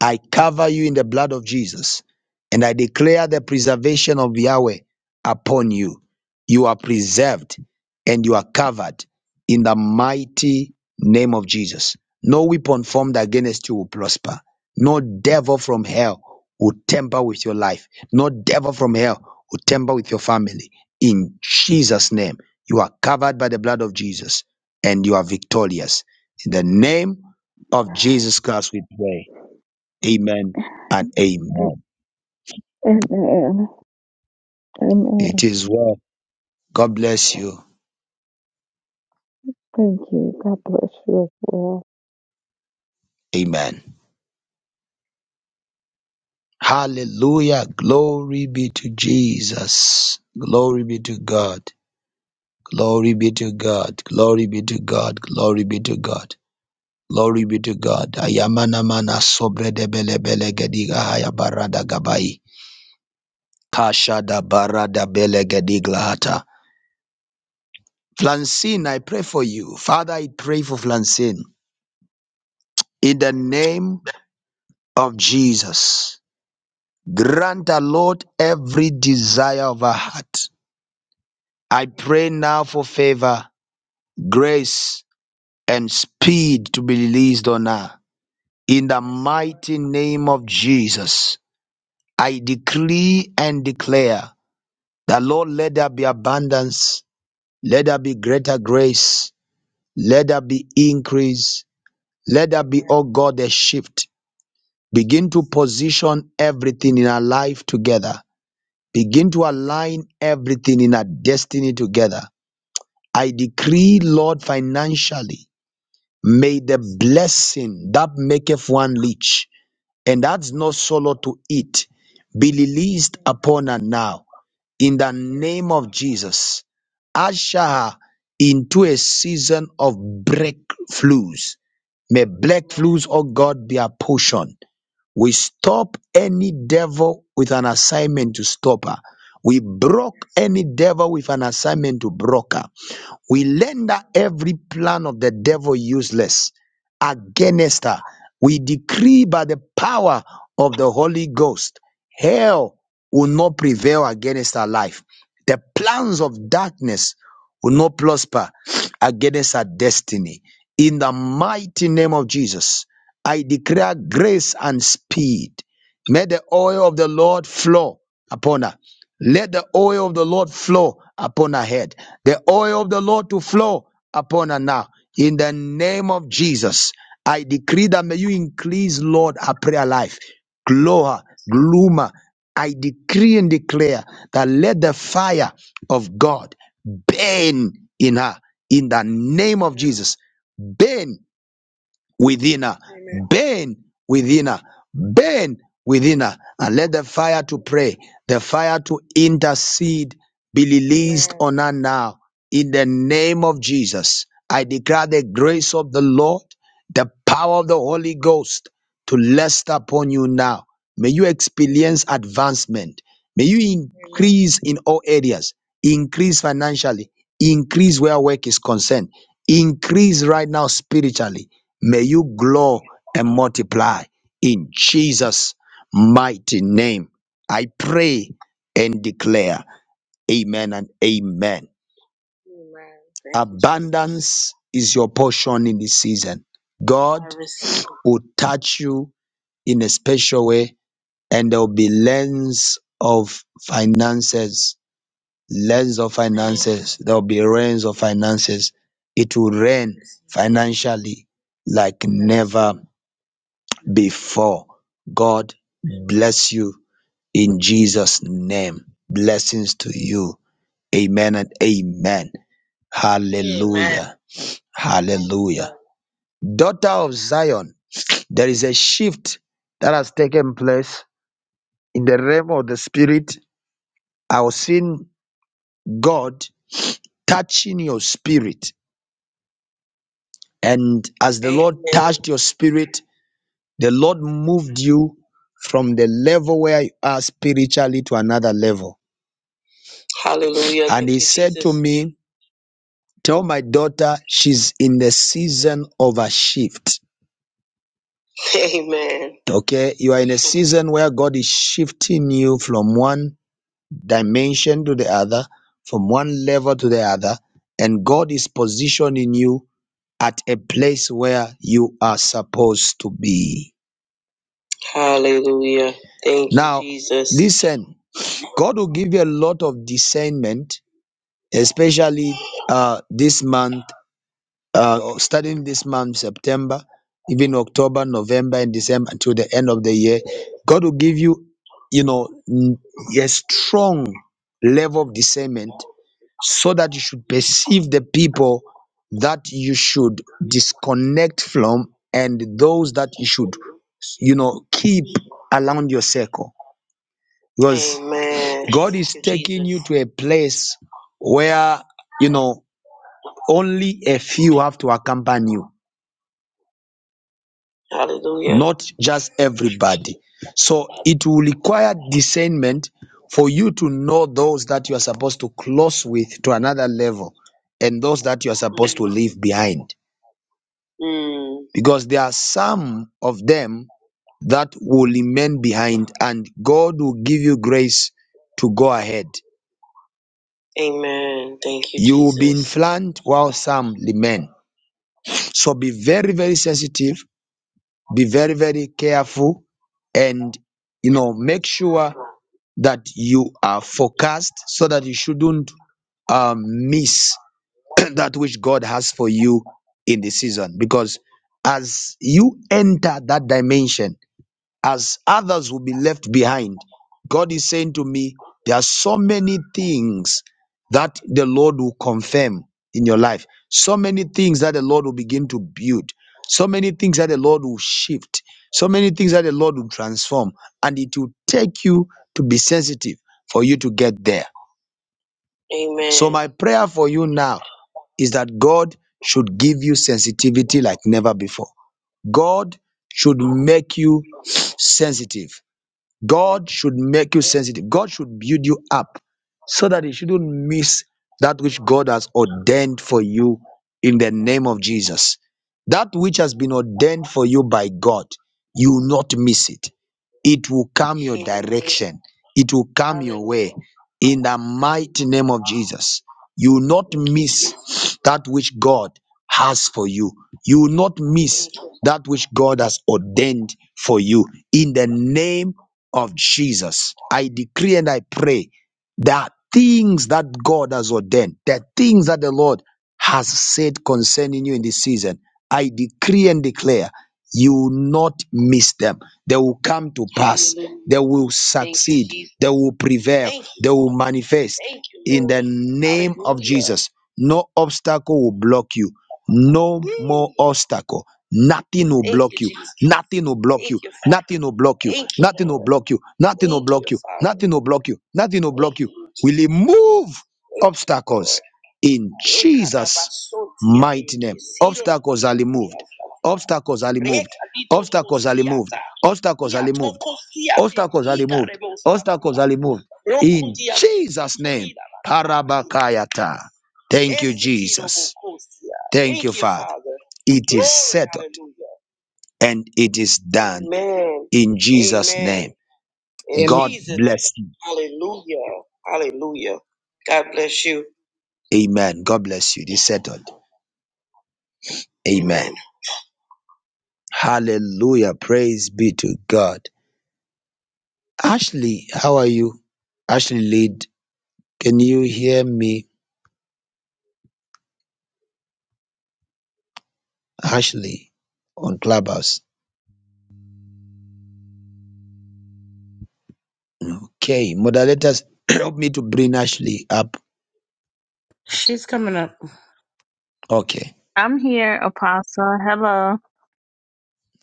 S1: I cover you in the blood of Jesus and I declare the preservation of Yahweh upon you. You are preserved and you are covered in the mighty name of Jesus. No weapon formed against you will prosper. No devil from hell will tamper with your life. No devil from hell will tamper with your family. In Jesus' name, you are covered by the blood of Jesus and you are victorious. In the name of Jesus Christ, we pray. Amen and amen.
S9: Amen.
S1: It
S9: Amen.
S1: is well. God bless you.
S9: Thank you. God bless you as well.
S1: Amen. Hallelujah. Glory be to Jesus. Glory be to God. Glory be to God. Glory be to God. Glory be to God. Glory be to God. Ayamana mana sobre de bele bele gediga haya barada gabai. Kasha da barada bele gedigla hata. Flancine, I pray for you. Father, I pray for Flancine. In the name of Jesus. Grant the Lord every desire of our heart. I pray now for favor, grace, and speed to be released on her. In the mighty name of Jesus, I decree and declare that Lord, let there be abundance, let there be greater grace, let there be increase, let there be, oh God, a shift. Begin to position everything in our life together Begin to align everything in our destiny together. I decree, Lord, financially, may the blessing that maketh one rich and that's not solo to eat be released upon her now. In the name of Jesus, usher her into a season of breakthroughs. May breakthroughs, oh God, be her portion we stop any devil with an assignment to stop her. We broke any devil with an assignment to broke her. We render every plan of the devil useless against her. We decree by the power of the Holy Ghost, hell will not prevail against her life. The plans of darkness will not prosper against her destiny. In the mighty name of Jesus, I declare grace and speed. May the oil of the Lord flow upon her. Let the oil of the Lord flow upon her head. The oil of the Lord to flow upon her now. In the name of Jesus, I decree that may you increase, Lord, her prayer life. Glow her, gloom her. I decree and declare that let the fire of God burn in her. In the name of Jesus, burn within her. Amen. Burn within her. Burn within her. And let the fire to pray, the fire to intercede be released Amen. on her now. In the name of Jesus, I declare the grace of the Lord, the power of the Holy Ghost to rest upon you now. May you experience advancement. May you increase in all areas, increase financially, increase where work is concerned, increase right now spiritually. May you grow and multiply in Jesus' mighty name. I pray and declare, Amen and Amen. Amen. Thank you, Jesus. Abundance is your portion in this season. I God receive. will touch you in a special way and there will be lens of finances, lens of finances. There will be rains of finances. It will rain financially like never before. God bless you in Jesus' name. Blessings to you. Amen and amen. Hallelujah. Hallelujah. Daughter of Zion, there is a shift that has taken place in the realm of the spirit. I was seeing God touching your spirit. And as the Lord touched your spirit, the Lord moved you from the level where you are spiritually to another level. Hallelujah. And he said to me, Tell my daughter she's in the season of a shift. Amen. Okay, you are in a season where God is shifting you from one dimension to the other, from one level to the other, and God is positioning you. at a place where you are supposed to be. Hallelujah. Thank you, Now, you, Jesus. listen, God will give you a lot of discernment, especially uh, this month, uh, starting this month, September, even October, November, and December until the end of the year. God will give you, you know, n- a strong level of discernment so that you should perceive the people that you should disconnect from and those that you should you know keep around your circle because Amen. god is Thank you, taking you Jesus. to a place where you know only a few have to accompany you Hallelujah. not just everybody. So it will require discernment for you to know those that you are supposed to close with to another level and those that you are supposed to leave behind. Mm. Because there are some of them that will remain behind, and God will give you grace to go ahead. Amen. Thank you, You will be Jesus. influenced while some remain. So be very, very sensitive be very very careful and you know make sure that you are focused so that you shouldn't um, miss that which god has for you in the season because as you enter that dimension as others will be left behind. God is saying to me, there are so many things that the Lord will confirm in your life, so many things that the Lord will begin to build, so many things that the Lord will shift, so many things that the Lord will transform, and it will take you to be sensitive for you to get there. So, Amen. my prayer for you now is that God should give you sensitivity like never before. God should make you sensitive. God should make you sensitive. God should build you up so that you shouldn't miss that which God has ordained for you in the name of Jesus. That which has been ordained for you by God, you will not miss it. It will come your direction, it will come your way in the mighty name of Jesus. You will not miss that which God has for you. You will not miss that which God has ordained for you in the name of Jesus, I decree and I pray that things that God has ordained, the things that the Lord has said concerning you in this season, I decree and declare you will not miss them. They will come to pass. They will succeed. They will prevail. They will manifest in the name of Jesus. No obstacle will block you. No more obstacle. Nothing will Thank block you, you. Jesus. Nothing will block Thank you. you, Father. Nothing will block you. Thank you, Nothing will Lord. block you. Nothing will Thank block you, you. Father. Nothing will block you. Nothing will Thank block you. you, We Jesus. remove Thank you, obstacles Lord. in Jesus' mighty name. Obstacles are removed. Obstacles are removed. Obstacles are removed. Obstacles are removed. Obstacles are removed. Obstacles are removed. In Jesus' name. Parabakayata. Thank you, Jesus. Thank you, Thank you, Father. Father. It is Glory. settled Hallelujah. and it is done Amen. in Jesus' Amen. name. In
S4: Amen.
S1: God Jesus. bless you. name. Hallelujah. Hallelujah. God bless you. Amen. God bless you. It is settled. Amen. Amen. Hallelujah. Praise be to God. Ashley, how are you? Ashley Lead, can you hear me? Ashley on Clubhouse. Okay. Moderators, help me to bring Ashley up.
S7: She's coming up.
S1: Okay.
S10: I'm here, Apostle. Hello.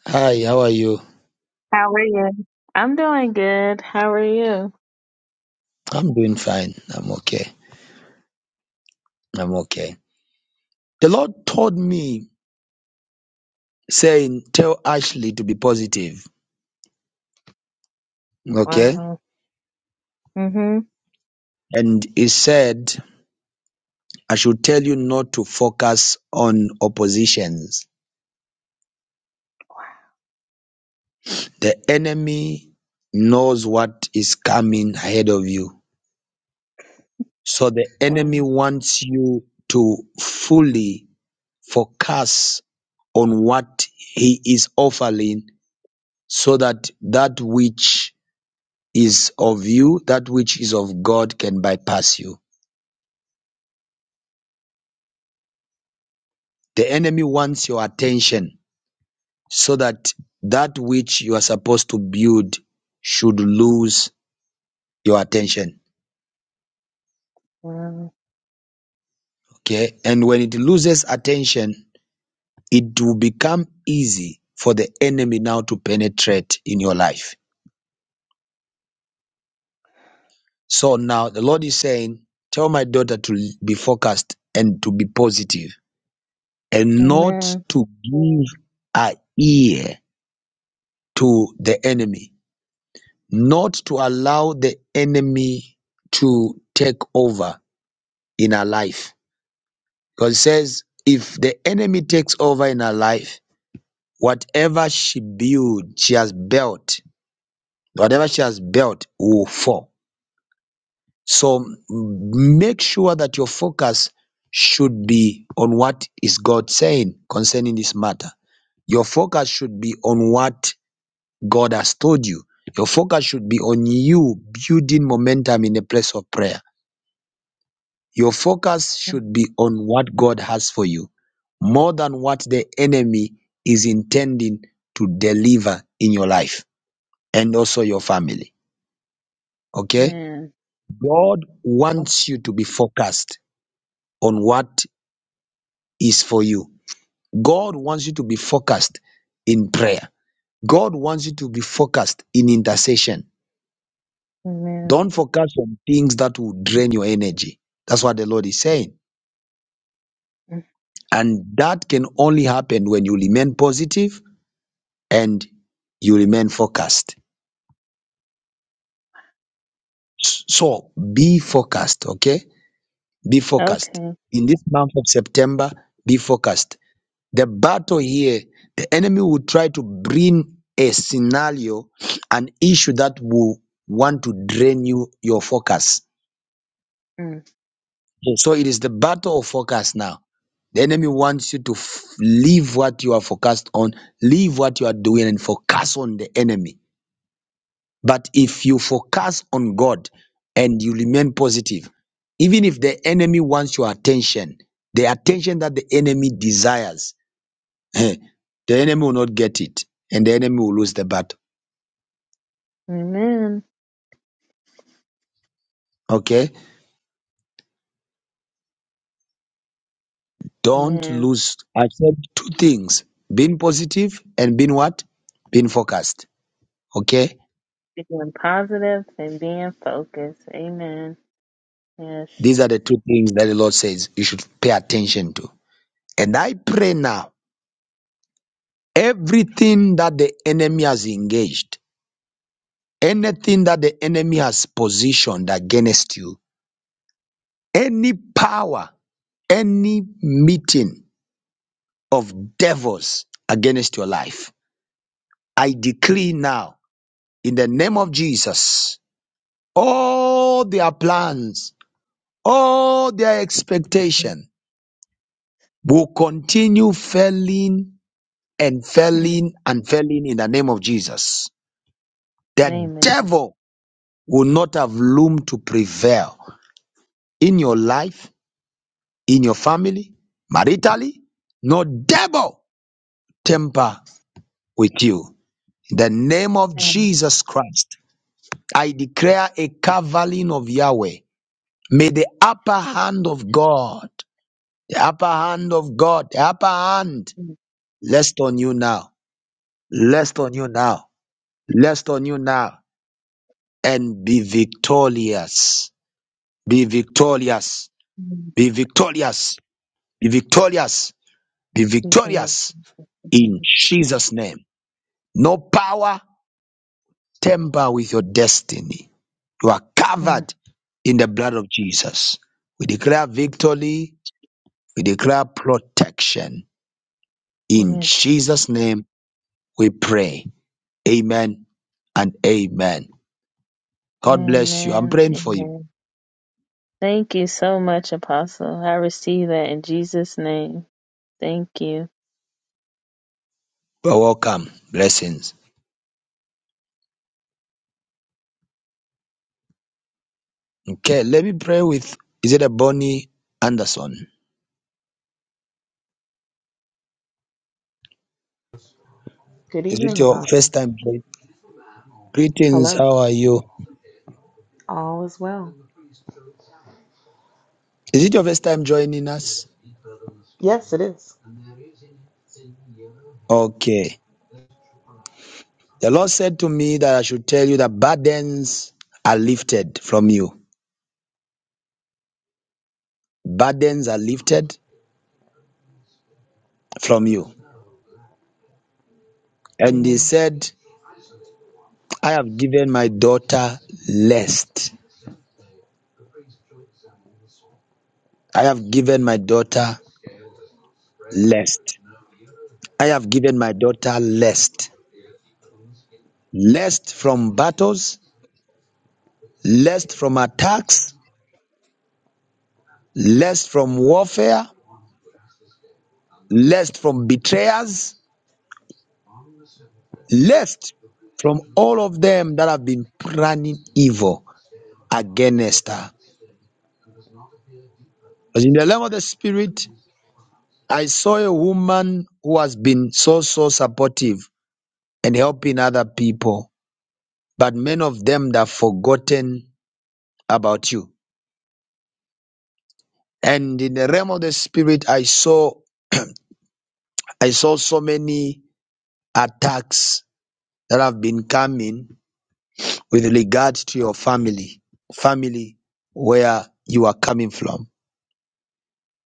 S1: Hi, how are you?
S10: How are you? I'm doing good. How are you?
S1: I'm doing fine. I'm okay. I'm okay. The Lord told me, saying, Tell Ashley to be positive. Okay.
S10: Wow. Mm-hmm.
S1: And He said, I should tell you not to focus on oppositions. The enemy knows what is coming ahead of you. So the enemy
S10: Wow.
S1: wants you to fully focus on what he is offering so that that which is of you, that which is of God can bypass you. The enemy wants your attention so that that which you are supposed to build should lose your attention.
S10: Wow.
S1: Okay. And when it loses attention, it will become easy for the enemy now to penetrate in your life. So now the Lord is saying, Tell my daughter to be focused and to be positive and not
S10: Amen.
S1: to give a ear to the enemy not to allow the enemy to take over in our life. God says, if the enemy takes over in our life, whatever she build, she has built, whatever she has built will fall. So make sure that your focus should be on what is God saying concerning this matter. Your focus should be on what God has told you. Your focus should be on you building momentum in a place of prayer Your focus should be on what God has for you more than what the enemy is intending to deliver in your life and also your family. Okay?
S10: Amen.
S1: God
S10: Wow.
S1: wants you to be focused on what is for you. God wants you to be focused in prayer. God wants you to be focused in intercession.
S10: Amen.
S1: Don't focus on things that will drain your energy. That's what the Lord is saying. And that can only happen when you remain positive and you remain focused. So be focused, okay? Be focused.
S10: Okay.
S1: In this month of September, be focused. The battle here, the enemy will try to bring a scenario, an issue that will want to drain you, your focus.
S10: Mm.
S1: So it is the battle of focus now. The enemy wants you to f- leave what you are focused on, leave what you are doing, and focus on the enemy. But if you focus on God and you remain positive, even if the enemy wants your attention, the attention that the enemy desires, eh, the enemy will not get it and the enemy will lose the battle.
S10: Amen.
S1: Okay? Don't
S10: Amen.
S1: lose. Accept two things being positive and being what? Being focused. Okay?
S10: Being positive and being focused. Amen. Yes.
S1: These are the two things that the Lord says you should pay attention to. And I pray now everything that the enemy has engaged Anything that the enemy has positioned against you, any power, any meeting of devils against your life, I decree now in the name of Jesus, all their plans, all their
S10: Mm.
S1: expectation will continue failing and
S10: Mm.
S1: failing and failing in the name of Jesus. The
S10: Name of Jesus.
S1: devil will not have room to prevail in your life, in your family, maritally, no devil temper with you. In the name of
S10: Amen.
S1: Jesus Christ, I declare a covering of Yahweh. May the upper hand of God, the upper hand of God, the upper hand
S10: Mm.
S1: rest on you now, rest on you now, rest on you now, and be victorious, be victorious,
S10: Mm.
S1: be victorious, be victorious, be
S10: Speaking of
S1: victorious
S10: Jesus.
S1: in
S10: Mm.
S1: Jesus' name. No power tamper with your destiny. You are
S10: Mm.
S1: covered in the blood of Jesus. We declare victory. We declare protection. In
S10: Yes.
S1: Jesus' name we pray. Amen and amen. God bless you. I'm
S10: Amen.
S1: praying for you.
S10: Amen. Thank you so much, Apostle. I receive that in Jesus' name. Thank you.
S1: You are welcome. Blessings. Okay, let me pray with is it a Bonnie Anderson?
S11: Good
S1: Is it
S11: evening,
S1: your
S11: Apostle.
S1: first time? join- Greetings,
S11: Hello.
S1: how are you?
S11: All is well.
S1: Is it your first time joining us?
S11: Yes, it is.
S1: Okay. The Lord said to me that I should tell you that burdens are lifted from you. Burdens are lifted from you. And he
S11: Amen.
S1: said, I have given my daughter lest. I have given my daughter lest. I have given my daughter lest. Lest from battles, lest from attacks, lest from warfare, lest from betrayers, lest from all of them that have been planning evil against her. As in the realm of the spirit, I saw a woman who has been so, so supportive and helping other people, but many of them that have forgotten about you. And in the realm of the spirit, I saw, I saw so many attacks that have been coming with regard to your family, family where you are coming from.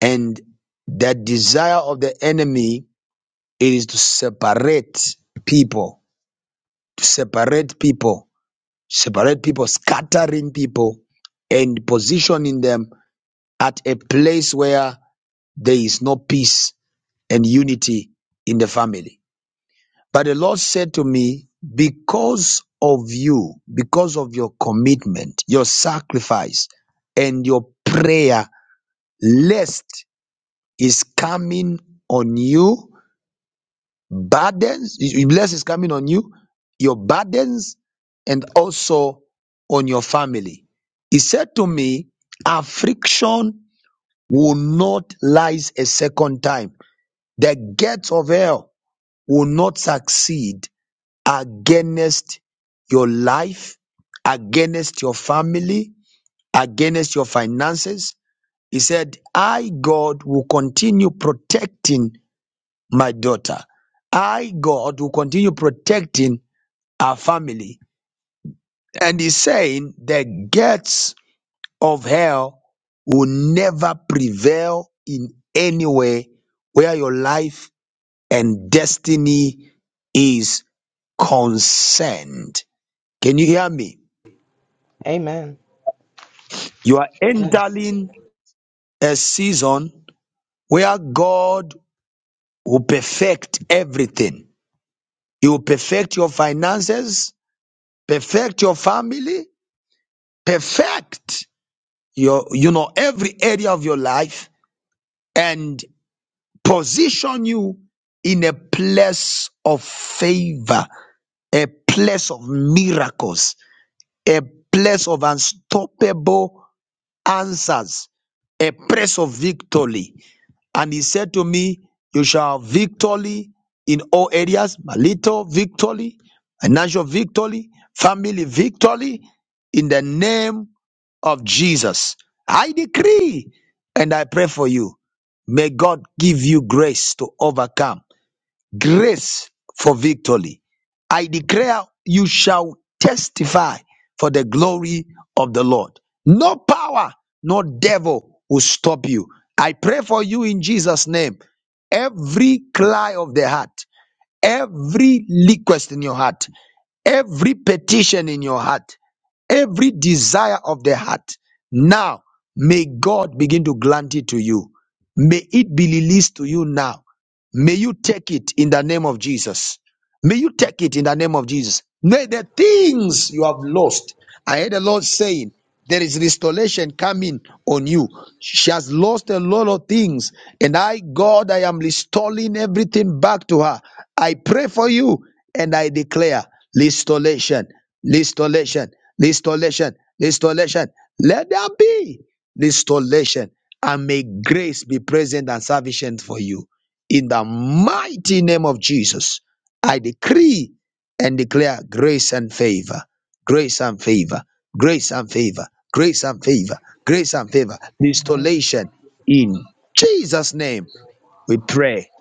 S1: And the desire of the enemy is to separate people, to separate people separate people, scattering people, and positioning them at a place where there is no peace and unity in the family. But the Lord said to me, Because of you, because of your commitment, your sacrifice, and your prayer, lest is coming on you Burdens, his blessing is coming on you, your burdens, and also on your family. He said to me, Affliction will not rise a second time. The gates of hell will not succeed against your life, against your family, against your finances. He said, I, God, will continue protecting my daughter. I, God, will continue protecting our family. And he's saying the gates of hell will never prevail in any way where your life and destiny is concerned. Can you hear me?
S11: Amen.
S1: You are
S11: Yes.
S1: entering a season where God will perfect everything. He will perfect your finances, perfect your family, perfect your you know every area of your life and position you in a place of favor a place of miracles a place of unstoppable answers, a praise of victory. And he said to me, You shall have victory in all areas, my little victory, financial victory, family victory, in the name of Jesus. I decree and I pray for you. May God give you grace to overcome grace for victory. I declare you shall testify for the glory of the Lord. No power, no devil will stop you. I pray for you in Jesus' name. Every cry of the heart, every request in your heart, every petition in your heart. Every desire of the heart, now may God begin to grant it to you. May it be released to you now. May you take it in the name of Jesus. May you take it in the name of Jesus. May the things you have lost, I heard the Lord saying, there is restoration coming on you. She has lost a lot of things, and I, God, I am restoring everything back to her. I pray for you, and I declare restoration, restoration, restoration, restoration. Let there be restoration, and may grace be present and sufficient for you. In the mighty name of Jesus. I decree and declare grace and favor, grace and favor, grace and favor, grace and favor, grace and favor,
S11: Amen.
S1: installation in Jesus' name. We pray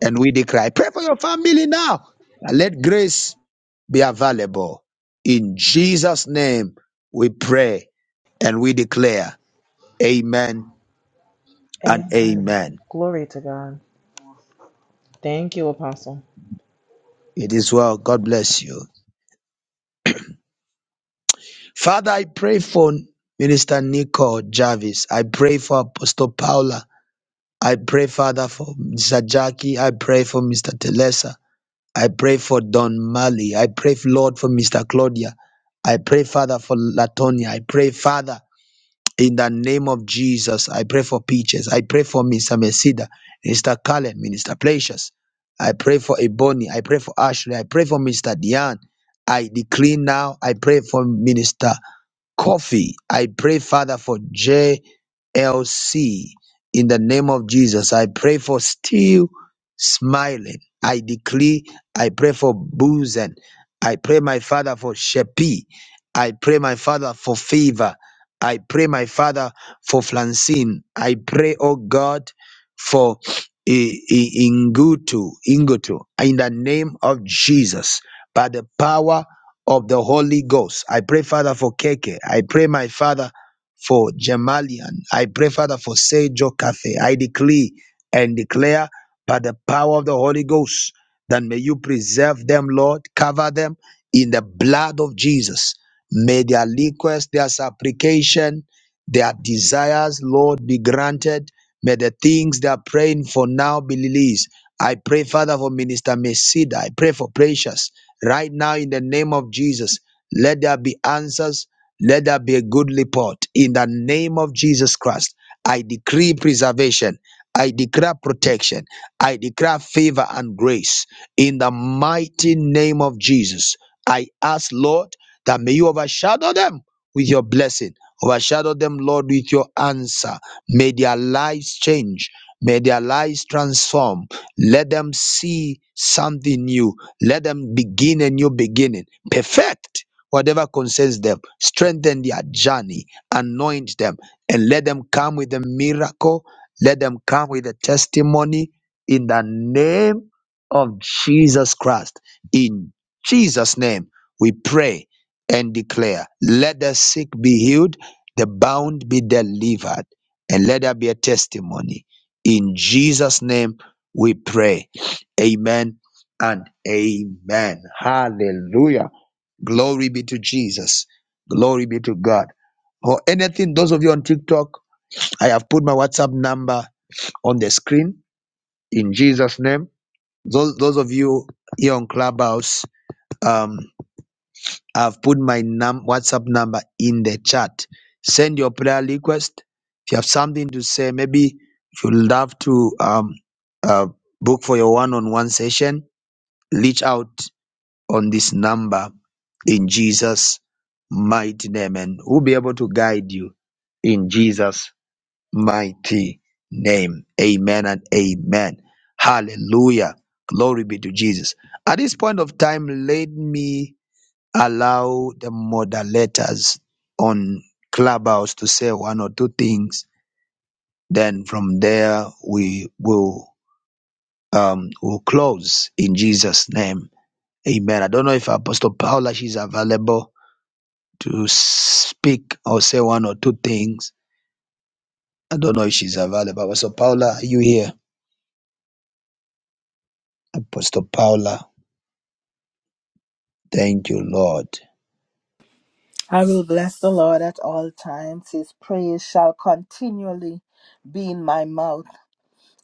S1: and we declare. Pray for your family now. And let grace be available. In Jesus' name, we pray and we declare. Amen and
S11: Amen.
S1: amen.
S11: Glory to God. Thank you, Apostle.
S1: It is well. God bless you. Father, I pray for Minister Nicole Jarvis. I pray for Apostle Paula. I pray, Father, for Mr. Jackie. I pray for Mr. Telesa. I pray for Don Mali. I pray, Lord, for Mr. Claudia. I pray, Father, for Latonia. I pray, Father, in the name of Jesus. I pray for Peaches. I pray for Mr. Mesida, Mr. Callen, Minister Placius. I pray for Ebony. I pray for Ashley. I pray for Mr. Diane. I decree now. I pray for Minister Coffee. I pray, Father, for JLC in the name of Jesus. I pray for still smiling. I decree, I pray for boozing. I pray, my Father, for Shepi. I pray, my Father, for favor. I pray, my Father, for flancine. I pray, oh God, for I- I- Ingutu, Ingutu, in the name of Jesus, by the power of the Holy Ghost. I pray, Father, for Keke. I pray, my Father, for Jamalian. I pray, Father, for Sejo Cafe. I decree and declare by the power of the Holy Ghost that may you preserve them, Lord, cover them in the blood of Jesus. May their request, their supplication, their desires, Lord, be granted. May the things they are praying for now be released. I pray, Father, for Minister Mesida. I pray for Precious. Right now, in the name of Jesus, let there be answers. Let there be a good report. In the name of Jesus Christ, I decree preservation. I declare protection. I declare favor and grace. In the mighty name of Jesus, I ask, Lord, that may you overshadow them with your blessing. Overshadow them, Lord, with your answer. May their lives change. May their lives transform. Let them see something new let them begin a new beginning. Perfect whatever concerns them. Strengthen their journey. Anoint them. And let them come with a miracle. Let them come with a testimony in the name of Jesus Christ. In Jesus' name, we pray and declare let the sick be healed, the bound be delivered, and let there be a testimony. In Jesus' name, we pray. Amen and amen. Hallelujah. Glory be to Jesus. Glory be to God. For anything, those of you on TikTok, I have put my WhatsApp number on the screen in Jesus' name. Those, those of you here on Clubhouse, um, I've put my num- WhatsApp number in the chat. Send your prayer request. If you have something to say, maybe if you love to um, uh, book for your one on one session, reach out on this number in Jesus' mighty name. And we'll be able to guide you in Jesus' mighty name. Amen and amen. Hallelujah. Glory be to Jesus. At this point of time, let me allow the moderators on Clubhouse to say one or two things. Then from there, we will um, will close in Jesus' name. Amen. I don't know if Apostle Paula is available to speak or say one or two things. I don't know if she's available. Apostle Paula, are you here? Apostle Paula, thank you, Lord.
S3: I will bless the Lord at all times. His praise shall continually be in my mouth.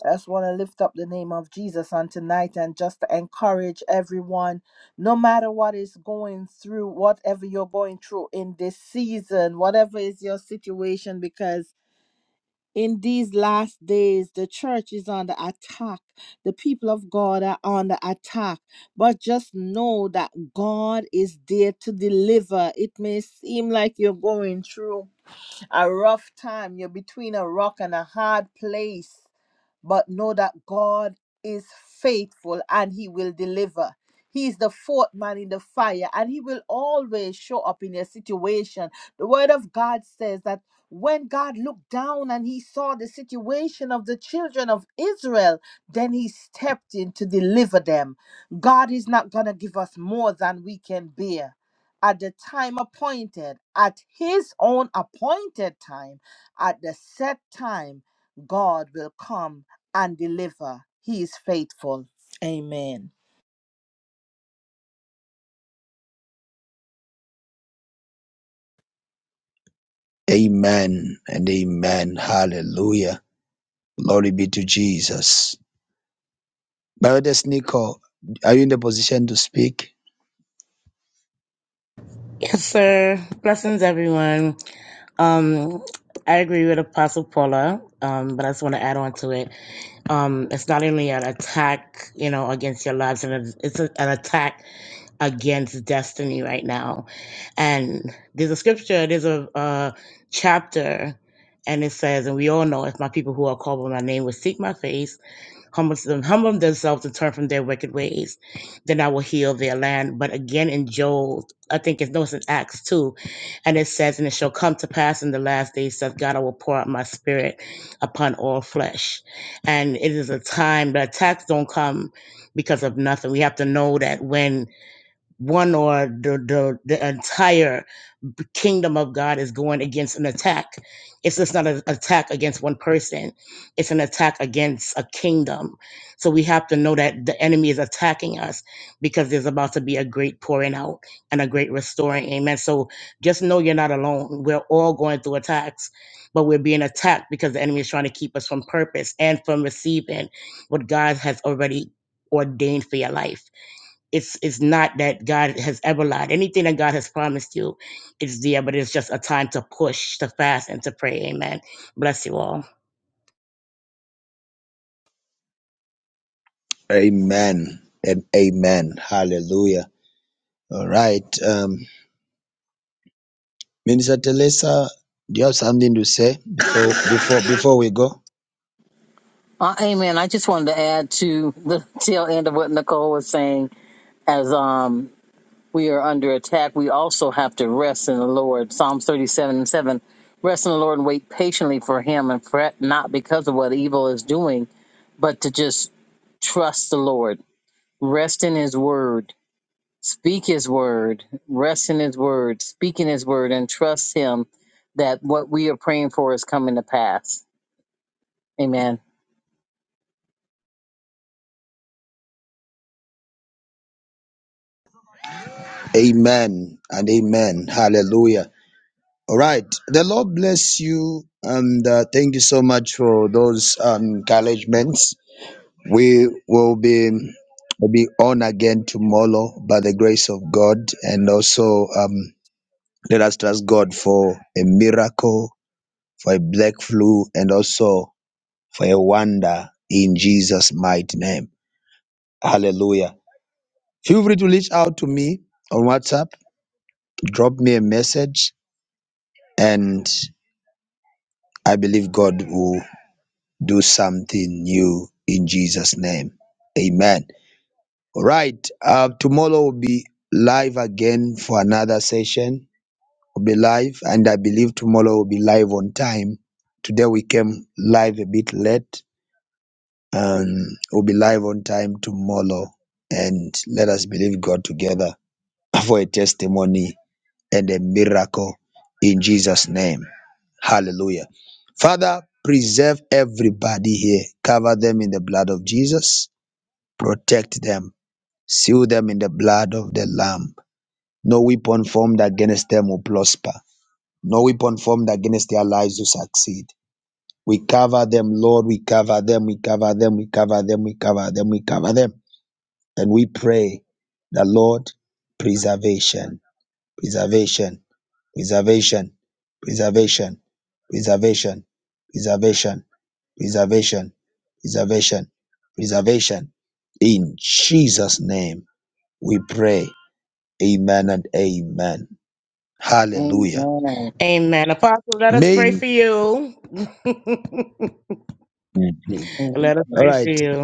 S3: I just want to lift up the name of Jesus on tonight and just encourage everyone, no matter what is going through, whatever you're going through in this season, whatever is your situation, because. In these last days, the church is under attack. The people of God are under attack. But just know that God is there to deliver. It may seem like you're going through a rough time, you're between a rock and a hard place but know that God is faithful and he will deliver. He is the fourth man in the fire and he will always show up in your situation. The word of God says that when God looked down and he saw the situation of the children of Israel, then he stepped in to deliver them. God is not going to give us more than we can bear. At the time appointed, at his own appointed time, at the set time, God will come and deliver. He is faithful. Amen.
S1: Amen and amen. Hallelujah. Glory be to Jesus. Brother Nico, are you in the position to speak?
S7: Yes, sir. Blessings, everyone. Um, I agree with Apostle Paula, um, but I just want to add on to it. Um, it's not only an attack, you know, against your lives, and it's a, an attack against destiny right now. And there's a scripture, there's a, a chapter, and it says, and we all know, if my people who are called by my name will seek my face humble, them- humble themselves and turn from their wicked ways, then I will heal their land. But again, in Joel, I think it's no, it's in Acts two, and it says, and it shall come to pass in the last days, says God, I will pour out my spirit upon all flesh. And it is a time the attacks don't come because of nothing. We have to know that when one or the the, the entire b- kingdom of God is going against an attack. It's just not an attack against one person, it's an attack against a kingdom. So we have to know that the enemy is attacking us because there's about to be a great pouring out and a great restoring. Amen. So just know you're not alone. We're all going through attacks, but we're being attacked because the enemy is trying to keep us from purpose and from receiving what God has already ordained for your life it's it's not that God has ever lied. Anything that God has promised you is there, but it's just a time to push, to fast, and to pray. Amen. Bless you all.
S1: Amen and amen. Hallelujah. All right. Um, Minister Teresa, do you have something to say before before before we go?
S12: Uh, amen. I just wanted to add to the tail end of what Nicole was saying. As um, we are under attack, we also have to rest in the Lord. Psalms 37 and 7. Rest in the Lord and wait patiently for him and fret not because of what evil is doing, but to just trust the Lord. Rest in his word. Speak his word. Rest in his word. Speak in his word and trust him that what we are praying for is coming to pass. Amen.
S1: Amen and amen. Hallelujah. All right. The Lord bless you and uh, thank you so much for those um, encouragements. We will be will be on again tomorrow by the grace of God and also um, let us trust God for a miracle, for a black flu and also for a wonder in Jesus mighty name. Hallelujah. Feel free to reach out to me on WhatsApp, drop me a message, and I believe God will do something new in Jesus' name. Amen. All right. Uh, tomorrow will be live again for another session. will be live, and I believe tomorrow will be live on time. Today we came live a bit late. Um, we'll be live on time tomorrow, and let us believe God together for a testimony and a miracle in Jesus' name. Hallelujah. Father, preserve everybody here. Cover them in the blood of Jesus. Protect them. Seal them in the blood of the Lamb. No weapon formed against them will prosper. No weapon formed against their lives will succeed. We cover them, Lord. We cover them. We cover them. We cover them. We cover them. We cover them. And we pray the Lord preservation. Preservation preservation preservation preservation preservation preservation preservation preservation in jesus name we pray amen and amen hallelujah
S12: Amen.
S7: Amen. Apostle, let us pray
S1: may
S7: for you.
S1: Amen.
S7: let us
S1: all
S7: pray for
S1: right
S7: you.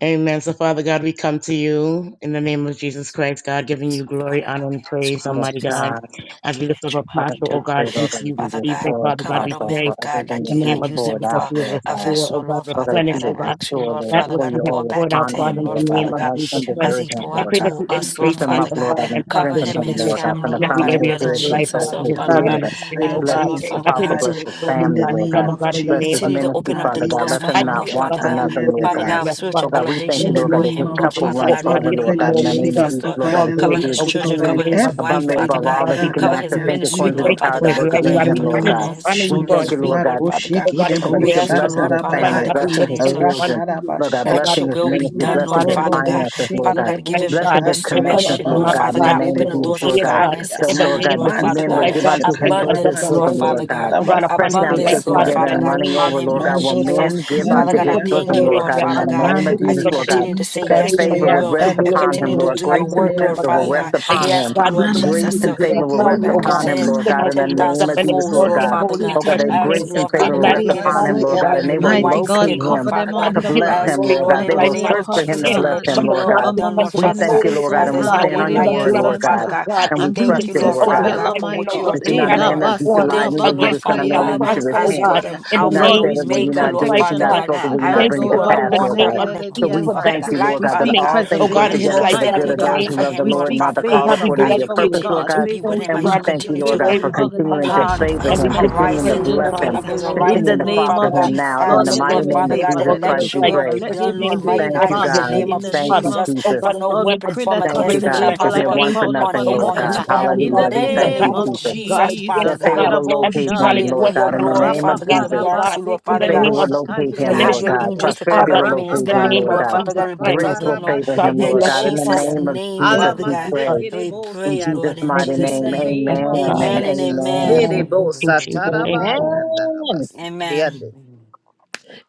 S7: Amen. So, Father God, we come to you in the name of Jesus Christ, God, giving
S13: So,
S7: you glory,
S13: Father God,
S7: honor,
S13: we
S7: and
S13: ask you,
S7: praise,
S13: Lord, to
S7: Almighty
S13: just
S7: God.
S13: have your
S7: As
S13: way
S7: we
S13: and
S7: lift up
S13: let your will be
S7: Apostle, oh
S13: done, Lord.
S7: God, unto you this
S13: Father God,
S7: evening, Father God,
S13: cover
S7: we
S13: the man
S7: pray
S13: of God
S7: in
S13: like
S7: the
S13: you
S7: name
S13: have
S7: of
S13: used him
S7: Jesus that
S13: for
S7: you would
S13: a
S7: restore,
S13: vessel,
S7: oh God,
S13: Lord Father
S7: replenish,
S13: God.
S7: oh
S13: I
S7: God,
S13: ask you, Lord
S7: that
S13: Father
S7: which
S13: God, to
S7: he has
S13: pour
S7: poured
S13: back
S7: out,
S13: into
S7: God,
S13: him,
S7: in the
S13: Lord
S7: name
S13: Father
S7: of
S13: God,
S7: Jesus Christ.
S3: Yes,
S13: as he pour
S7: I
S3: Lord,
S13: out
S7: pray
S3: we
S7: that
S13: to
S7: you
S3: plead
S13: us,
S3: the
S13: Lord
S7: increase
S3: blood
S7: him,
S13: Father
S3: of
S7: oh
S3: our
S13: God.
S7: God, and
S3: Father,
S7: prosper
S13: Cover
S3: yes,
S7: his
S13: him
S3: that
S13: and
S7: Genesis
S13: his
S3: you
S13: family,
S3: surround
S7: in
S3: them
S13: Lord,
S7: every
S13: by
S3: with
S13: the
S3: your
S7: area of
S13: blood of
S7: his
S3: fire, oh
S7: life,
S8: Okay,
S3: God,
S13: Jesus,
S7: God,
S8: so
S3: that
S7: in
S13: Lord
S8: I'm
S3: you
S7: his
S8: not
S13: Father
S8: sure
S7: mind
S13: God.
S3: protect
S7: and
S8: what I'm doing.
S7: his
S3: him by
S8: anything
S7: spirit,
S13: I
S3: your
S7: oh
S13: ask you,
S7: God.
S13: Lord
S3: grace,
S8: wrong.
S3: oh
S7: I
S13: Father
S7: pray
S8: I'm
S13: God,
S7: that
S3: God,
S7: you
S8: not
S13: to
S8: sure if
S7: restore
S8: this
S3: in
S7: him,
S3: the
S8: is
S7: time
S8: the
S3: name
S7: double,
S3: of
S7: God, in the
S8: wrong one.
S7: name
S3: Jesus,
S7: of
S13: Continue
S3: oh
S13: to
S7: Jesus
S13: open up
S3: God.
S13: the
S7: Christ.
S13: doors for
S7: I
S13: him, Lord
S7: pray, oh
S3: Ikaraboshakari
S7: God,
S13: Father
S8: I'm
S7: that
S8: not
S7: you
S13: God.
S7: would give him
S8: sure if
S13: Father
S7: sweet
S13: God,
S8: this
S13: of
S8: is
S7: rest,
S8: the wrong
S13: spiritual
S7: Father in
S3: In
S13: elevation
S7: the
S3: the
S8: one.
S7: name
S13: for
S7: of
S3: name
S13: him,
S3: of
S13: Lord
S7: Jesus
S13: Father
S3: Jesus,
S13: God,
S7: Christ,
S13: in
S3: Lord,
S7: God.
S13: the
S3: we
S7: Get
S3: pray
S13: name
S7: them,
S13: of
S12: God,
S3: that
S12: in the
S3: you'll be
S12: name of
S3: his
S13: Jesus.
S12: Jesus,
S13: Lord,
S12: Lord God, that
S3: provider,
S12: you would
S13: cover
S3: Lord, that
S12: do
S13: his
S3: you'll
S13: children,
S12: exceedingly
S13: cover
S3: provide
S13: his wife,
S12: abundantly
S13: Father
S3: everything,
S12: above
S13: God,
S12: all
S3: my
S12: that he
S3: God,
S12: can
S13: cover
S3: that
S12: ask
S3: he
S13: his
S12: or
S3: has
S12: think
S13: ministry,
S12: according
S3: need
S12: to
S13: Lord
S12: the
S3: of.
S12: power
S13: Father
S12: that
S13: God,
S12: worketh
S13: cover
S3: In
S12: in
S13: him
S3: the
S12: him,
S13: from the
S12: Lord
S3: name
S12: God.
S13: corner of
S3: of
S13: his
S12: We
S13: soul,
S12: thank
S13: his
S3: Jesus.
S12: you, Lord
S13: feet,
S12: God.
S13: Lord Father God.
S12: Oh God, if
S3: Makoshikidebo
S13: We
S12: you're
S13: ask you,
S12: blessing
S13: Lord
S12: his
S13: Father God,
S12: family,
S13: to
S3: shatarabahai,
S12: blessing
S13: continue
S12: his
S13: to
S12: children,
S8: i
S12: Lord
S8: fall of
S12: God,
S13: let your
S12: blessing
S3: ratarabashanta,
S12: his
S13: will
S8: not
S13: be
S12: ministry,
S13: done, Lord
S12: blessing his
S13: Father
S8: sure.
S3: mantorobo
S13: God.
S12: finances, Lord
S13: Father
S12: God,
S13: God, give
S3: shikidebo
S8: that
S13: him
S8: your
S12: blessing
S8: hand
S12: his
S8: of God
S12: connections,
S13: restoration,
S8: continue to
S13: Lord
S12: Lord
S3: shakantalabababa
S12: God,
S8: work
S13: Father
S12: in
S8: in
S12: the
S13: God.
S8: your
S12: name
S13: Open
S12: of
S13: the
S8: sins
S3: sikidebo
S12: Jesus,
S8: and
S13: doors of
S12: Lord
S8: for
S12: God,
S8: glory.
S3: shakandia,
S13: finances
S12: that,
S13: for
S12: Lord
S13: him,
S12: God,
S13: Lord
S12: that
S13: Father
S12: men
S13: God.
S12: would
S3: manto
S12: give
S8: Bless
S12: unto him
S8: family,
S12: bo- his
S8: every
S13: Abundance, Lord
S3: shakayanamande,
S12: bosom,
S13: Father
S12: Lord
S8: activity,
S13: God.
S12: God.
S8: your
S12: Pressed
S8: brother
S12: down,
S13: Abundance,
S12: shaken
S13: Lord
S8: intends your
S12: together,
S13: Father
S3: hiyadabasikidiyasanta.
S12: and
S8: work.
S13: God,
S12: running
S13: upon
S12: over,
S13: him,
S12: Lord
S13: Lord
S12: God,
S8: The
S12: will
S3: Mandodo
S13: Jesus.
S12: men
S8: excitement is
S12: give
S8: safe
S13: Father
S12: unto
S13: God,
S8: for
S13: I
S12: his
S3: Yandiria
S8: me,
S13: thank
S8: to
S12: bosom,
S13: you,
S12: Lord
S13: Lord
S3: Santa
S12: God, in
S8: protect
S13: Father
S12: the
S8: me,
S13: God
S8: my
S12: name of
S8: Lord,
S13: as
S12: Jesus,
S13: he
S3: Mandi
S8: give
S12: Lord
S8: me your
S12: God,
S13: continue to
S3: Shiki
S13: say
S8: wisdom,
S12: that
S13: yes
S8: my
S13: to
S8: Lord,
S13: your
S12: favor
S8: your
S3: Shakantiria
S12: would
S13: will
S12: rest
S8: power,
S13: and
S3: Santo
S12: upon
S8: Lord,
S12: him,
S13: continue
S3: Dodo
S13: to
S12: Lord.
S13: do your
S12: Grace and
S13: work,
S8: so
S3: Shiandiria
S8: that
S13: Lord
S8: I
S12: favor will
S13: Father
S8: can
S3: Saya
S12: rest
S13: God.
S8: lead your
S13: We
S12: upon him.
S13: ask you,
S8: parish,
S13: Lord
S8: your
S3: Mana
S12: Grace
S8: vessel,
S13: Jesus,
S8: the
S12: and
S13: to
S12: favor
S8: candle
S12: will
S3: namaseke
S8: of
S13: pour
S3: ni
S8: your
S12: rest
S13: back
S8: people,
S12: upon
S13: into
S8: my
S12: him,
S13: him
S12: Lord
S3: mosakana
S8: Lord.
S12: God, in the
S3: mahai.
S12: name
S13: 10,000
S12: of Jesus,
S13: folds,
S12: Lord
S3: Mana
S13: Lord
S12: God.
S13: Father God.
S12: Lord
S3: makete
S12: God,
S8: Save
S3: ni
S12: that
S13: I
S8: all,
S13: ask
S12: grace
S13: you,
S12: and
S13: Lord
S8: my Lord.
S12: favor
S13: Father
S12: will
S13: God, to
S3: mosakantiri
S12: rest
S13: give
S12: upon
S13: him
S12: him,
S13: new
S3: asaya.
S12: Lord
S13: oil
S8: Let
S12: God,
S13: and
S12: and
S13: a
S12: they
S13: new
S12: will
S8: all,
S3: Mighty
S13: white
S8: my Lord,
S3: God,
S12: locate
S8: I
S13: skin, Lord
S3: cover
S12: him
S8: mean,
S13: Father
S3: them
S13: God.
S8: body
S3: under
S12: to
S3: the
S8: and
S13: I
S12: bless
S8: body,
S3: blood.
S8: may
S12: him,
S13: ask you,
S12: Lord
S8: all
S13: Lord,
S8: our
S12: God.
S3: Not
S12: They
S13: in the
S12: will
S3: only
S13: name
S12: search
S13: of
S8: desires,
S12: for
S8: O
S3: Apostle
S8: Lord,
S12: him to
S13: Jesus, to
S12: bless
S3: God,
S13: let
S12: him,
S3: uh,
S13: your
S12: Lord
S13: will be
S3: but
S12: God.
S8: the
S13: done,
S3: Mommy
S13: Lord
S8: desires,
S12: We
S13: Father God,
S12: thank you,
S8: desires,
S3: Genesis,
S12: Lord
S8: good
S3: oh
S12: God,
S13: as
S12: and we
S13: there's
S8: neighbor,
S13: no
S3: God,
S12: stand on
S13: one
S12: your
S13: like
S3: Iridia
S13: you,
S12: word,
S13: Lord
S12: Lord
S13: Father
S12: God,
S3: Sanda,
S13: God.
S12: and
S13: We
S12: we
S3: and
S8: and
S13: thank
S12: trust
S13: you,
S12: you,
S13: Lord
S3: Princess
S12: Lord
S8: desires
S12: God.
S13: Father
S8: be
S13: God,
S3: Isabella,
S13: for
S3: my
S13: what you are
S8: accomplished
S3: God.
S12: That
S8: for
S12: you're
S3: Eh,
S8: you
S12: not a
S8: in
S13: doing,
S3: la
S12: man
S13: Lord.
S8: your
S12: that you
S13: We
S12: should
S3: basi,
S8: making,
S12: lie,
S3: la
S13: thank
S12: neither
S13: you,
S12: you
S13: Lord
S3: baba,
S12: the son of
S13: Father
S3: kaya
S12: man
S3: la
S12: that
S13: God,
S12: you
S8: Oh,
S12: should
S13: as
S12: repent.
S13: you are
S3: bosete.
S13: the
S8: Jesus,
S12: You're
S13: Alpha
S12: not
S13: and
S3: Lord,
S8: wonderful
S12: said
S3: we
S12: it when
S3: speak
S12: you're
S13: Omega,
S12: not
S13: Lord
S12: do it. If you're
S3: protection,
S13: Father
S12: not
S8: question.
S13: God.
S3: oh
S12: spoken
S3: God.
S12: when you're
S13: I
S12: not bring
S13: ask
S12: it
S3: Mando
S13: you
S12: to
S13: are the
S12: pass,
S3: rabo
S8: Bless
S12: Lord
S8: your
S13: author
S12: God.
S13: and the
S12: So
S8: power
S12: we
S13: king of
S8: continue
S12: thank
S3: Santa.
S13: his
S12: you,
S8: to
S13: life,
S12: Lord
S3: We
S8: shine
S12: God,
S8: in
S12: that
S13: Father
S3: speak
S8: this
S13: God.
S8: life
S12: all
S7: oh
S12: things work
S7: God,
S13: And
S7: in
S13: we
S7: his
S12: together
S3: preservation,
S13: all
S7: life,
S12: for the
S13: stand
S7: God,
S13: in
S12: good
S3: mighty
S7: in
S13: the
S12: of
S7: the
S8: and
S13: gap
S12: those
S3: God.
S7: name
S12: who
S13: for
S8: people
S7: of
S12: love the
S13: him,
S3: We
S8: around
S13: Lord
S12: Lord and
S7: Jesus.
S3: speak
S8: you.
S12: are the
S13: Father God,
S12: called
S3: favor,
S12: according to
S13: as
S12: your
S13: you
S3: favor with
S12: purpose,
S13: continue
S12: Lord
S3: God,
S13: to
S8: In
S12: God.
S8: the
S13: be
S3: favor
S13: with
S3: with
S13: him,
S12: And
S8: name
S13: as
S12: we
S13: you
S8: of
S3: man,
S12: thank
S8: Jesus,
S12: you,
S13: continue
S12: Lord
S13: to
S3: favor
S12: God,
S3: with
S12: for continuing to
S8: let
S13: upon
S3: organizations,
S8: your
S12: favor
S13: his
S12: him,
S8: glory
S3: governments,
S8: not
S3: and
S12: continuing
S8: be
S12: to
S13: horizon and
S12: bless
S13: open
S8: hidden.
S12: him,
S3: agencies.
S13: up his
S3: In the
S12: continuing
S13: horizon,
S12: to
S13: Lord
S3: name
S12: foster
S13: Father
S3: of
S12: him
S13: God.
S3: Jesus,
S12: now. In
S3: Lord,
S12: the
S13: Ask you,
S3: let there
S12: mighty
S13: Lord
S3: be
S12: name
S13: Father
S12: of
S3: favor,
S13: God,
S12: Jesus
S13: and
S3: let there be
S12: Christ,
S13: let your
S12: we
S13: will
S3: favor,
S12: pray.
S13: be
S3: let
S8: Let
S3: there
S13: done,
S8: your
S3: be
S13: Lord, right
S8: honor
S12: Thank
S13: now
S8: not
S12: you,
S8: be
S3: favor.
S13: in the
S12: God.
S13: name
S3: In
S8: hidden.
S13: of
S3: the
S12: Thank
S3: name
S12: you,
S13: Jesus.
S3: of
S12: Jesus.
S13: For
S3: Jesus,
S13: no
S3: Lord, we
S13: weapon
S3: pray
S13: formed
S3: that you
S12: Thank you,
S13: against
S3: will
S13: him
S12: God,
S13: shall
S3: favor
S12: because they're
S3: like
S13: prosper
S3: a
S12: one for
S3: crown
S13: on
S3: upon
S12: nothing,
S13: him
S3: his
S12: Lord
S13: or his
S3: head.
S12: God.
S13: family,
S3: In the
S12: Hallelujah.
S13: Lord,
S12: We
S13: in the
S12: thank
S3: name
S12: you,
S13: name of
S3: of
S12: Jesus
S8: Hallelujah, this
S13: Jesus, Father
S12: that
S3: Jesus,
S13: God.
S12: favor
S8: constant.
S12: will locate him,
S3: Kiraboshaya,
S12: Lord
S13: Hallelujah.
S12: God, in the
S13: Glory,
S12: name of
S13: Father God. We
S12: Jesus.
S13: ask you,
S3: Rapaparabase,
S13: Lord Father God
S8: Hallelujah,
S12: Favor will
S8: this new.
S12: locate
S13: to
S12: him,
S13: have
S12: Lord
S13: your
S12: God.
S3: Kirabosakantiliasante.
S13: angels to
S12: Prosperity
S13: cover
S12: will
S13: him and his
S12: locate him,
S13: family,
S12: Lord
S13: Lord
S12: God.
S13: Father God, and
S12: Grace
S13: protect him,
S12: will
S13: Lord.
S12: favor him,
S8: Hallelujah,
S13: In
S12: Lord God. In the
S13: Jesus'
S3: Rapaparapapaparabasekerebosia.
S12: name of
S13: name,
S12: Jesus,
S8: for
S13: Father
S12: we
S8: your
S13: God,
S12: pray.
S13: we
S8: grace, for
S12: In
S13: pray,
S8: your son.
S12: Jesus'
S13: Lord,
S3: Alamasekerebosianda.
S13: in
S12: mighty
S3: In
S13: Jesus'
S12: name,
S3: the
S13: name.
S3: name of
S12: amen and
S13: Amen and
S3: Jesus.
S8: Bless your
S12: amen.
S13: amen.
S8: son and
S3: Erebosa
S8: bless your Lord. in your life.
S12: Amen.
S13: Amen.
S3: tarabayandarabasikireande.
S8: Amen.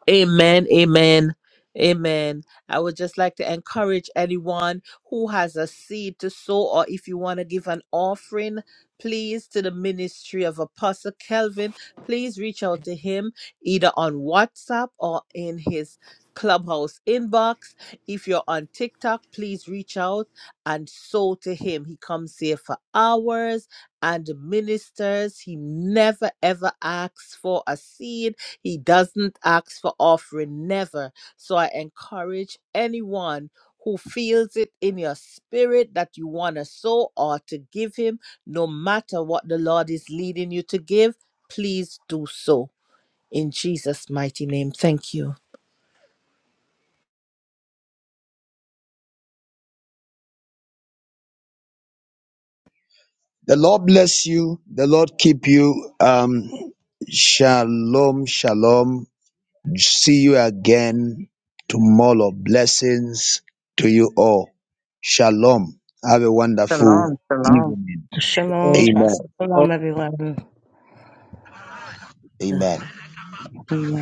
S3: Amen, amen, amen. I would just like to encourage anyone who has a seed to sow, or if you want to give an offering, please to the ministry of Apostle Kelvin, please reach out to him either on WhatsApp or in his clubhouse inbox. If you're on TikTok, please reach out and sow to him. He comes here for hours and ministers. He never ever asks for a seed he doesn't ask for offering, never. So I encourage anyone who feels it in your spirit that you want to sow or to give him, no matter what the Lord is leading you to give, please do so. In Jesus' mighty name, thank you.
S1: the lord bless you the lord keep you um shalom shalom See you again tomorrow. Blessings to you all. Shalom. Have a wonderful
S12: Shalom, shalom.
S1: evening.
S7: Shalom, Pastor.
S1: Amen.
S7: Shalom, everyone.
S4: Hallelujah.
S1: Amen.
S7: Amen.